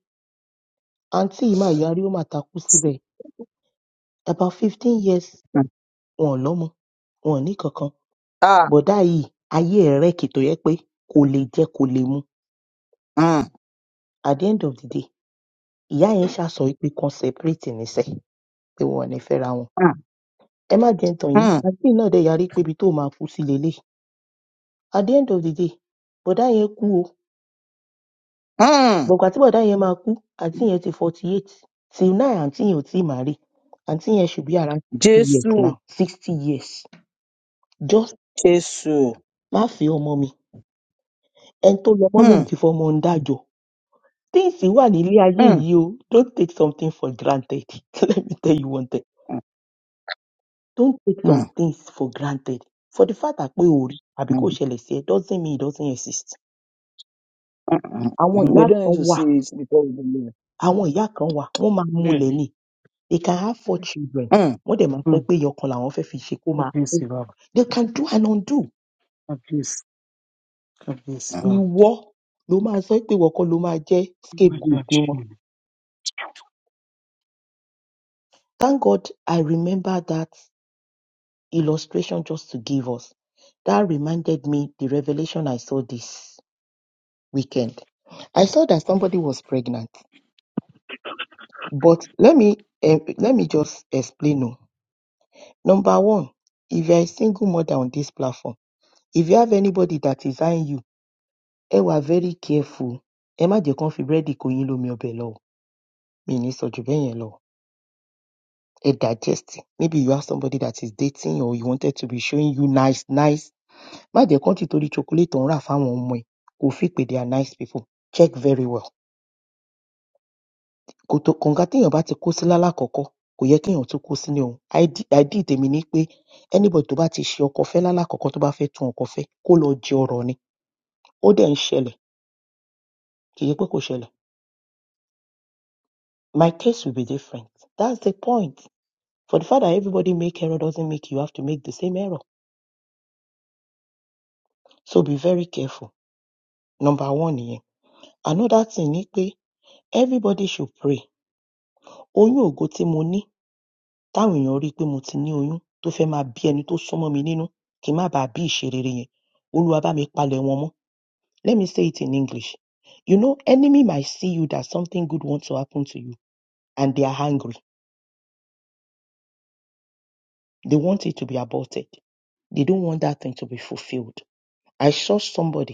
[SPEAKER 2] Auntie Ima Yari Omataku síbẹ̀. About 15 years,
[SPEAKER 3] mm.
[SPEAKER 2] wọn lọ́mọ, wọn ní kankan.
[SPEAKER 3] Ah,
[SPEAKER 2] Bọ̀dá yìí, ayé ẹ̀ rẹ̀kì tó yẹ pé kò lè jẹ kò lè mu.
[SPEAKER 3] mm,
[SPEAKER 2] At the end of the day, ìyá yẹn so pé kan separate níṣẹ́ pé wọn ò ní fẹ́ra wọn.
[SPEAKER 3] mm,
[SPEAKER 2] Ẹ má jẹun tàn yín,
[SPEAKER 3] mm,
[SPEAKER 2] àǹtí náà dẹ̀ yarí pé ibi tó máa kú sí leléyìí At the end of the day, bọ̀dá yẹn kú o.
[SPEAKER 3] mm.
[SPEAKER 2] But ìgbà tí bọ̀dá yẹn máa kú, àǹtí yẹn ti forty eight. Till now, àǹtí yẹn ò tí ì marry. Àǹtí yẹn should be around sixty
[SPEAKER 3] Jesus,
[SPEAKER 2] years now. Sixty years. Just
[SPEAKER 3] Jesus.
[SPEAKER 2] má fẹ́ ọmọ mi. Ẹni tó lọmọ lòun
[SPEAKER 3] Mm,
[SPEAKER 2] ti fọmọ ń dájọ́. Things wà nílé ayé
[SPEAKER 3] mm,
[SPEAKER 2] yìí o. Don't take something for granted. Let me tell you one thing.
[SPEAKER 3] mm,
[SPEAKER 2] Don't take some
[SPEAKER 3] mm.
[SPEAKER 2] things for granted. For the fact that pé o rí àbí
[SPEAKER 3] mm.
[SPEAKER 2] kò ṣẹlẹ̀ sí ẹ doesn't mean it doesn't exist.
[SPEAKER 3] Uh-uh.
[SPEAKER 2] Àwọn ìyá
[SPEAKER 3] We don't
[SPEAKER 2] kan
[SPEAKER 3] need to
[SPEAKER 2] wà,
[SPEAKER 3] see it because we believe.
[SPEAKER 2] àwọn ìyá kan wà, wọ́n máa mulẹ̀
[SPEAKER 6] Bẹ́ẹ̀ni,
[SPEAKER 2] ni They can have four children.
[SPEAKER 3] Mm,
[SPEAKER 2] Wọ́n dẹ̀ máa sọ
[SPEAKER 6] um,
[SPEAKER 2] pé ẹyọ kan làwọn fẹ́ fi ṣe kó máa kú.
[SPEAKER 6] kábíyèsí bàbá,
[SPEAKER 2] They can do and undo.
[SPEAKER 6] kábíyèsí, kábíyèsí
[SPEAKER 3] mm,
[SPEAKER 6] bàbá,
[SPEAKER 2] Ìwọ ló máa sọ pé ìwọ kọ́ ló máa jẹ́
[SPEAKER 6] kábíyèsí
[SPEAKER 2] scapegoat wọn.
[SPEAKER 6] àṣìlè.
[SPEAKER 2] Thank God I remember that illustration just to give us. That reminded me the revelation I saw this weekend. I saw that somebody was pregnant. But let me eh, let me just explain. o. Number one, if you're a single mother on this platform, if you have anybody that is eyeing you, Ẹ wà very careful. Ẹ má jẹ́ kán fi búrẹ́dì kó yín lómi ọbẹ̀ lọ o. Mi ò ní sọ jù bẹ́yẹn lọ. Ẹ digest it. Maybe you have somebody that is dating or you wanted to be showing you nice nice. Má jẹ́ kán tì torí chocolate tó ń rà fáwọn ọmọ ẹ̀ kó feel pé they are nice people. Check very well. Kòtò kànga téèyàn bá ti kó sí lálákọ̀ọ́kọ́ kò yẹ kéèyàn tún kó sínú ẹ̀ o. Ide ideal tèmi ni pé anybody tó bá ti ṣe ọkọ fẹ́ lálákọ̀ọ́kọ́ tó bá fẹ́ tún ọkọ fẹ́ kó lọ jẹ ọrọ̀ ni. Ó dẹ̀ ń ṣẹlẹ̀. Kì í ṣe pé kò ṣẹlẹ̀. My case will be different. That's the point. For the fact that everybody make error doesn't make you have to make the same error. So be very careful. Number one nìyẹn. Another thing ni pé everybody should pray. Oyún ògo tí mo ní táwọn èèyàn rí pé mo ti ní oyún tó fẹ́ máa bí ẹni tó súnmọ́ mi nínú kí n má bàa bí ìṣerere yẹn. Olúwa bá mi palẹ̀ wọn mọ́. Let me say it in English. You know, enemy might see you that something good wants to happen to you and they are angry. They want it to be aborted. They don't want that thing to be fulfilled. I saw somebody.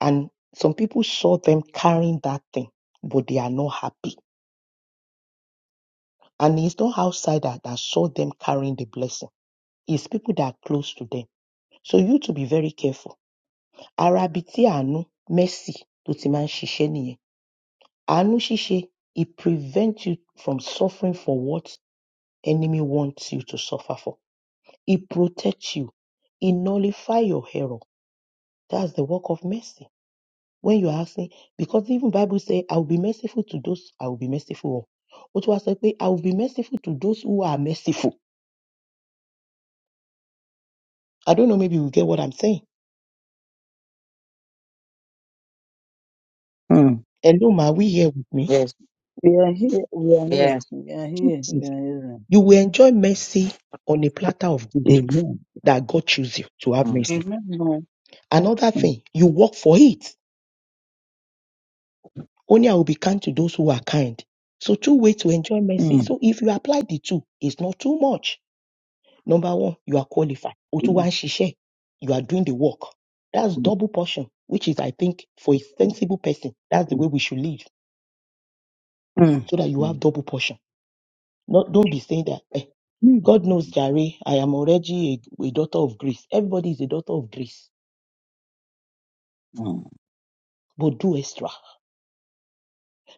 [SPEAKER 2] And some people saw them carrying that thing, but they are not happy. And it's not outsider that saw them carrying the blessing. It's people that are close to them. So you to be very careful. Arabi ti mercy tó ti máa ń ṣiṣẹ́ nìyẹn. Àánú it prevents you from suffering for what enemy wants you to suffer for. It protects you. It nullify your error. That's the work of mercy. when you are asking because even bible say i will be merciful to those i will be merciful of ó tún wá sọ pé i will be merciful to those who are merciful i don't know maybe you get what i'm saying
[SPEAKER 3] mm.
[SPEAKER 2] hello ma we here with me
[SPEAKER 1] yes,
[SPEAKER 3] We are here. We are
[SPEAKER 1] yes.
[SPEAKER 3] here. We are
[SPEAKER 2] two
[SPEAKER 3] here. We
[SPEAKER 2] things
[SPEAKER 3] are here.
[SPEAKER 2] you will enjoy mercy on a platter of gold
[SPEAKER 3] Amen.
[SPEAKER 2] that god choose you to have
[SPEAKER 1] Mm,
[SPEAKER 2] mercy
[SPEAKER 6] Èmi mọ
[SPEAKER 2] another
[SPEAKER 3] Mm,
[SPEAKER 2] thing you work for it only i will be kind to those who are kind so two ways to enjoy mercy
[SPEAKER 3] mm,
[SPEAKER 2] so if you apply the two it's not too much Number one, you are qualified.
[SPEAKER 3] mm,
[SPEAKER 2] Otuwa Shishe, you are doing the work. That's
[SPEAKER 3] mm,
[SPEAKER 2] double portion, which is, I think, for a sensible person, that's the way we should live,
[SPEAKER 3] mm,
[SPEAKER 2] so that you
[SPEAKER 1] mm,
[SPEAKER 2] have double portion. Not, don't be saying that, eh,
[SPEAKER 3] mm,
[SPEAKER 2] God knows, Jare, I am already a, a daughter of grace. Everybody is a daughter of grace, but do extra.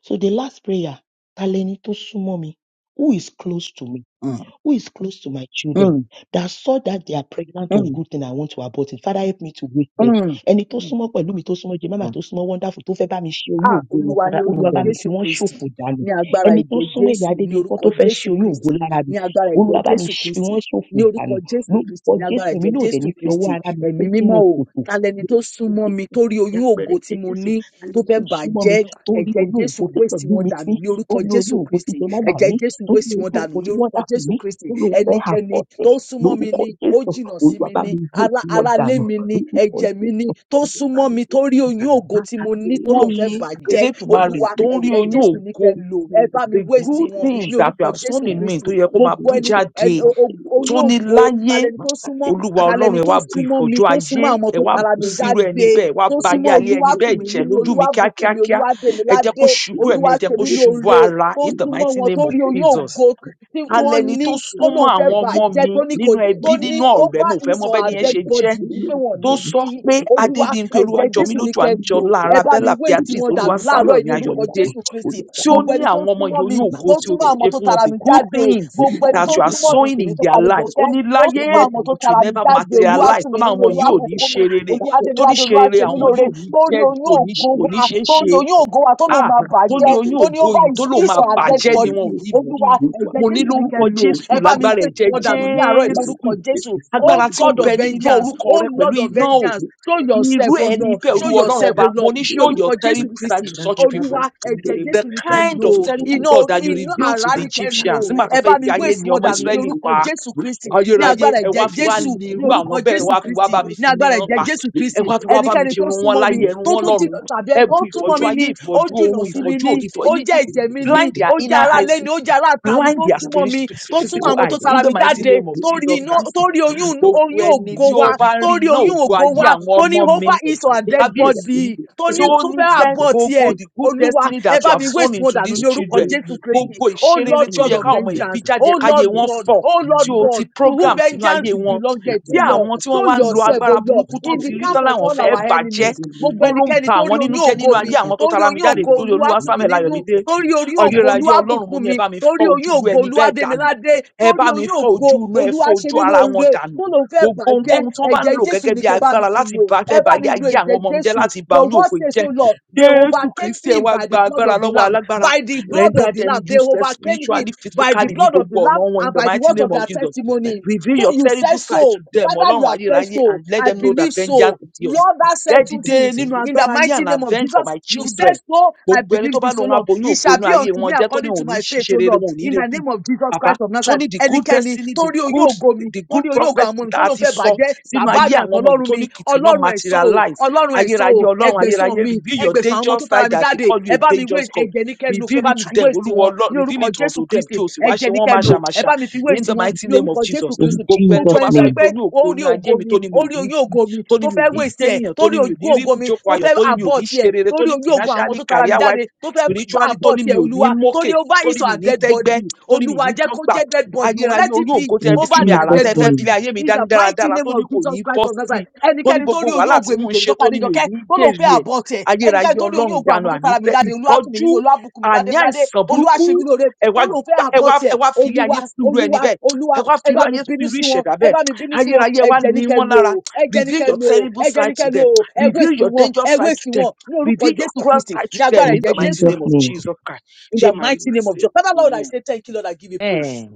[SPEAKER 2] So the last prayer, Taleni to sumomi, who is close to me?
[SPEAKER 3] mm,
[SPEAKER 2] who is close to my children
[SPEAKER 3] mm,
[SPEAKER 2] that saw that they are pregnant of
[SPEAKER 3] mm,
[SPEAKER 2] good thing I want to abort it. Father help me to wait them.
[SPEAKER 3] mm,
[SPEAKER 2] Ẹni tó
[SPEAKER 3] mm.
[SPEAKER 2] súnmọ́ pẹ̀lú mi tó súnmọ́ Jemima
[SPEAKER 1] mm.
[SPEAKER 2] tó súnmọ́ wonderful tó fẹ́ bá mi ṣe oyún
[SPEAKER 3] Ah,
[SPEAKER 2] ògo wọn.
[SPEAKER 3] Olúwa ní
[SPEAKER 1] Father, in
[SPEAKER 2] Olúwa
[SPEAKER 3] orúkọ
[SPEAKER 2] bá mi
[SPEAKER 1] the
[SPEAKER 2] fi
[SPEAKER 3] Jésù
[SPEAKER 2] wọ́n
[SPEAKER 3] Kristi,
[SPEAKER 2] ṣòfò dànù.
[SPEAKER 3] ní agbára
[SPEAKER 2] Ẹni tó
[SPEAKER 3] ìjẹ
[SPEAKER 2] súnmọ́ èdè
[SPEAKER 3] Jésù, ní
[SPEAKER 2] Adébímpọ́
[SPEAKER 3] orúkọ
[SPEAKER 2] tó fẹ́ ṣe
[SPEAKER 3] Jésù
[SPEAKER 2] oyún ògo
[SPEAKER 3] Kristi,
[SPEAKER 2] lára mi.
[SPEAKER 3] ní agbára ìjẹ
[SPEAKER 2] Olúwa bá mi
[SPEAKER 3] Jésù
[SPEAKER 2] ṣ- fi
[SPEAKER 3] Kristi,
[SPEAKER 2] wọ́n ṣòfò
[SPEAKER 3] ní orúkọ
[SPEAKER 2] dànù.
[SPEAKER 3] Jésù
[SPEAKER 2] Lórúkọ
[SPEAKER 3] Kristi, ní agbára
[SPEAKER 2] Jésù mi
[SPEAKER 3] ìjẹ
[SPEAKER 2] náà ò dẹ̀
[SPEAKER 3] Jésù
[SPEAKER 2] ní fi ọwọ́
[SPEAKER 3] Kristi,
[SPEAKER 2] ara mi kó
[SPEAKER 3] ẹ̀mí
[SPEAKER 2] sínú
[SPEAKER 3] mímọ́ o,
[SPEAKER 2] kòtò.
[SPEAKER 3] ta lẹni tó
[SPEAKER 2] Lórúkọ
[SPEAKER 3] súnmọ́ mi,
[SPEAKER 2] Jésù
[SPEAKER 3] tó rí oyún ògo
[SPEAKER 2] ìyàgbẹ́rẹ̀
[SPEAKER 3] tí
[SPEAKER 2] ìjẹ́
[SPEAKER 3] mo
[SPEAKER 2] Jésù.
[SPEAKER 3] ní,
[SPEAKER 2] Àlè
[SPEAKER 3] tó
[SPEAKER 2] tó
[SPEAKER 3] fẹ́
[SPEAKER 2] súnmọ́ mi
[SPEAKER 3] bàjẹ́
[SPEAKER 2] tó rí
[SPEAKER 3] ẹ̀jẹ̀
[SPEAKER 2] oyún
[SPEAKER 3] jésù
[SPEAKER 2] ògo tí
[SPEAKER 3] wéṣì
[SPEAKER 2] pẹ̀lú
[SPEAKER 3] wọn
[SPEAKER 2] mi
[SPEAKER 3] dànù
[SPEAKER 2] ní.
[SPEAKER 3] ní
[SPEAKER 2] Tó
[SPEAKER 3] orúkọ
[SPEAKER 2] rí
[SPEAKER 3] jésù
[SPEAKER 2] oyún ògo tí
[SPEAKER 3] kristi
[SPEAKER 2] Jemima
[SPEAKER 3] ẹ̀jẹ̀
[SPEAKER 2] ní.
[SPEAKER 3] jésù
[SPEAKER 2] Tó rí
[SPEAKER 3] wéṣì wọn
[SPEAKER 2] oyún
[SPEAKER 3] dànù
[SPEAKER 2] ògo
[SPEAKER 3] ní
[SPEAKER 2] tí wọ́n
[SPEAKER 3] orúkọ
[SPEAKER 2] dà fún mi,
[SPEAKER 3] jésù kristi
[SPEAKER 2] olùfẹ́
[SPEAKER 3] ẹnikẹ́ni
[SPEAKER 2] àfọ̀ṣẹ
[SPEAKER 3] tó súnmọ́ mi
[SPEAKER 2] lórúkọ
[SPEAKER 3] ni ó
[SPEAKER 2] jésù
[SPEAKER 3] jìnnà sí
[SPEAKER 2] olúwa
[SPEAKER 3] mi
[SPEAKER 2] bá
[SPEAKER 3] ni
[SPEAKER 2] mi wé
[SPEAKER 3] ara
[SPEAKER 2] tí wọ́n
[SPEAKER 3] ara lé
[SPEAKER 2] dànù
[SPEAKER 3] mi ni
[SPEAKER 2] lórúkọ
[SPEAKER 3] ẹ̀jẹ̀ mi ni
[SPEAKER 2] jésù
[SPEAKER 3] tó
[SPEAKER 2] olúwa bá
[SPEAKER 3] súnmọ́
[SPEAKER 2] mi
[SPEAKER 3] mi
[SPEAKER 2] wé
[SPEAKER 3] tó
[SPEAKER 2] tí
[SPEAKER 3] rí
[SPEAKER 2] wọ́n
[SPEAKER 3] oyún
[SPEAKER 2] dànù
[SPEAKER 3] ògo
[SPEAKER 2] má
[SPEAKER 3] tí mo ní
[SPEAKER 2] káàkiri
[SPEAKER 3] tó
[SPEAKER 2] ló
[SPEAKER 6] wọ́n
[SPEAKER 3] lòun fẹ́
[SPEAKER 6] mi
[SPEAKER 2] ṣáàdà
[SPEAKER 3] bàjẹ́
[SPEAKER 2] olúwa
[SPEAKER 6] Elédùmarè
[SPEAKER 2] bá
[SPEAKER 3] olúwa
[SPEAKER 6] tó
[SPEAKER 2] mi
[SPEAKER 6] ń
[SPEAKER 2] wé
[SPEAKER 6] rí
[SPEAKER 3] ẹ̀jẹ̀
[SPEAKER 2] tí
[SPEAKER 6] oyún
[SPEAKER 2] wọ́n
[SPEAKER 3] jésù
[SPEAKER 2] dànù
[SPEAKER 3] ní
[SPEAKER 6] ògo.
[SPEAKER 3] kẹ́ lò
[SPEAKER 2] lórúkọ
[SPEAKER 3] ẹ
[SPEAKER 2] jésù
[SPEAKER 3] bá mi
[SPEAKER 6] The
[SPEAKER 2] má
[SPEAKER 3] wéṣì
[SPEAKER 6] good
[SPEAKER 2] bẹ̀rẹ̀
[SPEAKER 3] wọn
[SPEAKER 2] ló
[SPEAKER 6] things
[SPEAKER 3] ní
[SPEAKER 6] that you
[SPEAKER 3] orúkọ
[SPEAKER 6] have
[SPEAKER 2] ṣáàdà
[SPEAKER 6] sown
[SPEAKER 3] jésù
[SPEAKER 2] má
[SPEAKER 6] in me
[SPEAKER 3] kristi
[SPEAKER 6] tó yẹ
[SPEAKER 2] bẹ̀rẹ̀ ló ṣáàdà
[SPEAKER 6] kó máa
[SPEAKER 3] gbogbo
[SPEAKER 6] bú
[SPEAKER 3] ẹni
[SPEAKER 6] jáde
[SPEAKER 3] ẹni- o-
[SPEAKER 2] má
[SPEAKER 3] o-
[SPEAKER 2] bẹ̀rẹ̀ ló
[SPEAKER 6] tó
[SPEAKER 3] oyún
[SPEAKER 6] ní
[SPEAKER 2] ṣáàdà
[SPEAKER 3] ògo
[SPEAKER 6] láyé
[SPEAKER 3] talẹni
[SPEAKER 2] má
[SPEAKER 3] tó súnmọ́
[SPEAKER 2] káàkiri
[SPEAKER 6] olúwa ọlọ́run
[SPEAKER 3] atalẹni
[SPEAKER 6] ẹ
[SPEAKER 2] má
[SPEAKER 3] tó
[SPEAKER 6] wá bu
[SPEAKER 2] bẹ̀rẹ̀
[SPEAKER 3] súnmọ́
[SPEAKER 2] ló
[SPEAKER 3] mi
[SPEAKER 6] ìfọ̀jọ́
[SPEAKER 3] tó
[SPEAKER 2] ṣáàdà
[SPEAKER 6] ayé
[SPEAKER 3] súnmọ́ àwọn ọmọ
[SPEAKER 6] ẹ
[SPEAKER 3] tó
[SPEAKER 6] wá
[SPEAKER 3] tara
[SPEAKER 6] bu
[SPEAKER 3] mi
[SPEAKER 2] ẹnikẹ́ni
[SPEAKER 6] sírú
[SPEAKER 2] tó
[SPEAKER 6] ẹni
[SPEAKER 3] jáde
[SPEAKER 2] ní
[SPEAKER 6] bẹ́ẹ̀ ẹ wá
[SPEAKER 3] tó
[SPEAKER 6] ba
[SPEAKER 2] ìṣẹ̀lẹ̀
[SPEAKER 6] ayé
[SPEAKER 3] súnmọ́
[SPEAKER 2] àgbẹ̀
[SPEAKER 6] ayé
[SPEAKER 3] olúwa
[SPEAKER 6] ẹni
[SPEAKER 2] tó
[SPEAKER 3] tù
[SPEAKER 2] ní
[SPEAKER 6] bẹ́ẹ̀
[SPEAKER 3] mí
[SPEAKER 6] jẹ́
[SPEAKER 3] nínú
[SPEAKER 2] ìgbésẹ̀
[SPEAKER 6] lójú mi
[SPEAKER 3] olúwa bùkún mi
[SPEAKER 2] rẹ̀
[SPEAKER 6] kíákíákíá
[SPEAKER 2] tó
[SPEAKER 3] olúwa dé
[SPEAKER 2] ní
[SPEAKER 3] mi
[SPEAKER 6] ẹ
[SPEAKER 2] ìṣẹ̀lẹ̀
[SPEAKER 6] jẹ́
[SPEAKER 2] àgbẹ̀
[SPEAKER 6] kó
[SPEAKER 3] ládé
[SPEAKER 6] ṣubú
[SPEAKER 2] olúwa
[SPEAKER 6] ẹ̀mí
[SPEAKER 3] olúwa
[SPEAKER 2] bá
[SPEAKER 6] ẹ jẹ́
[SPEAKER 2] mi
[SPEAKER 3] ṣe
[SPEAKER 6] kó
[SPEAKER 3] mí
[SPEAKER 2] wé tí
[SPEAKER 6] ṣubú
[SPEAKER 2] wọ́n
[SPEAKER 3] lóore
[SPEAKER 2] dànù
[SPEAKER 6] ara
[SPEAKER 3] tó
[SPEAKER 6] in the
[SPEAKER 2] olúwa bá
[SPEAKER 3] súnmọ́
[SPEAKER 6] mighty
[SPEAKER 3] wọn tó
[SPEAKER 6] name
[SPEAKER 2] mi
[SPEAKER 6] of
[SPEAKER 3] rí
[SPEAKER 2] wé tí
[SPEAKER 3] oyún
[SPEAKER 2] wọ́n
[SPEAKER 6] Jesus
[SPEAKER 3] ògo
[SPEAKER 2] dànù.
[SPEAKER 3] tí tí
[SPEAKER 6] a
[SPEAKER 3] wọ́n
[SPEAKER 6] lẹni
[SPEAKER 3] ní
[SPEAKER 6] tó
[SPEAKER 3] tó
[SPEAKER 6] súnmọ́
[SPEAKER 3] lóun fẹ́
[SPEAKER 6] àwọn ọmọ
[SPEAKER 3] bàjẹ́
[SPEAKER 6] mi
[SPEAKER 3] tó ní kò
[SPEAKER 6] nínú
[SPEAKER 3] tó
[SPEAKER 6] ẹbí
[SPEAKER 3] ní
[SPEAKER 6] nínú ọ̀rẹ́
[SPEAKER 3] over
[SPEAKER 6] mo fẹ́
[SPEAKER 3] his
[SPEAKER 6] mọ
[SPEAKER 3] or her
[SPEAKER 6] bẹ́ni yẹn
[SPEAKER 3] dead
[SPEAKER 6] ṣe jẹ́
[SPEAKER 3] body wípé wọn ò
[SPEAKER 6] tó
[SPEAKER 3] ní
[SPEAKER 6] sọ
[SPEAKER 3] bí
[SPEAKER 6] pé
[SPEAKER 3] olúwa
[SPEAKER 6] adébíyí pé olúwa
[SPEAKER 3] ẹ̀jẹ̀
[SPEAKER 6] jọmí
[SPEAKER 3] jésù ní
[SPEAKER 6] lójú
[SPEAKER 3] kẹ́ ẹ lò
[SPEAKER 6] àńjọlá
[SPEAKER 3] ẹ bá mi
[SPEAKER 6] arabella
[SPEAKER 3] wé tí
[SPEAKER 6] beatrice
[SPEAKER 3] wọn
[SPEAKER 6] olúwa
[SPEAKER 3] dànù láàárọ̀
[SPEAKER 6] samuel
[SPEAKER 3] yìí
[SPEAKER 6] mi
[SPEAKER 3] ní orúkọ
[SPEAKER 6] ayọ̀mídé
[SPEAKER 3] jésù kristi
[SPEAKER 6] tí ó
[SPEAKER 3] gbogbo
[SPEAKER 6] ní
[SPEAKER 3] ẹni tó
[SPEAKER 6] àwọn ọmọ
[SPEAKER 3] súnmọ́
[SPEAKER 6] yìí
[SPEAKER 3] mi
[SPEAKER 6] oyún ògo
[SPEAKER 3] tó
[SPEAKER 6] tí o
[SPEAKER 3] súnmọ́
[SPEAKER 6] ti
[SPEAKER 3] ọmọ
[SPEAKER 6] ṣe
[SPEAKER 3] tó
[SPEAKER 6] fún wọn
[SPEAKER 3] tara
[SPEAKER 6] the
[SPEAKER 3] mi
[SPEAKER 6] good
[SPEAKER 3] jáde
[SPEAKER 6] things
[SPEAKER 3] gbogbo ẹni
[SPEAKER 6] that
[SPEAKER 3] tó
[SPEAKER 6] you are
[SPEAKER 3] súnmọ́ mi
[SPEAKER 6] sowing in
[SPEAKER 3] èmi tó
[SPEAKER 6] their
[SPEAKER 3] padé jọ
[SPEAKER 6] lives ó ní
[SPEAKER 3] ó
[SPEAKER 6] láyé
[SPEAKER 3] fún àwọn tó
[SPEAKER 6] it will
[SPEAKER 3] tara mi
[SPEAKER 6] never
[SPEAKER 3] jáde
[SPEAKER 6] materialize tó
[SPEAKER 3] olúwàtúmí
[SPEAKER 6] bá àwọn
[SPEAKER 3] nínú
[SPEAKER 6] ọmọ yìí ò ní ṣe
[SPEAKER 3] olúwàbùkúnmi
[SPEAKER 6] rere tó ní
[SPEAKER 3] olúwàdémiládé
[SPEAKER 6] ṣe rere
[SPEAKER 3] olúwàṣẹmí
[SPEAKER 6] àwọn ọmọ yìí
[SPEAKER 3] lóore
[SPEAKER 6] ò ní
[SPEAKER 3] tó rí
[SPEAKER 6] jẹ́
[SPEAKER 3] oyún ògo
[SPEAKER 6] kò ní
[SPEAKER 3] wa
[SPEAKER 6] ṣe é
[SPEAKER 3] tó
[SPEAKER 6] ṣe
[SPEAKER 3] rí oyún ògo wa tó lòun
[SPEAKER 6] Ah!
[SPEAKER 3] máa
[SPEAKER 6] Tó ní
[SPEAKER 3] bàjẹ́
[SPEAKER 6] oyún
[SPEAKER 3] tó ní
[SPEAKER 6] ògo
[SPEAKER 2] Thank
[SPEAKER 3] over
[SPEAKER 2] you.
[SPEAKER 6] yìí tó
[SPEAKER 3] his
[SPEAKER 6] lóun
[SPEAKER 3] his
[SPEAKER 6] máa
[SPEAKER 3] or her dead
[SPEAKER 6] bàjẹ́
[SPEAKER 2] Thank
[SPEAKER 6] ni wọn
[SPEAKER 3] body
[SPEAKER 6] ò ní bí i.
[SPEAKER 3] olúwa ẹ̀jẹ̀
[SPEAKER 6] Mo ní
[SPEAKER 3] jésù ní
[SPEAKER 6] lórúkọ
[SPEAKER 3] kẹ́ lò
[SPEAKER 6] Jésù
[SPEAKER 3] ẹ bá mi
[SPEAKER 6] lágbára
[SPEAKER 3] wé tí
[SPEAKER 6] ẹ̀jẹ̀
[SPEAKER 3] wọ́n dànù ní àárọ̀ yìí lórúkọ
[SPEAKER 6] Jésù.
[SPEAKER 3] jésù Oh,
[SPEAKER 6] Agbára tí ó
[SPEAKER 3] god
[SPEAKER 6] ń
[SPEAKER 3] of
[SPEAKER 6] bẹ ní inú
[SPEAKER 3] vengeance
[SPEAKER 6] orúkọ
[SPEAKER 3] oh
[SPEAKER 6] rẹ pẹ̀lú
[SPEAKER 3] lord of
[SPEAKER 6] iná o.
[SPEAKER 3] vengeance show
[SPEAKER 6] Irú
[SPEAKER 3] yourself oh
[SPEAKER 6] ẹni
[SPEAKER 3] lord
[SPEAKER 6] bẹ́ẹ̀
[SPEAKER 3] show
[SPEAKER 6] Olúwa Ọlọ́run
[SPEAKER 3] yourself
[SPEAKER 6] ọba.
[SPEAKER 3] oh
[SPEAKER 6] Mo
[SPEAKER 3] lord
[SPEAKER 6] ní
[SPEAKER 3] ní
[SPEAKER 6] show
[SPEAKER 3] orúkọ
[SPEAKER 6] your
[SPEAKER 3] jésù
[SPEAKER 6] terrible side
[SPEAKER 3] kristi
[SPEAKER 6] to such people.
[SPEAKER 3] olúwa ẹ̀jẹ̀
[SPEAKER 6] The
[SPEAKER 3] jésù ní kẹ́
[SPEAKER 6] kind
[SPEAKER 3] lò
[SPEAKER 6] of terrible
[SPEAKER 3] iná
[SPEAKER 6] God that you
[SPEAKER 3] iná
[SPEAKER 6] revealed to
[SPEAKER 3] àrá
[SPEAKER 6] the
[SPEAKER 3] ní kẹ́ ẹ
[SPEAKER 6] Egyptians
[SPEAKER 3] lò ó.
[SPEAKER 6] nígbà tó
[SPEAKER 3] ẹ bá
[SPEAKER 6] fẹ́ ti
[SPEAKER 3] mi wé
[SPEAKER 6] ayé
[SPEAKER 3] èsì
[SPEAKER 6] ni
[SPEAKER 3] wọn
[SPEAKER 6] ọmọ
[SPEAKER 3] dànù ní
[SPEAKER 6] Ísírẹ́lì
[SPEAKER 3] orúkọ
[SPEAKER 6] pa
[SPEAKER 3] jésù kristi ní
[SPEAKER 6] ayérayé
[SPEAKER 3] agbára
[SPEAKER 6] ẹ wá
[SPEAKER 3] ẹ̀jẹ̀
[SPEAKER 6] fi wá
[SPEAKER 3] jésù
[SPEAKER 6] ní
[SPEAKER 3] ní
[SPEAKER 6] irú
[SPEAKER 3] orúkọ
[SPEAKER 6] àwọn bẹ́ẹ̀ ẹ
[SPEAKER 3] jésù
[SPEAKER 6] wá fi wá
[SPEAKER 3] kristi
[SPEAKER 6] bá mi
[SPEAKER 3] ní
[SPEAKER 6] fi
[SPEAKER 3] agbára
[SPEAKER 6] níran
[SPEAKER 3] ẹ̀jẹ̀
[SPEAKER 6] pa
[SPEAKER 3] jésù
[SPEAKER 6] ẹ
[SPEAKER 3] kristi
[SPEAKER 6] wá fi wá bá
[SPEAKER 2] you.
[SPEAKER 6] mi
[SPEAKER 3] ẹnikẹ́ni
[SPEAKER 6] fi
[SPEAKER 3] tó
[SPEAKER 6] run wọn
[SPEAKER 3] súnmọ́ mi
[SPEAKER 2] In the
[SPEAKER 6] láyé ẹ
[SPEAKER 2] name
[SPEAKER 6] run
[SPEAKER 3] tó
[SPEAKER 2] of
[SPEAKER 6] wọn
[SPEAKER 3] tún
[SPEAKER 6] lọ́run
[SPEAKER 3] jìnnà tàbí ẹni
[SPEAKER 6] ẹ
[SPEAKER 3] tó
[SPEAKER 6] bu
[SPEAKER 3] súnmọ́
[SPEAKER 6] ìfọ́jú
[SPEAKER 3] mi ní
[SPEAKER 6] ayé
[SPEAKER 3] ó
[SPEAKER 6] ìfọ́jú
[SPEAKER 3] jìnnà
[SPEAKER 6] oorun
[SPEAKER 3] sí mi
[SPEAKER 6] ìfọ́jú
[SPEAKER 3] ní
[SPEAKER 6] òdì
[SPEAKER 3] ó jẹ́ ẹ̀jẹ̀ mi ní
[SPEAKER 6] blind their
[SPEAKER 3] ó jẹ́
[SPEAKER 6] inner
[SPEAKER 3] ara
[SPEAKER 6] eyes
[SPEAKER 3] ilé ni ó jẹ́ ara ìta ni
[SPEAKER 6] blind
[SPEAKER 3] tó
[SPEAKER 6] their
[SPEAKER 3] súnmọ́
[SPEAKER 6] spirit
[SPEAKER 3] mi tó súnmọ́
[SPEAKER 6] physical
[SPEAKER 3] àwọn tó
[SPEAKER 6] eyes in
[SPEAKER 3] tara
[SPEAKER 6] the
[SPEAKER 3] mi
[SPEAKER 6] mighty
[SPEAKER 3] jáde
[SPEAKER 6] name of
[SPEAKER 3] tó rí
[SPEAKER 6] Jesus
[SPEAKER 3] iná
[SPEAKER 6] Christ
[SPEAKER 3] tó rí oyún
[SPEAKER 6] gbogbo
[SPEAKER 3] oyún
[SPEAKER 6] ẹni
[SPEAKER 3] ògo
[SPEAKER 6] tí
[SPEAKER 3] wa
[SPEAKER 6] ó bá ń
[SPEAKER 3] tó
[SPEAKER 6] rí
[SPEAKER 3] rí
[SPEAKER 6] iná
[SPEAKER 3] oyún
[SPEAKER 6] ògo
[SPEAKER 3] ògo
[SPEAKER 6] ayé
[SPEAKER 3] wa
[SPEAKER 6] àwọn
[SPEAKER 3] tó ní
[SPEAKER 6] ọmọ mi
[SPEAKER 3] over is our dead body
[SPEAKER 6] kábíyèsí
[SPEAKER 3] tó
[SPEAKER 6] tí
[SPEAKER 3] ní
[SPEAKER 6] ó
[SPEAKER 3] tó fẹ́
[SPEAKER 6] nífẹ̀ẹ́
[SPEAKER 3] abort
[SPEAKER 6] gbogbo
[SPEAKER 3] ẹ̀
[SPEAKER 6] the good
[SPEAKER 3] Olúwa,
[SPEAKER 6] destiny
[SPEAKER 3] ẹ
[SPEAKER 6] that you
[SPEAKER 3] bá
[SPEAKER 6] have
[SPEAKER 3] mi wé
[SPEAKER 6] sown
[SPEAKER 3] sí wọn
[SPEAKER 6] into
[SPEAKER 3] dànù
[SPEAKER 6] these
[SPEAKER 3] ní orúkọ
[SPEAKER 6] children
[SPEAKER 3] Jésù Kristi.
[SPEAKER 6] gbogbo
[SPEAKER 2] Jesus,
[SPEAKER 3] Oh
[SPEAKER 2] Father,
[SPEAKER 6] ìṣerere
[SPEAKER 3] Lord
[SPEAKER 6] tí ó
[SPEAKER 3] God
[SPEAKER 6] yẹ
[SPEAKER 2] Lord,
[SPEAKER 3] of
[SPEAKER 2] we
[SPEAKER 6] káwọn ọmọ ìbí
[SPEAKER 2] pray.
[SPEAKER 3] vengeance,
[SPEAKER 6] jáde
[SPEAKER 3] oh
[SPEAKER 6] káyé
[SPEAKER 3] Lord
[SPEAKER 6] wọn
[SPEAKER 3] God,
[SPEAKER 6] fọ
[SPEAKER 3] oh
[SPEAKER 6] tí
[SPEAKER 3] Lord
[SPEAKER 6] o ti
[SPEAKER 3] God, to whom
[SPEAKER 6] program sínú
[SPEAKER 3] vengeance
[SPEAKER 6] ayé wọn
[SPEAKER 3] belongeth,
[SPEAKER 6] tí
[SPEAKER 3] oh Lord,
[SPEAKER 6] àwọn tí wọ́n
[SPEAKER 3] show
[SPEAKER 6] wá ń lo
[SPEAKER 3] yourself,
[SPEAKER 6] agbára
[SPEAKER 3] oh Lord,
[SPEAKER 6] burúkú tán
[SPEAKER 3] in
[SPEAKER 6] ti
[SPEAKER 3] the
[SPEAKER 6] rí
[SPEAKER 3] camp
[SPEAKER 6] tán
[SPEAKER 3] of
[SPEAKER 6] láwọn
[SPEAKER 3] all
[SPEAKER 6] fẹ́
[SPEAKER 3] our
[SPEAKER 6] bàjẹ́
[SPEAKER 3] enemies. Gbogbo
[SPEAKER 6] tó ló ń
[SPEAKER 3] ẹnikẹ́ni
[SPEAKER 6] ba
[SPEAKER 3] tó
[SPEAKER 6] àwọn
[SPEAKER 3] rí
[SPEAKER 6] nínú
[SPEAKER 3] oyún
[SPEAKER 6] jẹ́
[SPEAKER 3] ògo
[SPEAKER 6] nínú
[SPEAKER 3] mi,
[SPEAKER 6] ayé àwọn tó
[SPEAKER 3] tó rí
[SPEAKER 6] tara mi
[SPEAKER 3] oyún
[SPEAKER 6] jáde
[SPEAKER 3] ògo
[SPEAKER 6] lórí
[SPEAKER 3] Olúwa
[SPEAKER 6] olúwa
[SPEAKER 3] tù mí
[SPEAKER 6] samuel
[SPEAKER 3] nínú,
[SPEAKER 6] ayọ̀mídé
[SPEAKER 3] tó rí oyún ògo
[SPEAKER 6] ayérayé
[SPEAKER 3] Olúwa
[SPEAKER 6] ọlọ́run mo
[SPEAKER 3] bùkún
[SPEAKER 6] ní ẹ
[SPEAKER 3] mi,
[SPEAKER 6] bá mi
[SPEAKER 3] tó
[SPEAKER 6] fọ́
[SPEAKER 3] rí
[SPEAKER 6] ojú
[SPEAKER 3] oyún
[SPEAKER 6] irú
[SPEAKER 3] ògo
[SPEAKER 6] ẹni
[SPEAKER 3] Olúwa
[SPEAKER 6] bẹ́ẹ̀
[SPEAKER 3] dé mi
[SPEAKER 6] dànù
[SPEAKER 3] ládé,
[SPEAKER 6] ẹ
[SPEAKER 3] tó
[SPEAKER 6] bá
[SPEAKER 3] rí
[SPEAKER 6] mi
[SPEAKER 3] oyún
[SPEAKER 6] fọ́
[SPEAKER 3] ògo
[SPEAKER 6] ojú inú ẹ
[SPEAKER 3] Olúwa
[SPEAKER 6] fọ́
[SPEAKER 3] ṣe
[SPEAKER 6] ojú
[SPEAKER 3] mí
[SPEAKER 6] ara wọn
[SPEAKER 3] lóore,
[SPEAKER 6] dànù
[SPEAKER 3] tó lòun fẹ́
[SPEAKER 6] gbogbo
[SPEAKER 3] bàjẹ́,
[SPEAKER 6] ohunkóhun tó bá ń
[SPEAKER 3] ẹ̀jẹ̀
[SPEAKER 6] lò
[SPEAKER 3] Jésù
[SPEAKER 6] gẹ́gẹ́
[SPEAKER 3] ni
[SPEAKER 6] bí
[SPEAKER 3] kẹ bá mi
[SPEAKER 6] agbára
[SPEAKER 3] fi
[SPEAKER 6] láti
[SPEAKER 3] lò,
[SPEAKER 6] bá fẹ́
[SPEAKER 3] Ẹ
[SPEAKER 6] ba
[SPEAKER 3] over
[SPEAKER 6] ilé
[SPEAKER 3] me
[SPEAKER 6] ayé
[SPEAKER 3] no
[SPEAKER 6] àwọn ọmọ mi jẹ́
[SPEAKER 3] Jesu.
[SPEAKER 6] láti ba
[SPEAKER 3] The
[SPEAKER 6] oyún
[SPEAKER 3] word
[SPEAKER 6] ògo yìí
[SPEAKER 3] says,
[SPEAKER 6] jẹ́
[SPEAKER 3] so Lord, they
[SPEAKER 6] jésù
[SPEAKER 3] overcame
[SPEAKER 6] kristi ẹ
[SPEAKER 3] him
[SPEAKER 6] wá
[SPEAKER 3] by the
[SPEAKER 6] gba
[SPEAKER 3] blood
[SPEAKER 6] agbára
[SPEAKER 3] of the
[SPEAKER 6] lọ́wọ́
[SPEAKER 3] Lamb.
[SPEAKER 6] alágbára
[SPEAKER 3] By the blood
[SPEAKER 6] render
[SPEAKER 3] of the
[SPEAKER 6] them
[SPEAKER 3] Lamb, they
[SPEAKER 6] useless
[SPEAKER 3] overcame
[SPEAKER 6] spiritually
[SPEAKER 3] him by the
[SPEAKER 6] physically ní
[SPEAKER 3] blood of the
[SPEAKER 6] gbogbo ọ̀nà
[SPEAKER 3] Lamb
[SPEAKER 6] wọn in
[SPEAKER 3] and
[SPEAKER 6] the
[SPEAKER 3] by the
[SPEAKER 6] mighty
[SPEAKER 3] word of
[SPEAKER 6] name of
[SPEAKER 3] their
[SPEAKER 6] jesus
[SPEAKER 3] testimony.
[SPEAKER 6] reveal
[SPEAKER 3] So
[SPEAKER 6] your
[SPEAKER 3] you said
[SPEAKER 6] terrible side
[SPEAKER 3] so.
[SPEAKER 6] to them
[SPEAKER 3] Father, you
[SPEAKER 6] ọlọ́run
[SPEAKER 3] have said
[SPEAKER 6] ayérayé
[SPEAKER 3] so.
[SPEAKER 6] and let
[SPEAKER 3] I
[SPEAKER 6] them know that
[SPEAKER 3] believe
[SPEAKER 6] vengeance
[SPEAKER 3] so.
[SPEAKER 6] is yours
[SPEAKER 3] Lord, that
[SPEAKER 6] jẹ́
[SPEAKER 3] said settles
[SPEAKER 6] dìde
[SPEAKER 3] it.
[SPEAKER 6] nínú
[SPEAKER 3] In the
[SPEAKER 6] agbára yín
[SPEAKER 3] mighty
[SPEAKER 6] and
[SPEAKER 3] name of
[SPEAKER 6] avenge for
[SPEAKER 3] Jesus,
[SPEAKER 6] my
[SPEAKER 3] you said
[SPEAKER 6] children
[SPEAKER 3] so. I
[SPEAKER 6] gbogbo ẹni
[SPEAKER 3] believe
[SPEAKER 6] tó bá
[SPEAKER 3] this, O
[SPEAKER 6] lòun
[SPEAKER 3] Lord.
[SPEAKER 6] aboyún
[SPEAKER 3] It
[SPEAKER 6] ògo
[SPEAKER 3] shall
[SPEAKER 6] inú
[SPEAKER 3] be
[SPEAKER 6] ayé
[SPEAKER 3] unto me
[SPEAKER 6] wọn jẹ́ tó ní
[SPEAKER 3] according to
[SPEAKER 6] òun ní
[SPEAKER 3] my faith,
[SPEAKER 6] ṣiṣẹ́
[SPEAKER 3] O
[SPEAKER 6] rere
[SPEAKER 3] Lord.
[SPEAKER 6] wọn ò ní
[SPEAKER 3] In the
[SPEAKER 6] rebi
[SPEAKER 3] name of Jesus
[SPEAKER 6] bàbá
[SPEAKER 3] Christ of
[SPEAKER 6] tó
[SPEAKER 3] Nazareth.
[SPEAKER 6] ní the good
[SPEAKER 3] Ẹnikẹ́ni
[SPEAKER 6] destiny
[SPEAKER 3] tó
[SPEAKER 6] the
[SPEAKER 3] oyún
[SPEAKER 6] good
[SPEAKER 3] ògo mi,
[SPEAKER 6] the good
[SPEAKER 3] torí oyún ògo àwọn
[SPEAKER 6] prophecy
[SPEAKER 3] ènìyàn
[SPEAKER 6] tá
[SPEAKER 3] tó
[SPEAKER 6] a
[SPEAKER 3] ló
[SPEAKER 6] ti
[SPEAKER 3] fẹ́
[SPEAKER 6] sọ
[SPEAKER 3] bàjẹ́
[SPEAKER 6] sínú
[SPEAKER 3] bàbá
[SPEAKER 6] ayé
[SPEAKER 3] mi
[SPEAKER 6] àwọn
[SPEAKER 3] àti
[SPEAKER 6] ọmọ yìí
[SPEAKER 3] ọlọ́run
[SPEAKER 6] tó
[SPEAKER 3] mi
[SPEAKER 6] ní kìtì náà
[SPEAKER 3] ọlọ́run ẹ̀san o
[SPEAKER 6] materialize
[SPEAKER 3] ọlọ́run ẹ̀san
[SPEAKER 6] ayérayé
[SPEAKER 3] o
[SPEAKER 6] ọlọ́run
[SPEAKER 3] ẹgbẹ̀san
[SPEAKER 6] ayérayé
[SPEAKER 3] mi
[SPEAKER 6] reveal your
[SPEAKER 3] ẹgbẹ̀san àwọn ọmọ
[SPEAKER 6] dangerous
[SPEAKER 3] tó tara
[SPEAKER 6] side
[SPEAKER 3] mi
[SPEAKER 6] that they
[SPEAKER 3] jáde
[SPEAKER 6] call you
[SPEAKER 3] ẹ
[SPEAKER 6] a
[SPEAKER 3] bá mi wé
[SPEAKER 6] dangerous God
[SPEAKER 3] ẹ̀jẹ̀ ní kẹ́lu kẹ́
[SPEAKER 6] reveal
[SPEAKER 3] bá
[SPEAKER 6] it
[SPEAKER 3] mi
[SPEAKER 6] to
[SPEAKER 3] fi
[SPEAKER 6] them
[SPEAKER 3] wé sí
[SPEAKER 6] olúwa
[SPEAKER 3] wọn
[SPEAKER 6] ọlọ́run
[SPEAKER 3] ní
[SPEAKER 6] reveal
[SPEAKER 3] orúkọ
[SPEAKER 6] it unto
[SPEAKER 3] jésù
[SPEAKER 6] them
[SPEAKER 3] kristi
[SPEAKER 6] kí o sì wá ṣe
[SPEAKER 3] ẹ̀jẹ̀ ní
[SPEAKER 6] wọ́n
[SPEAKER 3] kẹ́lu ẹ
[SPEAKER 6] máṣàmáṣà
[SPEAKER 3] bá mi fi wé
[SPEAKER 6] in
[SPEAKER 3] sí
[SPEAKER 6] the
[SPEAKER 3] wọn
[SPEAKER 6] mighty
[SPEAKER 3] ní
[SPEAKER 6] name of
[SPEAKER 3] orúkọ jésù
[SPEAKER 6] Jesus
[SPEAKER 2] In
[SPEAKER 3] kristi
[SPEAKER 6] gbogbo ẹni tí
[SPEAKER 3] gbogbo
[SPEAKER 6] ó
[SPEAKER 2] Jesus'
[SPEAKER 6] bá
[SPEAKER 3] ẹni tó
[SPEAKER 6] sọ
[SPEAKER 3] yẹ
[SPEAKER 6] wípé
[SPEAKER 3] pé
[SPEAKER 2] name,
[SPEAKER 6] olú
[SPEAKER 3] ó
[SPEAKER 6] ògo ní
[SPEAKER 3] rí
[SPEAKER 6] ayé
[SPEAKER 3] ògo
[SPEAKER 6] mi
[SPEAKER 3] mi
[SPEAKER 6] tó ní mo
[SPEAKER 3] ó
[SPEAKER 6] ò
[SPEAKER 3] rí
[SPEAKER 6] ní
[SPEAKER 3] oyún ògo mi
[SPEAKER 6] tó ní
[SPEAKER 3] tó
[SPEAKER 6] mi ò
[SPEAKER 3] fẹ́
[SPEAKER 6] ní
[SPEAKER 3] wé sí ẹ̀
[SPEAKER 6] jẹ́nìyàn
[SPEAKER 3] tó
[SPEAKER 6] tó
[SPEAKER 3] rí
[SPEAKER 6] ní mi ò ní
[SPEAKER 3] ogún
[SPEAKER 6] rí
[SPEAKER 3] ògo mi
[SPEAKER 6] ibùjókòó
[SPEAKER 3] tó
[SPEAKER 6] ayọ̀
[SPEAKER 3] fẹ́
[SPEAKER 6] tó ní mi ò
[SPEAKER 3] àbọ̀
[SPEAKER 6] ní ṣe
[SPEAKER 3] tiẹ̀
[SPEAKER 6] rere
[SPEAKER 3] tó
[SPEAKER 6] tó
[SPEAKER 3] rí
[SPEAKER 6] ní
[SPEAKER 3] oyún ògo àwọn ọmọ
[SPEAKER 6] financially
[SPEAKER 3] tó tara mi
[SPEAKER 6] career wise
[SPEAKER 3] jáde tó fẹ́
[SPEAKER 6] spiritually tó
[SPEAKER 3] àbọ̀
[SPEAKER 6] ní mi
[SPEAKER 3] tiẹ̀
[SPEAKER 6] ò ní
[SPEAKER 3] olúwa tó
[SPEAKER 6] mókè
[SPEAKER 3] ní over
[SPEAKER 6] tó ní
[SPEAKER 3] is
[SPEAKER 6] mi ò
[SPEAKER 3] our
[SPEAKER 6] ní
[SPEAKER 3] dead
[SPEAKER 6] tẹ́gbẹ́
[SPEAKER 3] body
[SPEAKER 6] tó ní mi ò
[SPEAKER 3] Olúwa
[SPEAKER 6] ní
[SPEAKER 3] jẹ́ kó
[SPEAKER 6] tọ́gbà
[SPEAKER 3] jẹ́ dead body wọn.
[SPEAKER 6] ayérayé
[SPEAKER 3] Let it
[SPEAKER 6] orí
[SPEAKER 3] be
[SPEAKER 6] ògo tẹ́
[SPEAKER 2] in
[SPEAKER 6] fi
[SPEAKER 3] over
[SPEAKER 6] sí mi
[SPEAKER 3] their
[SPEAKER 6] àrà
[SPEAKER 2] Jesus'
[SPEAKER 3] dead
[SPEAKER 6] tẹ́ fẹ́ fi
[SPEAKER 3] body.
[SPEAKER 2] name,
[SPEAKER 6] ilé ayé mi
[SPEAKER 3] In
[SPEAKER 6] dání
[SPEAKER 3] the mighty
[SPEAKER 6] dáradára
[SPEAKER 3] name
[SPEAKER 6] tó ní
[SPEAKER 3] of
[SPEAKER 6] kò
[SPEAKER 3] Jesus
[SPEAKER 6] ní bọ́
[SPEAKER 3] Christ of
[SPEAKER 6] sí i
[SPEAKER 3] Nazareth,
[SPEAKER 6] tó ní
[SPEAKER 3] ẹnikẹ́ni tó
[SPEAKER 6] gbogbo
[SPEAKER 3] rí oyún
[SPEAKER 6] wàhálà
[SPEAKER 3] ògo
[SPEAKER 6] tí mò
[SPEAKER 3] èmi
[SPEAKER 6] ń
[SPEAKER 3] tèmi
[SPEAKER 6] ṣe
[SPEAKER 3] tó
[SPEAKER 6] tó
[SPEAKER 3] padé
[SPEAKER 6] ní mi ò
[SPEAKER 3] jọkẹ́
[SPEAKER 6] ní
[SPEAKER 3] tó lòun
[SPEAKER 6] jèrè
[SPEAKER 3] fẹ́
[SPEAKER 6] ẹ̀
[SPEAKER 3] àbọ̀ tiẹ̀, ẹnikẹ́ni
[SPEAKER 6] ayérayé
[SPEAKER 3] tó rí
[SPEAKER 6] ọlọ́run
[SPEAKER 3] oyún ògo
[SPEAKER 6] ìyanu
[SPEAKER 3] àwọn tó tara mi
[SPEAKER 6] àníṣe
[SPEAKER 3] jáde, olúwa tù mí
[SPEAKER 6] ìtọ́jú
[SPEAKER 3] nínú, olúwa bùkún mi ládé
[SPEAKER 6] àní
[SPEAKER 3] mi ládé,
[SPEAKER 6] àìsàn
[SPEAKER 3] olúwa
[SPEAKER 6] burúkú
[SPEAKER 3] ṣe mí lóore,
[SPEAKER 6] ẹ
[SPEAKER 3] tó
[SPEAKER 6] wá
[SPEAKER 3] lòun fẹ́
[SPEAKER 6] gbá- ẹ
[SPEAKER 3] àbọ̀
[SPEAKER 6] wá ẹ
[SPEAKER 3] tiẹ̀,
[SPEAKER 6] wá fi ilé
[SPEAKER 3] olúwa,
[SPEAKER 6] ayé sí irú ẹni
[SPEAKER 3] olúwa,
[SPEAKER 6] bẹ́ẹ̀
[SPEAKER 3] olúwa,
[SPEAKER 6] ẹ wá fi
[SPEAKER 3] ẹ
[SPEAKER 6] irú
[SPEAKER 3] bá mi
[SPEAKER 6] ayé sí
[SPEAKER 3] bínú
[SPEAKER 6] irú
[SPEAKER 3] sí wọn,
[SPEAKER 6] ìṣẹ̀dá
[SPEAKER 3] ẹ
[SPEAKER 6] bẹ́ẹ̀
[SPEAKER 3] bá mi bínú sí wọn,
[SPEAKER 6] ayérayé ẹ wá
[SPEAKER 3] ẹ̀jẹ̀
[SPEAKER 6] ní
[SPEAKER 3] ni kẹ́
[SPEAKER 6] wọn
[SPEAKER 3] lò
[SPEAKER 6] lára
[SPEAKER 3] ó, ẹ̀jẹ̀ ni
[SPEAKER 6] Reveal
[SPEAKER 3] kẹ́
[SPEAKER 6] your
[SPEAKER 3] lò ó,
[SPEAKER 6] terrible
[SPEAKER 3] ẹ̀jẹ̀ ni
[SPEAKER 6] side to
[SPEAKER 3] kẹ́ lò
[SPEAKER 6] them.
[SPEAKER 3] ó, ẹ
[SPEAKER 6] Reveal
[SPEAKER 3] wéèsì
[SPEAKER 6] your
[SPEAKER 3] wọn, ẹ
[SPEAKER 6] dangerous side
[SPEAKER 3] wéèsì
[SPEAKER 6] to them.
[SPEAKER 3] wọn, ní orúkọ
[SPEAKER 6] Reveal your
[SPEAKER 3] Jésù
[SPEAKER 6] cruel
[SPEAKER 3] Kristì,
[SPEAKER 6] side
[SPEAKER 3] ní
[SPEAKER 6] to
[SPEAKER 3] agbára
[SPEAKER 6] them
[SPEAKER 2] in
[SPEAKER 6] in the
[SPEAKER 3] ẹ̀jẹ̀
[SPEAKER 6] mighty
[SPEAKER 3] Jésù,
[SPEAKER 2] Jesus'
[SPEAKER 6] name of
[SPEAKER 2] name.
[SPEAKER 6] Jesus Christ.
[SPEAKER 3] in
[SPEAKER 6] J.
[SPEAKER 3] the
[SPEAKER 6] Marie
[SPEAKER 3] mighty name of
[SPEAKER 6] Marcel.
[SPEAKER 3] Jesus. Father Lord, I
[SPEAKER 6] Amen.
[SPEAKER 3] say thank you, Lord, I give you praise.
[SPEAKER 1] name.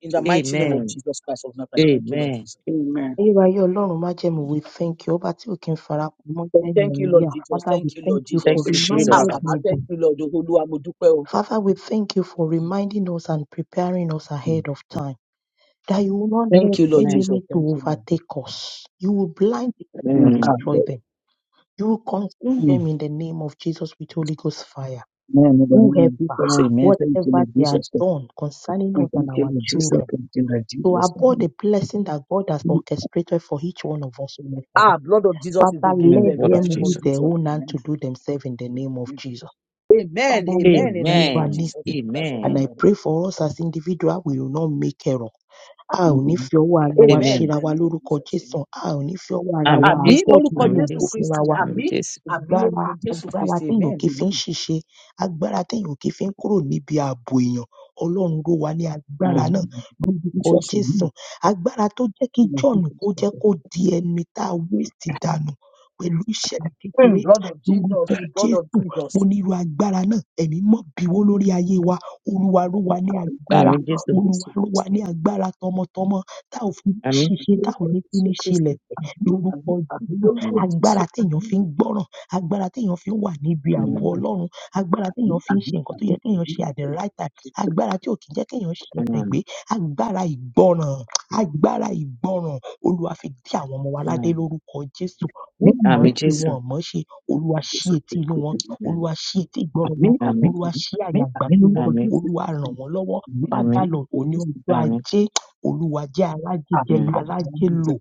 [SPEAKER 3] In the
[SPEAKER 6] Good.
[SPEAKER 3] mighty name of
[SPEAKER 1] Amen.
[SPEAKER 3] Jesus Christ of Nazareth, thank you, Lord
[SPEAKER 1] Amen.
[SPEAKER 3] Jesus.
[SPEAKER 6] Amen.
[SPEAKER 2] Ayérayé Ọlọ́run májẹ̀mú, we thank you. Ọba tí ò kí ń farapamọ́
[SPEAKER 3] Thank
[SPEAKER 2] jẹ́yìn
[SPEAKER 3] thank
[SPEAKER 2] ẹ̀mí
[SPEAKER 3] you, Lord
[SPEAKER 2] yà.
[SPEAKER 3] Jesus.
[SPEAKER 2] Father, we
[SPEAKER 3] Thank you,
[SPEAKER 2] thank
[SPEAKER 3] Lord
[SPEAKER 2] you for
[SPEAKER 1] Thank
[SPEAKER 3] Jesus.
[SPEAKER 1] you,
[SPEAKER 3] Ah,
[SPEAKER 1] Jesus.
[SPEAKER 2] reminded
[SPEAKER 6] Tesheba.
[SPEAKER 2] me
[SPEAKER 3] Baba,
[SPEAKER 2] this.
[SPEAKER 3] thank you, Lord. Olúwa, mo dúpẹ́ o.
[SPEAKER 2] Father, we thank you for reminding us and preparing us
[SPEAKER 3] Mm.
[SPEAKER 2] ahead of time that you will not
[SPEAKER 3] Thank
[SPEAKER 2] let
[SPEAKER 3] you, Lord
[SPEAKER 1] Amen.
[SPEAKER 3] Jesus.
[SPEAKER 2] enemy to
[SPEAKER 3] Thank you, Lord.
[SPEAKER 2] overtake us. You will blind them, you will
[SPEAKER 3] Mm,
[SPEAKER 1] Mm.
[SPEAKER 3] ah,
[SPEAKER 2] destroy
[SPEAKER 3] Lord.
[SPEAKER 2] them. You will consume them
[SPEAKER 3] Mm.
[SPEAKER 2] in the name of Jesus with Holy Ghost fire.
[SPEAKER 3] Amen. In the name
[SPEAKER 2] Whoever,
[SPEAKER 3] of Jesus,
[SPEAKER 1] Amen.
[SPEAKER 3] amen. Thank you,
[SPEAKER 2] whatever
[SPEAKER 3] Lord
[SPEAKER 2] they are
[SPEAKER 3] Jesus.
[SPEAKER 2] done concerning
[SPEAKER 3] Mm,
[SPEAKER 2] us and
[SPEAKER 3] Thank you,
[SPEAKER 2] our
[SPEAKER 3] Lord Jesus.
[SPEAKER 2] children,
[SPEAKER 3] Thank you, Lord
[SPEAKER 2] to
[SPEAKER 3] Jesus.
[SPEAKER 2] abort
[SPEAKER 3] Amen.
[SPEAKER 2] the blessing that God has
[SPEAKER 3] Mm.
[SPEAKER 2] orchestrated for each one of us, O Lord Father.
[SPEAKER 3] Ah, blood of Jesus is
[SPEAKER 2] Father,
[SPEAKER 3] against
[SPEAKER 1] Mm.
[SPEAKER 2] let
[SPEAKER 3] them in
[SPEAKER 1] Word
[SPEAKER 3] the
[SPEAKER 1] of
[SPEAKER 2] them
[SPEAKER 3] name
[SPEAKER 2] use
[SPEAKER 3] of
[SPEAKER 1] Jesus.
[SPEAKER 2] their
[SPEAKER 3] Jesus.
[SPEAKER 2] own hand
[SPEAKER 3] Amen.
[SPEAKER 2] to do themselves in the name of
[SPEAKER 3] Amen.
[SPEAKER 2] Jesus.
[SPEAKER 3] Amen.
[SPEAKER 2] Father, Lord,
[SPEAKER 3] Amen. In the name
[SPEAKER 2] Jehovah
[SPEAKER 3] of
[SPEAKER 1] Amen.
[SPEAKER 3] Jesus,
[SPEAKER 2] Nissi.
[SPEAKER 3] the Christ of
[SPEAKER 2] And
[SPEAKER 1] Amen.
[SPEAKER 2] I
[SPEAKER 3] Nazareth.
[SPEAKER 2] pray for us as individual, we will not make error. A ò ní
[SPEAKER 3] Amen.
[SPEAKER 2] fi ọwọ́ ara wa
[SPEAKER 3] Amen. In
[SPEAKER 1] Amen.
[SPEAKER 2] ṣera
[SPEAKER 3] the
[SPEAKER 2] wa
[SPEAKER 3] name of
[SPEAKER 2] lórúkọ
[SPEAKER 3] Jesus.
[SPEAKER 2] Jésù.
[SPEAKER 3] Amen.
[SPEAKER 2] A ò ní fi ọwọ́ ara wa
[SPEAKER 1] Àmín
[SPEAKER 3] àmì
[SPEAKER 1] Jésù.
[SPEAKER 2] abort
[SPEAKER 3] lórúkọ
[SPEAKER 2] nínú
[SPEAKER 1] Àmín
[SPEAKER 3] jésù
[SPEAKER 2] ògo
[SPEAKER 1] Jésù.
[SPEAKER 2] fúnra
[SPEAKER 3] kristi
[SPEAKER 2] wa.
[SPEAKER 1] Àmín
[SPEAKER 3] àmì
[SPEAKER 1] Jésù.
[SPEAKER 3] àmì
[SPEAKER 2] Agbára
[SPEAKER 3] lórúkọ jésù
[SPEAKER 2] agbára
[SPEAKER 3] kristi amen
[SPEAKER 2] téèyàn kì í fi ń
[SPEAKER 3] amen
[SPEAKER 2] ṣìṣe, agbára téèyàn kì í fi ń kúrò níbi ààbò èèyàn. Ọlọ́run ló wà ní agbára
[SPEAKER 1] Ah,
[SPEAKER 2] náà
[SPEAKER 3] amen
[SPEAKER 2] lórúkọ
[SPEAKER 3] jesus amen
[SPEAKER 2] Jésù. Agbára tó jẹ́
[SPEAKER 3] Amen.
[SPEAKER 2] kí
[SPEAKER 3] Jesus,
[SPEAKER 2] John kó jẹ́
[SPEAKER 3] Amen.
[SPEAKER 2] kó di ẹni tá a waste dànù pẹ̀lú ìṣẹ̀lẹ̀ kékeré
[SPEAKER 3] Mm, blood of jesus
[SPEAKER 2] lórúkọ
[SPEAKER 3] blood of
[SPEAKER 2] Jésù.
[SPEAKER 3] jesus
[SPEAKER 2] Mo ní irú agbára náà, ẹ̀mí mọ́ bíwó lórí ayé wa. Olúwa ró wa ní
[SPEAKER 3] àmì
[SPEAKER 2] agbára.
[SPEAKER 1] Àmín
[SPEAKER 3] lórúkọ
[SPEAKER 1] Jésù.
[SPEAKER 2] Olúwa
[SPEAKER 3] jésù
[SPEAKER 2] ró wa ní
[SPEAKER 3] kristi
[SPEAKER 2] agbára tọmọtọmọ tá ò fi ní
[SPEAKER 1] Àmín.
[SPEAKER 2] ṣiṣe,
[SPEAKER 3] àmì
[SPEAKER 2] tá ò
[SPEAKER 3] lórúkọ
[SPEAKER 2] ní fi
[SPEAKER 3] jésù
[SPEAKER 2] ní ṣe
[SPEAKER 3] kristi
[SPEAKER 2] lẹ̀fẹ̀
[SPEAKER 3] àmì
[SPEAKER 2] lórúkọ
[SPEAKER 3] àmì àmì
[SPEAKER 2] Jésù.
[SPEAKER 3] lórúkọ
[SPEAKER 1] Mm,
[SPEAKER 3] jésù
[SPEAKER 2] Agbára
[SPEAKER 3] àmì
[SPEAKER 2] téèyàn fi ń gbọ́ràn, agbára téèyàn fi ń wà níbi
[SPEAKER 3] àmì
[SPEAKER 2] ààbò
[SPEAKER 1] mm,
[SPEAKER 2] Ọlọ́run, agbára téèyàn
[SPEAKER 3] àmì àmì
[SPEAKER 2] fi
[SPEAKER 3] àmì
[SPEAKER 2] ń ṣe
[SPEAKER 3] àmì
[SPEAKER 2] nǹkan tó yẹ
[SPEAKER 3] lórúkọ
[SPEAKER 2] kéèyàn ṣe at the
[SPEAKER 3] jésù
[SPEAKER 2] right time,
[SPEAKER 3] ní àmì lórúkọ jésù kristi àmì àmì àmì àmì àmì lórúkọ jésù kristi àmì àmì lórúkọ jésù kristi
[SPEAKER 2] agbára tí ò kí ń jẹ́ kéèyàn ṣe ẹsẹ̀
[SPEAKER 1] mm,
[SPEAKER 2] gbé agbára ìgbọràn agbára ìgbọràn olúwa fi dí àwọn ọmọ wa ládé
[SPEAKER 1] mm.
[SPEAKER 2] lórúkọ jésù wọn mọ̀ ọ́n
[SPEAKER 1] Àmín
[SPEAKER 2] ṣe wọn
[SPEAKER 1] Jésù.
[SPEAKER 2] ò mọ̀ ọ́n ṣe olúwa ṣí etí inú wọn
[SPEAKER 1] Mm.
[SPEAKER 2] olúwa ṣí etí ìgbọràn wọn
[SPEAKER 1] Àmín.
[SPEAKER 2] olúwa ṣí àyà àgbà sí wọn
[SPEAKER 1] Àmín.
[SPEAKER 2] olúwa ràn wọ́n lọ́wọ́ father
[SPEAKER 1] Àmín.
[SPEAKER 2] lord òní ọjọ́
[SPEAKER 3] àmì
[SPEAKER 1] Àmín.
[SPEAKER 2] ajé olúwa jẹ́ arájé
[SPEAKER 3] àmì
[SPEAKER 2] jẹ́
[SPEAKER 1] Mm.
[SPEAKER 3] lórúkọ
[SPEAKER 2] kárájé
[SPEAKER 3] jésù kristi.
[SPEAKER 2] lò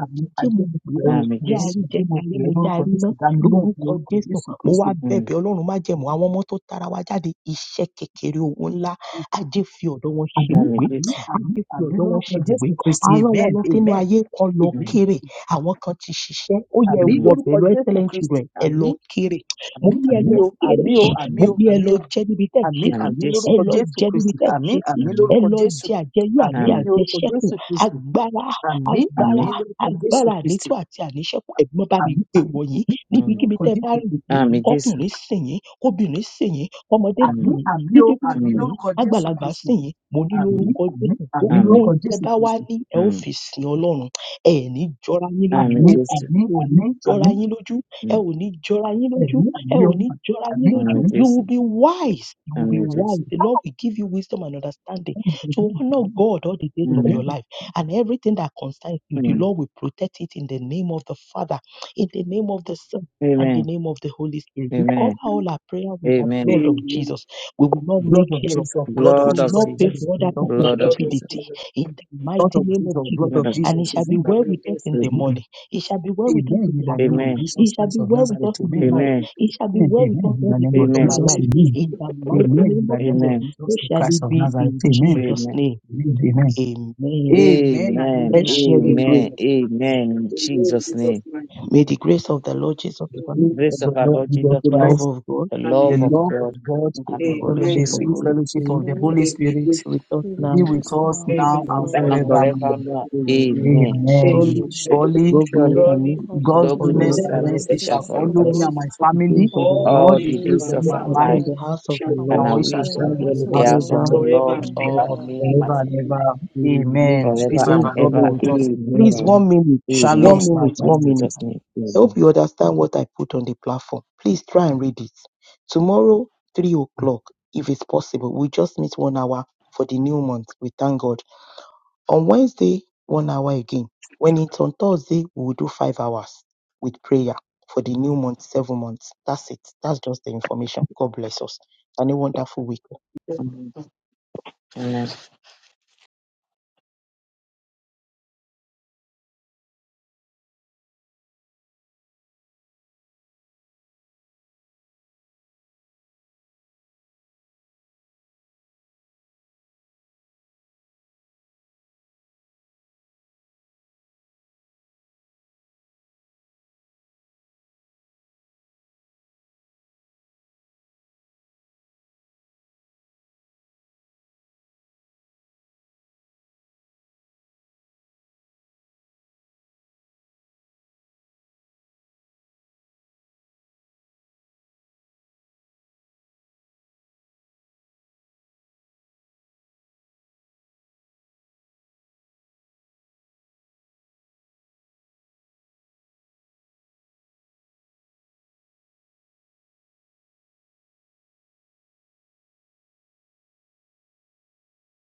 [SPEAKER 3] Àmì
[SPEAKER 2] mo pè ọ́
[SPEAKER 3] àjẹmọ́pẹ̀lẹ́ orúkọ
[SPEAKER 1] Àmín
[SPEAKER 2] jẹ́
[SPEAKER 3] Jésù,
[SPEAKER 1] Jésù.
[SPEAKER 2] àríjẹ kárímu
[SPEAKER 3] àjẹmọ́pẹ̀lẹ́
[SPEAKER 2] jẹ́
[SPEAKER 3] lórúkọ
[SPEAKER 2] àríná
[SPEAKER 3] Jésù, dámilóhùn
[SPEAKER 2] lórúkọ
[SPEAKER 3] lórúkọ
[SPEAKER 2] jésù
[SPEAKER 3] Jésù
[SPEAKER 2] mo wá
[SPEAKER 3] Kristì.
[SPEAKER 1] Mm.
[SPEAKER 2] bẹ̀bẹ̀ ọlọ́run má jẹ̀mú àwọn ọmọ tó tara wa jáde iṣẹ́ kékeré owó ńlá ajé fi ọ̀dọ̀ wọn
[SPEAKER 3] Àmì
[SPEAKER 1] Àmín
[SPEAKER 2] ṣebùgbé
[SPEAKER 3] àmì
[SPEAKER 1] Jésù.
[SPEAKER 2] á
[SPEAKER 3] àmì
[SPEAKER 2] gbé fi
[SPEAKER 3] àmì
[SPEAKER 2] ọ̀dọ́ wọn ṣe
[SPEAKER 3] lórúkọ
[SPEAKER 2] ibùgbé
[SPEAKER 3] Jésù
[SPEAKER 2] á
[SPEAKER 3] Kristì,
[SPEAKER 2] rán wọn
[SPEAKER 3] amen,
[SPEAKER 2] lọ sínú
[SPEAKER 3] amen,
[SPEAKER 2] ayé kan lọ
[SPEAKER 3] amen.
[SPEAKER 1] Mm.
[SPEAKER 2] kéré àwọn kan ti ṣiṣẹ́ ó yẹ ẹ
[SPEAKER 3] Àmì
[SPEAKER 1] Mm.
[SPEAKER 2] wọbẹ̀
[SPEAKER 3] lórúkọ
[SPEAKER 2] lọ
[SPEAKER 3] Jésù
[SPEAKER 2] excellent
[SPEAKER 3] Kristì,
[SPEAKER 2] children ẹ lọ
[SPEAKER 3] àmì
[SPEAKER 2] kéré mo
[SPEAKER 3] àmì
[SPEAKER 2] ní ẹ
[SPEAKER 3] àmì
[SPEAKER 2] lọ
[SPEAKER 1] Àmín.
[SPEAKER 3] o,
[SPEAKER 2] kéré
[SPEAKER 3] àmì o, àmì
[SPEAKER 2] mo
[SPEAKER 1] Mm.
[SPEAKER 3] o,
[SPEAKER 2] ní ẹ
[SPEAKER 3] àmì
[SPEAKER 2] lọ
[SPEAKER 3] o,
[SPEAKER 2] jẹ́ níbi tẹ́ ẹ̀
[SPEAKER 3] àmì
[SPEAKER 2] ṣe sí
[SPEAKER 1] Àmín
[SPEAKER 3] àmì
[SPEAKER 1] Jésù.
[SPEAKER 2] ẹ
[SPEAKER 3] lórúkọ
[SPEAKER 2] lọ
[SPEAKER 3] Jésù
[SPEAKER 2] jẹ́ níbi
[SPEAKER 3] Kristì,
[SPEAKER 2] tẹ́ ẹ̀
[SPEAKER 3] àmì
[SPEAKER 2] ṣe sí
[SPEAKER 3] àmì
[SPEAKER 1] Àmín.
[SPEAKER 2] ẹ
[SPEAKER 3] lórúkọ
[SPEAKER 2] lọ
[SPEAKER 3] Jésù,
[SPEAKER 2] jẹ àjẹyó
[SPEAKER 3] àmì
[SPEAKER 2] àti
[SPEAKER 3] ní
[SPEAKER 1] Àmín.
[SPEAKER 3] orúkọ
[SPEAKER 2] àjẹṣẹ́kù
[SPEAKER 3] Jésù Kristì,
[SPEAKER 2] agbára
[SPEAKER 3] àmì àmì
[SPEAKER 2] agbára
[SPEAKER 1] Àmín.
[SPEAKER 3] lórúkọ Jésù
[SPEAKER 2] agbára ànító
[SPEAKER 3] Kristì,
[SPEAKER 2] àti àníṣẹ́kù ẹ̀gbọ́n bá mi
[SPEAKER 3] àmì
[SPEAKER 2] gbé
[SPEAKER 3] àmì àmì
[SPEAKER 2] wọ̀nyí
[SPEAKER 3] àmì
[SPEAKER 2] níbikíbi tẹ́ ẹ bá
[SPEAKER 3] lórúkọ
[SPEAKER 2] rìn
[SPEAKER 3] Jésù
[SPEAKER 2] sí
[SPEAKER 3] Kristì,
[SPEAKER 1] Àmì Jésù.
[SPEAKER 2] kọkùnrin sìn yín kóbìnrin sìn yín kọmọdé sìn
[SPEAKER 1] Mm,
[SPEAKER 3] àmì
[SPEAKER 2] yín
[SPEAKER 3] àmì
[SPEAKER 2] ní
[SPEAKER 3] o,
[SPEAKER 2] dédé
[SPEAKER 3] àmì
[SPEAKER 1] mm,
[SPEAKER 2] ìsinyìí
[SPEAKER 3] lórúkọ Jésù
[SPEAKER 2] tágbàlagbà
[SPEAKER 3] Kristì.
[SPEAKER 2] sìn yín mo ní
[SPEAKER 1] mm.
[SPEAKER 3] àmín
[SPEAKER 2] lórúkọ
[SPEAKER 3] àmín
[SPEAKER 2] jésù
[SPEAKER 3] àmín
[SPEAKER 2] gbogbo
[SPEAKER 1] Àmì,
[SPEAKER 2] ohun
[SPEAKER 3] lórúkọ
[SPEAKER 2] tẹ
[SPEAKER 3] jésù
[SPEAKER 2] bá wá
[SPEAKER 3] kristi
[SPEAKER 2] ní ẹ ó
[SPEAKER 1] mm.
[SPEAKER 2] fi sin ọlọrun ẹ ẹ̀ ní jọra yín lójú
[SPEAKER 1] Àmì
[SPEAKER 2] o
[SPEAKER 3] àmín
[SPEAKER 2] ẹ
[SPEAKER 1] Jésù.
[SPEAKER 3] àmín
[SPEAKER 2] ò ní
[SPEAKER 3] àmín
[SPEAKER 2] jọra
[SPEAKER 3] àmín
[SPEAKER 2] yín lójú ẹ
[SPEAKER 1] Mm,
[SPEAKER 2] ò ní jọra yín lójú
[SPEAKER 3] ẹ̀mí
[SPEAKER 2] ẹ
[SPEAKER 3] àmín
[SPEAKER 2] ò
[SPEAKER 1] mm.
[SPEAKER 2] ní
[SPEAKER 3] ọmọ
[SPEAKER 2] jọra yín
[SPEAKER 3] àmín
[SPEAKER 2] lójú
[SPEAKER 1] Àmì
[SPEAKER 3] àmín
[SPEAKER 2] you
[SPEAKER 1] Jésù.
[SPEAKER 2] will be wise you will be
[SPEAKER 1] Àmì Jésù.
[SPEAKER 2] wise the lord will give you wisdom and understanding
[SPEAKER 3] ẹ̀mí
[SPEAKER 2] to
[SPEAKER 3] ẹ̀mí
[SPEAKER 2] honour god all the days of your
[SPEAKER 1] Amen.
[SPEAKER 2] life and everything that concerns you the
[SPEAKER 1] Mm.
[SPEAKER 2] lord will protect it in the name of the father in the name of the son and the
[SPEAKER 1] Amen.
[SPEAKER 2] name of the holy spirit we
[SPEAKER 1] Amen.
[SPEAKER 2] cover all our prayer with the
[SPEAKER 1] Amen.
[SPEAKER 2] blood of
[SPEAKER 6] Amen.
[SPEAKER 2] jesus we will not make
[SPEAKER 3] blood of
[SPEAKER 2] error.
[SPEAKER 3] jesus blood of
[SPEAKER 2] We
[SPEAKER 1] Blood
[SPEAKER 2] will
[SPEAKER 1] of
[SPEAKER 3] jesus
[SPEAKER 2] not pay
[SPEAKER 3] blood of
[SPEAKER 1] Jesus.
[SPEAKER 2] for other people's
[SPEAKER 1] Blood of
[SPEAKER 6] Lord of
[SPEAKER 3] jesus
[SPEAKER 1] Jesus.
[SPEAKER 2] stupidity
[SPEAKER 6] Jesus,
[SPEAKER 2] in the
[SPEAKER 3] blood
[SPEAKER 2] mighty
[SPEAKER 3] of
[SPEAKER 2] name of
[SPEAKER 3] jesus blood of jesus
[SPEAKER 2] Jesus.
[SPEAKER 3] blood
[SPEAKER 1] Blood
[SPEAKER 3] of
[SPEAKER 1] of
[SPEAKER 2] And
[SPEAKER 3] jesus
[SPEAKER 2] it shall
[SPEAKER 1] Jesus.
[SPEAKER 2] be
[SPEAKER 3] amen
[SPEAKER 6] I
[SPEAKER 2] well
[SPEAKER 6] will
[SPEAKER 2] with
[SPEAKER 6] be
[SPEAKER 2] us in the
[SPEAKER 1] Amen.
[SPEAKER 3] amen
[SPEAKER 2] morning. It shall be well with us
[SPEAKER 3] amen
[SPEAKER 2] in
[SPEAKER 3] in
[SPEAKER 2] the
[SPEAKER 3] the name of
[SPEAKER 2] afternoon.
[SPEAKER 1] Amen.
[SPEAKER 3] jesus
[SPEAKER 2] It shall
[SPEAKER 3] christ
[SPEAKER 2] be
[SPEAKER 3] of
[SPEAKER 2] well with us
[SPEAKER 3] nazareth
[SPEAKER 2] in the
[SPEAKER 3] amen
[SPEAKER 6] I will
[SPEAKER 2] night.
[SPEAKER 1] Amen.
[SPEAKER 2] It shall be well with
[SPEAKER 3] amen
[SPEAKER 2] us
[SPEAKER 3] amen in
[SPEAKER 2] all
[SPEAKER 3] the
[SPEAKER 2] the
[SPEAKER 3] name
[SPEAKER 2] days
[SPEAKER 3] of
[SPEAKER 6] be
[SPEAKER 2] of
[SPEAKER 6] I
[SPEAKER 1] Amen.
[SPEAKER 2] our
[SPEAKER 3] jesus
[SPEAKER 2] life.
[SPEAKER 6] will
[SPEAKER 3] amen
[SPEAKER 2] In
[SPEAKER 6] be
[SPEAKER 2] the mighty
[SPEAKER 3] amen
[SPEAKER 2] name
[SPEAKER 3] in the
[SPEAKER 2] of
[SPEAKER 3] name of
[SPEAKER 2] Jesus.
[SPEAKER 1] Amen.
[SPEAKER 3] jesus
[SPEAKER 2] So shall
[SPEAKER 3] christ
[SPEAKER 2] it
[SPEAKER 3] of
[SPEAKER 2] be
[SPEAKER 3] nazareth
[SPEAKER 2] in
[SPEAKER 3] amen
[SPEAKER 2] Jesus'
[SPEAKER 1] Amen.
[SPEAKER 2] name.
[SPEAKER 3] amen amen
[SPEAKER 2] Amen.
[SPEAKER 3] amen
[SPEAKER 6] Amen.
[SPEAKER 3] and
[SPEAKER 1] Amen.
[SPEAKER 3] amen
[SPEAKER 2] Let's share the
[SPEAKER 3] and
[SPEAKER 2] grace.
[SPEAKER 1] Amen.
[SPEAKER 6] Amen.
[SPEAKER 1] Amen. In
[SPEAKER 3] amen.
[SPEAKER 6] Amen.
[SPEAKER 1] Jesus'
[SPEAKER 6] Jesus,
[SPEAKER 1] name.
[SPEAKER 6] my
[SPEAKER 2] May the grace of the Lord Jesus
[SPEAKER 3] the
[SPEAKER 2] Christ,
[SPEAKER 6] Amen.
[SPEAKER 3] grace of
[SPEAKER 1] Grace of
[SPEAKER 3] the
[SPEAKER 1] our
[SPEAKER 3] Lord
[SPEAKER 1] Lord
[SPEAKER 3] Jesus
[SPEAKER 1] Jesus
[SPEAKER 2] the
[SPEAKER 1] Christ,
[SPEAKER 2] love
[SPEAKER 3] Christ,
[SPEAKER 2] of God,
[SPEAKER 1] the
[SPEAKER 3] the
[SPEAKER 1] love
[SPEAKER 6] Amen.
[SPEAKER 1] of
[SPEAKER 3] love
[SPEAKER 1] God,
[SPEAKER 3] of God,
[SPEAKER 2] and the
[SPEAKER 1] and the
[SPEAKER 2] sweet
[SPEAKER 1] Holy
[SPEAKER 3] and
[SPEAKER 6] Amen.
[SPEAKER 3] the
[SPEAKER 2] fellowship
[SPEAKER 1] Spirit
[SPEAKER 2] of
[SPEAKER 3] sweet
[SPEAKER 2] Holy
[SPEAKER 3] fellowship
[SPEAKER 2] Spirit
[SPEAKER 3] of the
[SPEAKER 5] Spirit,
[SPEAKER 3] Holy Spirit
[SPEAKER 6] Amen.
[SPEAKER 2] with us
[SPEAKER 5] be
[SPEAKER 3] be
[SPEAKER 2] now
[SPEAKER 5] with
[SPEAKER 3] with
[SPEAKER 5] us
[SPEAKER 3] us
[SPEAKER 5] now
[SPEAKER 3] now
[SPEAKER 5] and
[SPEAKER 6] Amen.
[SPEAKER 3] and
[SPEAKER 2] and
[SPEAKER 1] time and
[SPEAKER 2] forevermore.
[SPEAKER 5] forevermore.
[SPEAKER 3] forevermore.
[SPEAKER 1] forevermore.
[SPEAKER 2] Amen.
[SPEAKER 1] Amen.
[SPEAKER 5] Amen,
[SPEAKER 2] Surely
[SPEAKER 3] Amen.
[SPEAKER 6] Amen.
[SPEAKER 5] amen.
[SPEAKER 3] Surely
[SPEAKER 2] Goodness
[SPEAKER 1] Surely
[SPEAKER 2] and
[SPEAKER 6] Surely,
[SPEAKER 2] mercy
[SPEAKER 5] God's
[SPEAKER 2] shall
[SPEAKER 3] God's
[SPEAKER 1] God
[SPEAKER 2] follow
[SPEAKER 3] goodness
[SPEAKER 1] goodness
[SPEAKER 2] us
[SPEAKER 5] goodness
[SPEAKER 6] goodness
[SPEAKER 3] and
[SPEAKER 5] and
[SPEAKER 1] and
[SPEAKER 6] and
[SPEAKER 3] mercy
[SPEAKER 1] mercy
[SPEAKER 5] mercy
[SPEAKER 1] shall
[SPEAKER 3] shall
[SPEAKER 6] mercy
[SPEAKER 5] shall
[SPEAKER 6] shall
[SPEAKER 1] follow
[SPEAKER 3] follow me
[SPEAKER 5] follow
[SPEAKER 6] follow
[SPEAKER 1] us
[SPEAKER 5] us
[SPEAKER 3] and my
[SPEAKER 2] all the days
[SPEAKER 3] family
[SPEAKER 2] of our
[SPEAKER 6] all
[SPEAKER 5] all
[SPEAKER 6] the
[SPEAKER 5] the
[SPEAKER 3] all
[SPEAKER 2] life,
[SPEAKER 1] all
[SPEAKER 3] the
[SPEAKER 1] the
[SPEAKER 6] days of
[SPEAKER 5] days
[SPEAKER 3] days
[SPEAKER 1] days
[SPEAKER 6] our
[SPEAKER 2] and
[SPEAKER 3] of
[SPEAKER 1] of
[SPEAKER 5] of
[SPEAKER 2] we
[SPEAKER 3] my
[SPEAKER 1] our
[SPEAKER 2] shall
[SPEAKER 6] life,
[SPEAKER 5] our
[SPEAKER 2] dwell
[SPEAKER 3] life,
[SPEAKER 2] in
[SPEAKER 1] life,
[SPEAKER 2] the
[SPEAKER 5] lives,
[SPEAKER 6] and we
[SPEAKER 2] house of
[SPEAKER 6] shall
[SPEAKER 2] the
[SPEAKER 5] and
[SPEAKER 6] dwell
[SPEAKER 1] and
[SPEAKER 5] we
[SPEAKER 2] Lord
[SPEAKER 3] and
[SPEAKER 1] our
[SPEAKER 6] in
[SPEAKER 3] we
[SPEAKER 5] shall
[SPEAKER 6] the
[SPEAKER 1] we
[SPEAKER 3] shall
[SPEAKER 6] house
[SPEAKER 5] dwell in
[SPEAKER 6] of
[SPEAKER 1] shall
[SPEAKER 3] dwell
[SPEAKER 5] the
[SPEAKER 6] the
[SPEAKER 3] in
[SPEAKER 1] dwell
[SPEAKER 5] house
[SPEAKER 6] Lord
[SPEAKER 3] the
[SPEAKER 1] in
[SPEAKER 5] of
[SPEAKER 1] the
[SPEAKER 5] the
[SPEAKER 3] house of
[SPEAKER 1] house
[SPEAKER 5] Lord
[SPEAKER 3] the
[SPEAKER 1] of
[SPEAKER 2] forever
[SPEAKER 1] the
[SPEAKER 3] Lord
[SPEAKER 6] forever
[SPEAKER 1] Lord,
[SPEAKER 5] forever
[SPEAKER 6] and
[SPEAKER 2] and
[SPEAKER 5] and
[SPEAKER 6] ever.
[SPEAKER 2] ever.
[SPEAKER 1] all
[SPEAKER 5] ever.
[SPEAKER 1] me and my
[SPEAKER 3] forever
[SPEAKER 5] Amen.
[SPEAKER 3] and
[SPEAKER 1] family,
[SPEAKER 6] Amen.
[SPEAKER 3] ever. Amen.
[SPEAKER 2] Amen.
[SPEAKER 6] Amen,
[SPEAKER 1] forever
[SPEAKER 3] Peace of
[SPEAKER 2] Praise
[SPEAKER 1] and
[SPEAKER 3] the
[SPEAKER 6] Baba.
[SPEAKER 2] the
[SPEAKER 3] Lord be
[SPEAKER 1] ever.
[SPEAKER 2] Lord.
[SPEAKER 3] with us in Jesus'
[SPEAKER 2] Please,
[SPEAKER 1] Amen.
[SPEAKER 3] name.
[SPEAKER 2] one minute,
[SPEAKER 3] Shalom,
[SPEAKER 2] one
[SPEAKER 1] Amen.
[SPEAKER 3] smart.
[SPEAKER 6] we
[SPEAKER 2] minute,
[SPEAKER 1] In
[SPEAKER 6] bless
[SPEAKER 2] one
[SPEAKER 6] you.
[SPEAKER 2] minute.
[SPEAKER 1] Jesus'
[SPEAKER 3] Shalom.
[SPEAKER 1] name.
[SPEAKER 2] I hope
[SPEAKER 1] Amen.
[SPEAKER 2] you understand what I put on the platform. Please try and read it. Tomorrow, 3 o'clock, if it's possible, we just meet one hour for the new month. We thank God. On Wednesday, one hour again. When it's on Thursday, we will do five hours with prayer for the new month, seven months. That's it. That's just the information. God bless us. And a wonderful week.
[SPEAKER 1] Amen.